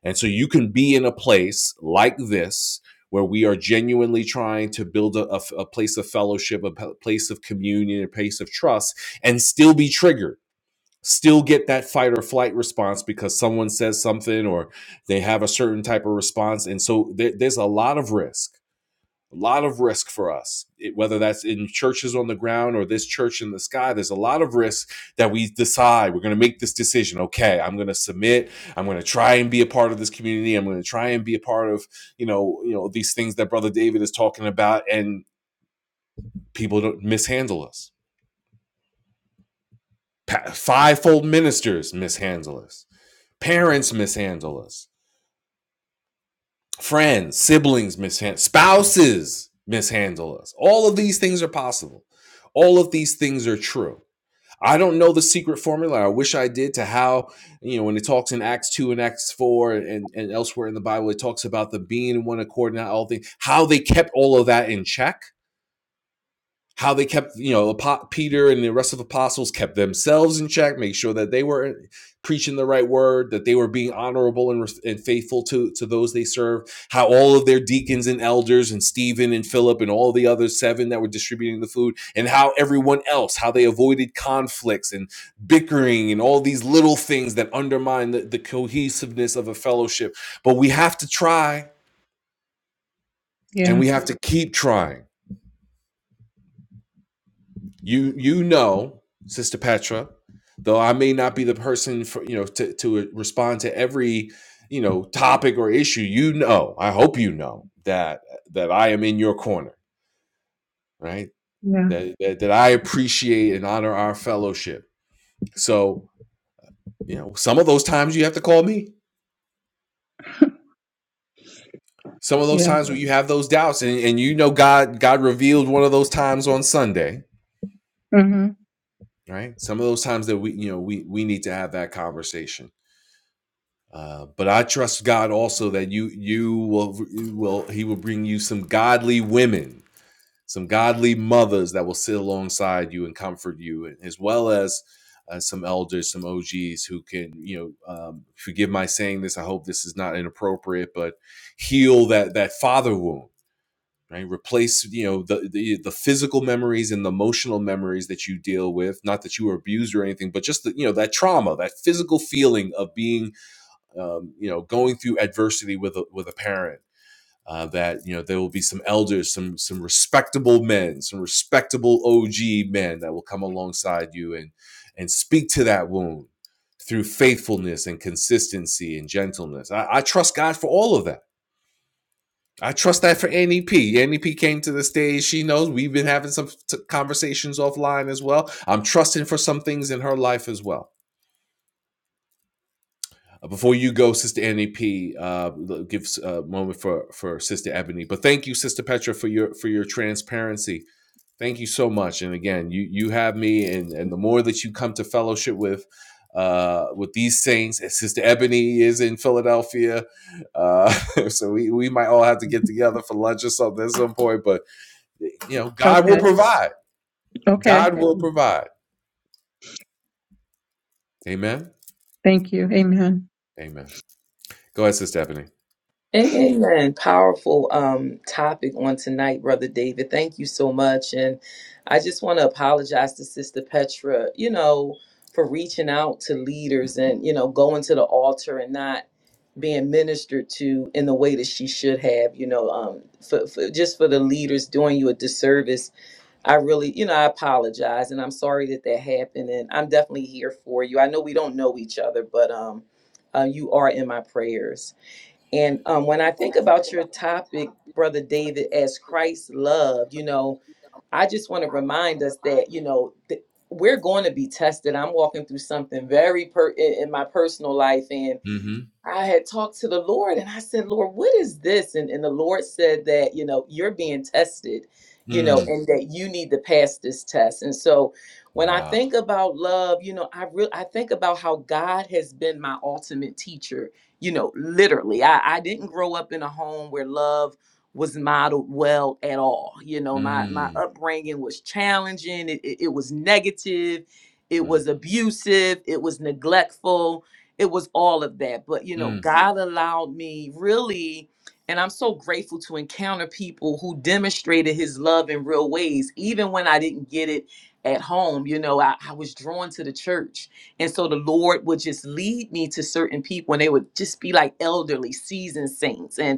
And so you can be in a place like this where we are genuinely trying to build a a, a place of fellowship, a place of communion, a place of trust, and still be triggered still get that fight or flight response because someone says something or they have a certain type of response. And so there, there's a lot of risk, a lot of risk for us, It- whether that's in churches on the ground or this church in the sky. There's a lot of risk that we decide we're going to make this decision. Okay, I'm going to submit. I'm going to try and be a part of this community. I'm going to try and be a part of, you know, you know, these things that brother David is talking about and people don't mishandle us. Pa- Fivefold ministers mishandle us Parents mishandle us. Friends, siblings mishandle, us. spouses mishandle us. All of these things are possible. All of these things are true. I don't know the secret formula. I wish I did to how, you know, when it talks in Acts 2 and Acts 4 and, and elsewhere in the Bible, it talks about the being in one accord and all things, how they kept all of that in check. how they kept you know peter and the rest of the apostles kept themselves in check make sure that they were preaching the right word that they were being honorable and, and faithful to, to those they serve. how all of their deacons and elders and stephen and philip and all the other seven that were distributing the food and how everyone else how they avoided conflicts and bickering and all these little things that undermine the, the cohesiveness of a fellowship but we have to try and
Yeah,
we have to keep trying You you know, Sister Petra, though I may not be the person for you know to to respond to every you know topic or issue. You know, I hope you know that that I am in your corner, right?
yeah,
That that, that I appreciate and honor our fellowship. So you know, some of those times you have to call me.
*laughs*
Some of those
yeah.
times when you have those doubts, and, and you know God God revealed one of those times on Sunday,
hmm
right? Some of those times that we you know we we need to have that conversation Uh, but I trust God also that you you will you will He will bring you some godly women, some godly mothers that will sit alongside you and comfort you, as well as uh, some elders, some OGs who can you know um, forgive my saying this. I hope this is not inappropriate, but heal that that father wound. Right, replace you know the, the the physical memories and the emotional memories that you deal with. Not that you were abused or anything, but just the, you know that trauma, that physical feeling of being um, you know, going through adversity with a, with a parent. Uh, that you know there will be some elders, some some respectable men, some respectable OG men that will come alongside you and and speak to that wound through faithfulness and consistency and gentleness. I, I trust God for all of that. I trust that for Annie P. Annie P came to the stage. She knows we've been having some t- conversations offline as well. I'm trusting for some things in her life as well. Uh, before you go, Sister Annie P, uh, give a moment for for Sister Ebony. But thank you, Sister Petra, for your for your transparency. Thank you so much. And again, you you have me, and and the more that you come to fellowship with. Uh, with these saints, and Sister Ebony is in Philadelphia, uh, *laughs* so we, we might all have to get together for lunch or something at some point. But you know, God will
Okay,
provide.
okay.
God will provide. Amen.
Thank you. Amen.
Amen. Go ahead, Sister Ebony.
Amen. Powerful um, topic on tonight, Brother David. Thank you so much. And I just want to apologize to Sister Petra, you know, for reaching out to leaders and, you know, going to the altar and not being ministered to in the way that she should have, you know, um, for, for just for the leaders doing you a disservice I really, you know, I apologize and I'm sorry that that happened and I'm definitely here for you. I know we don't know each other, but um uh, you are in my prayers. And um when I think about your topic, brother David, as Christ loved, you know, I just want to remind us that, you know, th- we're going to be tested. I'm walking through something very per in in my personal life and
Mm-hmm.
I had talked to the Lord and I said, Lord, what is this? And, and the Lord said that, you know, you're being tested, you know,
Mm.
and that you need to pass this test. And so when I
Wow.
think about love, you know, I really I think about how God has been my ultimate teacher, you know, literally. I, I didn't grow up in a home where love was modeled well at all. You know, my my
Mm.
upbringing was challenging. It, it, it was negative. It
Mm.
was abusive. It was neglectful it was all of that. But you know,
Mm,
God allowed me really, and I'm so grateful to encounter people who demonstrated his love in real ways, even when I didn't get it at home. You know, I, I was drawn to the church. And so the Lord would just lead me to certain people, and they would just be like elderly, seasoned saints. and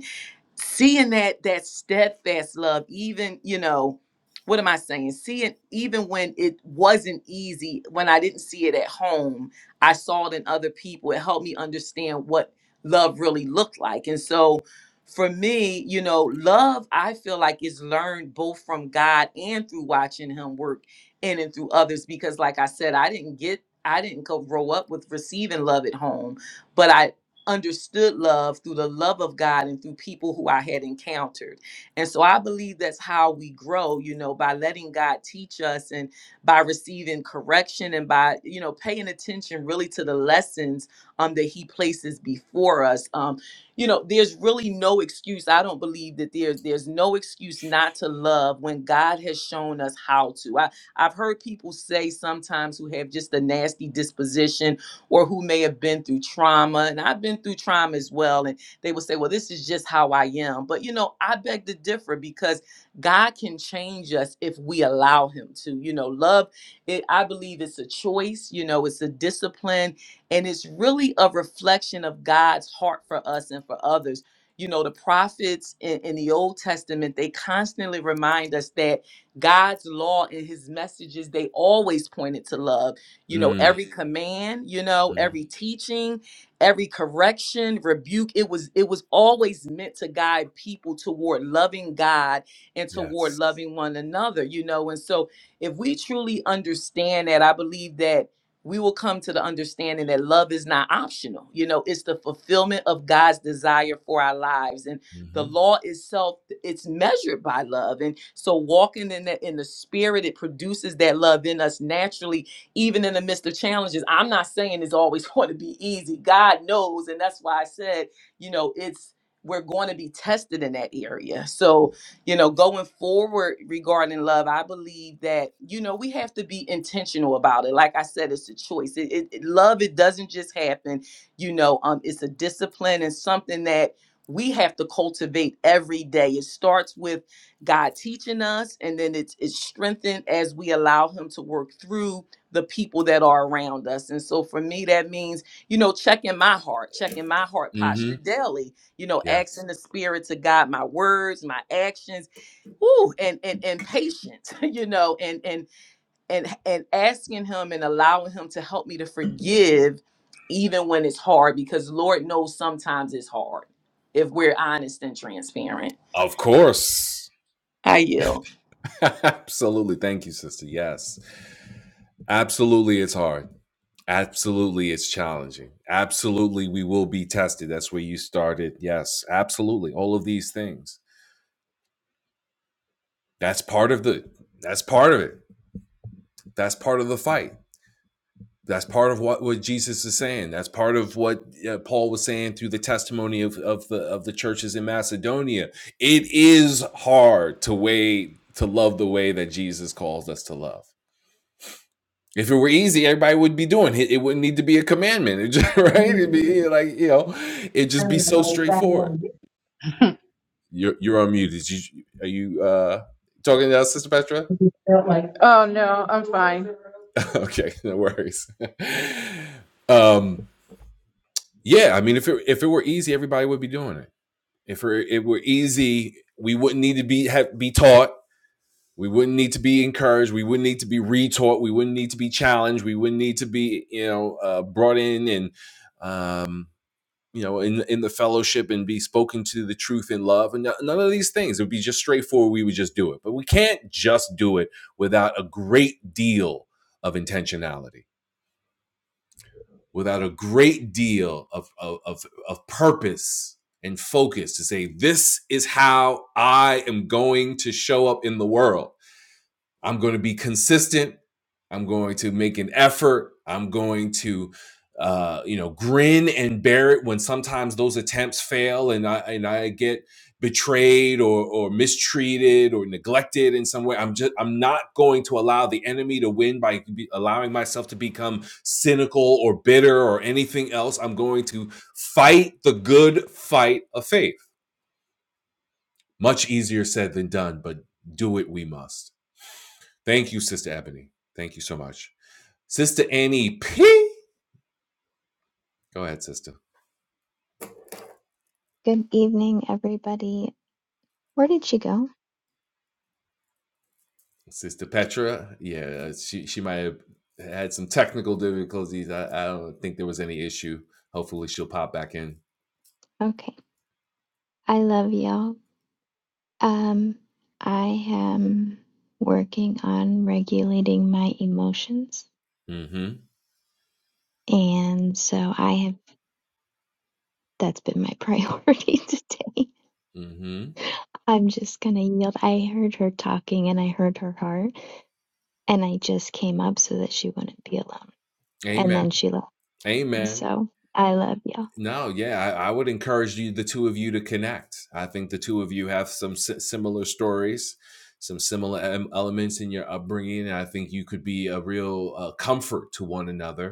seeing that that steadfast love even you know what am i saying seeing even when it wasn't easy when i didn't see it at home i saw it in other people it helped me understand what love really looked like and so for me you know love i feel like is learned both from god and through watching him work in and through others because like i said i didn't get i didn't co- grow up with receiving love at home but I understood love through the love of God and through people who I had encountered. And so I believe that's how we grow, you know, by letting God teach us and by receiving correction and by, you know, paying attention really to the lessons um that he places before us. Um you know, there's really no excuse. I don't believe that there's there's no excuse not to love when God has shown us how to. I I've heard people say sometimes who have just a nasty disposition or who may have been through trauma. And I've been through trauma as well. And they will say, well, this is just how I am. But, you know, I beg to differ because God can change us if we allow Him to. You know, love, it, I believe it's a choice, you know, it's a discipline, and it's really a reflection of God's heart for us and for others. You know, the prophets in, in the Old Testament, they constantly remind us that God's law and his messages, they always pointed to love you know
mm,
every command you know
mm.
every teaching every correction rebuke it was it was always meant to guide people toward loving god and toward
Yes.
loving one another you know and so if we truly understand that i believe that we will come to the understanding that love is not optional you know it's the fulfillment of god's desire for our lives and the
Mhm,
law itself it's measured by love and so walking in the in the spirit it produces that love in us naturally even in the midst of challenges. I'm not saying it's always *laughs* going to be easy. God knows. And that's why I said, you know, it's, we're going to be tested in that area. So, you know, going forward regarding love, I believe that, you know, we have to be intentional about it. Like I said, it's a choice. It, it, it- love, it doesn't just happen. You know, um, it's a discipline and something that we have to cultivate every day. It starts with God teaching us, and then it's it's strengthened as we allow Him to work through the people that are around us. And so for me, that means, you know, checking my heart, checking my heart posture
mhm,
daily, you know,
yes.
asking the spirit to guide my words, my actions, ooh, and and and patience, *laughs* you know, and and and and asking him and allowing him to help me to forgive even when it's hard, because Lord knows sometimes it's hard if we're honest and transparent.
Of course.
I yield.
*laughs* Absolutely, thank you, sister, yes. Absolutely, it's hard. Absolutely, it's challenging. Absolutely, we will be tested, that's where you started, yes, absolutely, all of these things. That's part of the that's part of it. That's part of the fight. That's part of what, what Jesus is saying. That's part of what uh, Paul was saying through the testimony of, of the of the churches in Macedonia. It is hard to way to love the way that Jesus calls us to love. If it were easy, everybody would be doing it. It wouldn't need to be a commandment, It just- *laughs* right? It'd
*laughs*
be like you know, it'd just be so straightforward. You're you're unmuted. You, are you uh, talking to us, Sister Petra?
Oh no, I'm fine.
*laughs* okay, no worries. *laughs* um, yeah, I mean, if it if it were easy, everybody would be doing it If it were easy, we wouldn't need to be have, be taught. We wouldn't need to be encouraged. We wouldn't need to be retaught. We wouldn't need to be challenged. We wouldn't need to be, you know, uh, brought in and, um, you know, in in the fellowship and be spoken to the truth in love. And no- none of these things. It would be just straightforward. We would just do it. But we can't just do it without a great deal of intentionality without a great deal of, of, of, of purpose and focus to say, this is how I am going to show up in the world. I'm going to be consistent. I'm going to make an effort. I'm going to, uh, you know, grin and bear it when sometimes those attempts fail and I and I get betrayed or or mistreated or neglected in some way. I'm just I'm not going to allow the enemy to win by be, allowing myself to become cynical or bitter or anything else. I'm going to fight the good fight of faith. Much easier said than done, but do it we must. Thank you, Sister Ebony. Thank you so much. Sister Annie P. Go ahead, Sister.
Good evening, everybody. Where did she go?
Sister Petra. Yeah, she, she might have had some technical difficulties. I, I don't think there was any issue. Hopefully, she'll pop back in.
Okay. I love y'all. Um, I am working on regulating my emotions.
Mm hmm.
And so I have, that's been my *laughs* priority today.
Mm hmm.
I'm just gonna yield. I heard her talking and I heard her heart, and I just came up so that she wouldn't be alone. And
Amen.
then she left.
Amen.
So I love y'all.
No, yeah, I, I would encourage you, the two of you, to connect. I think the two of you have some si- similar stories, some similar em- elements in your upbringing. And I think you could be a real uh, comfort to one another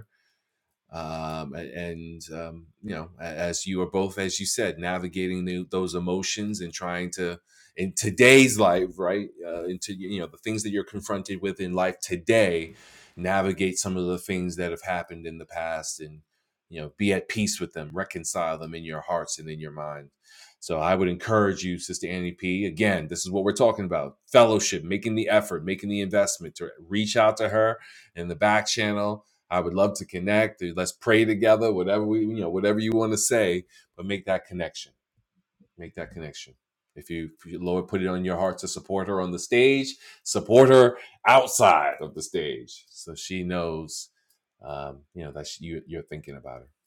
um, and um, you know as you are both as you said navigating the, those emotions and trying to in today's life right uh, into you know the things that you're confronted with in life today navigate some of the things that have happened in the past and you know be at peace with them reconcile them in your hearts and in your mind so i would encourage you sister annie p again this is what we're talking about fellowship making the effort making the investment to reach out to her in the back channel I would love to connect. Or let's pray together. Whatever we, you know, whatever you want to say, but make that connection. Make that connection. If you, if you Lord, put it on your heart to support her on the stage, support her outside of the stage, so she knows, um, you know, that she, you, you're thinking about her.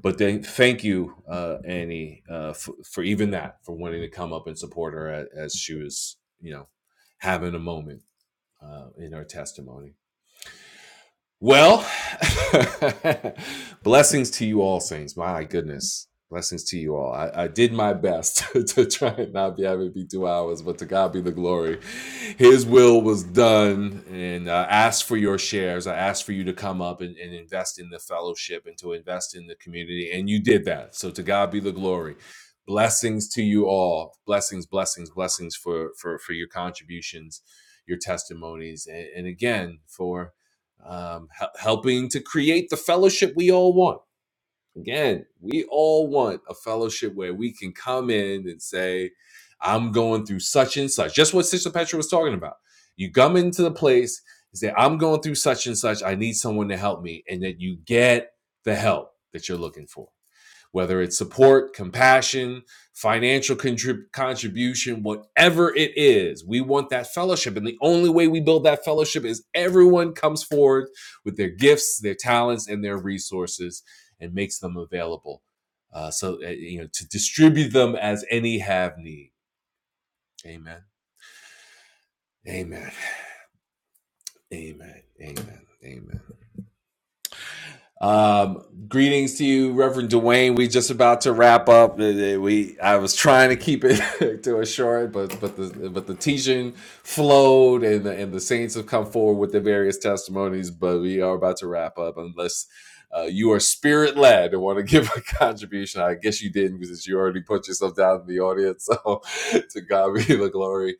But then, thank you, uh, Annie, uh, for, for even that, for wanting to come up and support her as, as she was, you know, having a moment uh, in her testimony. Well, *laughs* blessings to you all, saints. My goodness. Blessings to you all. I, I did my best *laughs* to try and not be having it be two hours, but to God be the glory. His will was done, and I asked for your shares. I asked for you to come up and, and invest in the fellowship and to invest in the community, and you did that. So to God be the glory. Blessings to you all. Blessings, blessings, blessings for for for your contributions, your testimonies, and, and again for um, helping to create the fellowship we all want. Again, we all want a fellowship where we can come in and say, I'm going through such and such. Just what Sister Petra was talking about. You come into the place and say, I'm going through such and such. I need someone to help me. And that you get the help that you're looking for whether it's support, compassion, financial contrib- contribution, whatever it is. We want that fellowship. And the only way we build that fellowship is everyone comes forward with their gifts, their talents, and their resources and makes them available. Uh, so, uh, you know, to distribute them as any have need. Amen. Amen. Amen. Amen. Amen. Um, greetings to you, Reverend Dwayne. We just about to wrap up. Uh, uh, We I was trying to keep it *laughs* to a short, but but the but the teaching flowed, and the, and the saints have come forward with their various testimonies. But we are about to wrap up, unless. Uh, you are spirit led and want to *laughs* give a contribution. I guess you didn't because you already put yourself down in the audience. So *laughs* to God be the glory.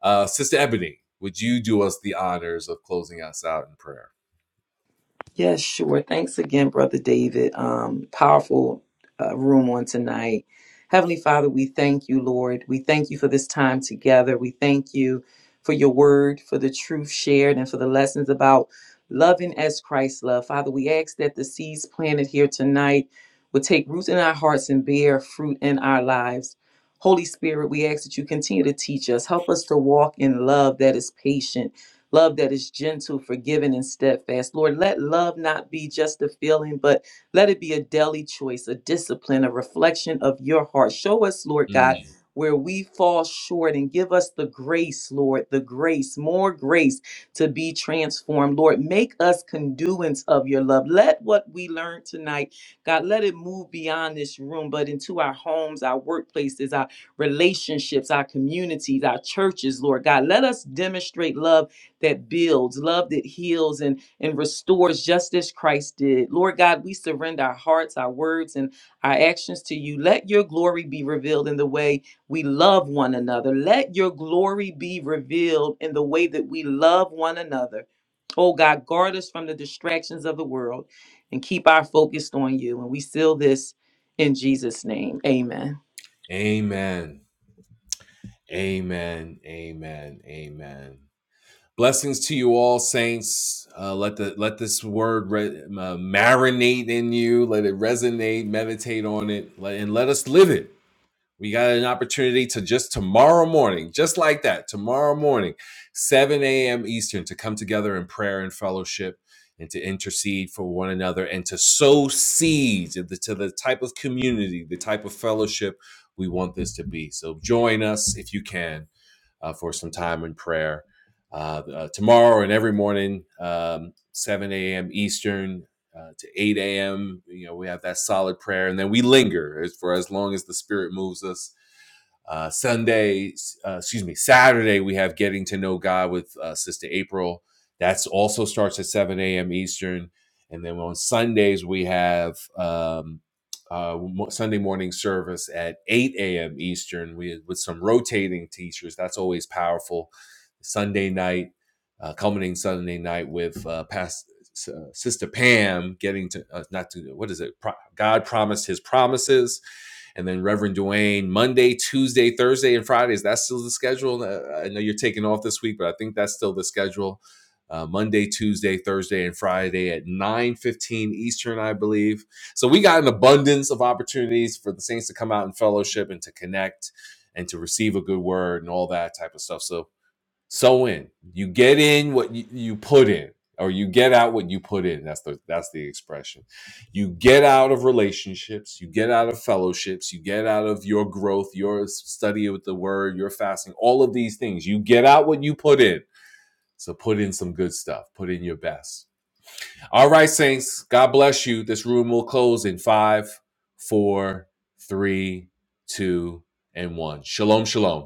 Uh, Sister Ebony, would you do us the honors of closing us out in prayer?
Yes, sure. Thanks again, Brother David. Um, powerful uh, room on tonight. Heavenly Father, we thank you, Lord. We thank you for this time together. We thank you for your word, for the truth shared, and for the lessons about loving as Christ loved. Father, we ask that the seeds planted here tonight will take root in our hearts and bear fruit in our lives. Holy Spirit, we ask that you continue to teach us. Help us to walk in love that is patient love that is gentle, forgiving, and steadfast. Lord, let love not be just a feeling, but let it be a daily choice, a discipline, a reflection of your heart. Show us, Lord
Mm.
God, where we fall short and give us the grace, Lord, the grace, more grace to be transformed. Lord, make us conduits of your love. Let what we learn tonight, God, let it move beyond this room, but into our homes, our workplaces, our relationships, our communities, our churches, Lord God. Let us demonstrate love that builds, love that heals and, and restores just as Christ did. Lord God, we surrender our hearts, our words, and our actions to you. Let your glory be revealed in the way we love one another. Let your glory be revealed in the way that we love one another. Oh God, guard us from the distractions of the world and keep our focus on you. And we seal this in Jesus' name. Amen.
Amen. Amen. Amen. Amen. Blessings to you all, saints. Uh, let the let this word re- uh, marinate in you. Let it resonate. Meditate on it, let, and let us live it. We got an opportunity to just tomorrow morning, just like that, tomorrow morning, 7 a.m. Eastern, to come together in prayer and fellowship and to intercede for one another and to sow seeds of the- to the type of community, the type of fellowship we want this to be. So join us if you can uh, for some time in prayer. Uh, uh, tomorrow and every morning, um, 7 a.m. Eastern uh, to 8 a.m., you know, we have that solid prayer. And then we linger for as long as the Spirit moves us uh, Sunday, uh, excuse me, Saturday, we have Getting to Know God with uh, Sister April. That's also starts at 7 a.m. Eastern. And then on Sundays, we have um, uh, Sunday morning service at 8 a.m. Eastern We with some rotating teachers. That's always powerful. Sunday night, uh, culminating Sunday night with uh, past, uh, Sister Pam getting to, uh, not to, what is it? Pro- God promised his promises and then Reverend Duane, Monday, Tuesday, Thursday, and Friday. Is that still the schedule? Uh, I know you're taking off this week, but I think that's still the schedule. Uh, Monday, Tuesday, Thursday, and Friday at 9:15 Eastern, I believe. So we got an abundance of opportunities for the saints to come out and fellowship and to connect and to receive a good word and all that type of stuff. So so in. You get in what you, you put in, or you get out what you put in. That's the that's the expression. You get out of relationships, you get out of fellowships, you get out of your growth, your study with the word, your fasting, all of these things. You get out what you put in. So put in some good stuff. Put in your best. All right, Saints. God bless you. This room will close in five, four, three, two, and one. Shalom, shalom.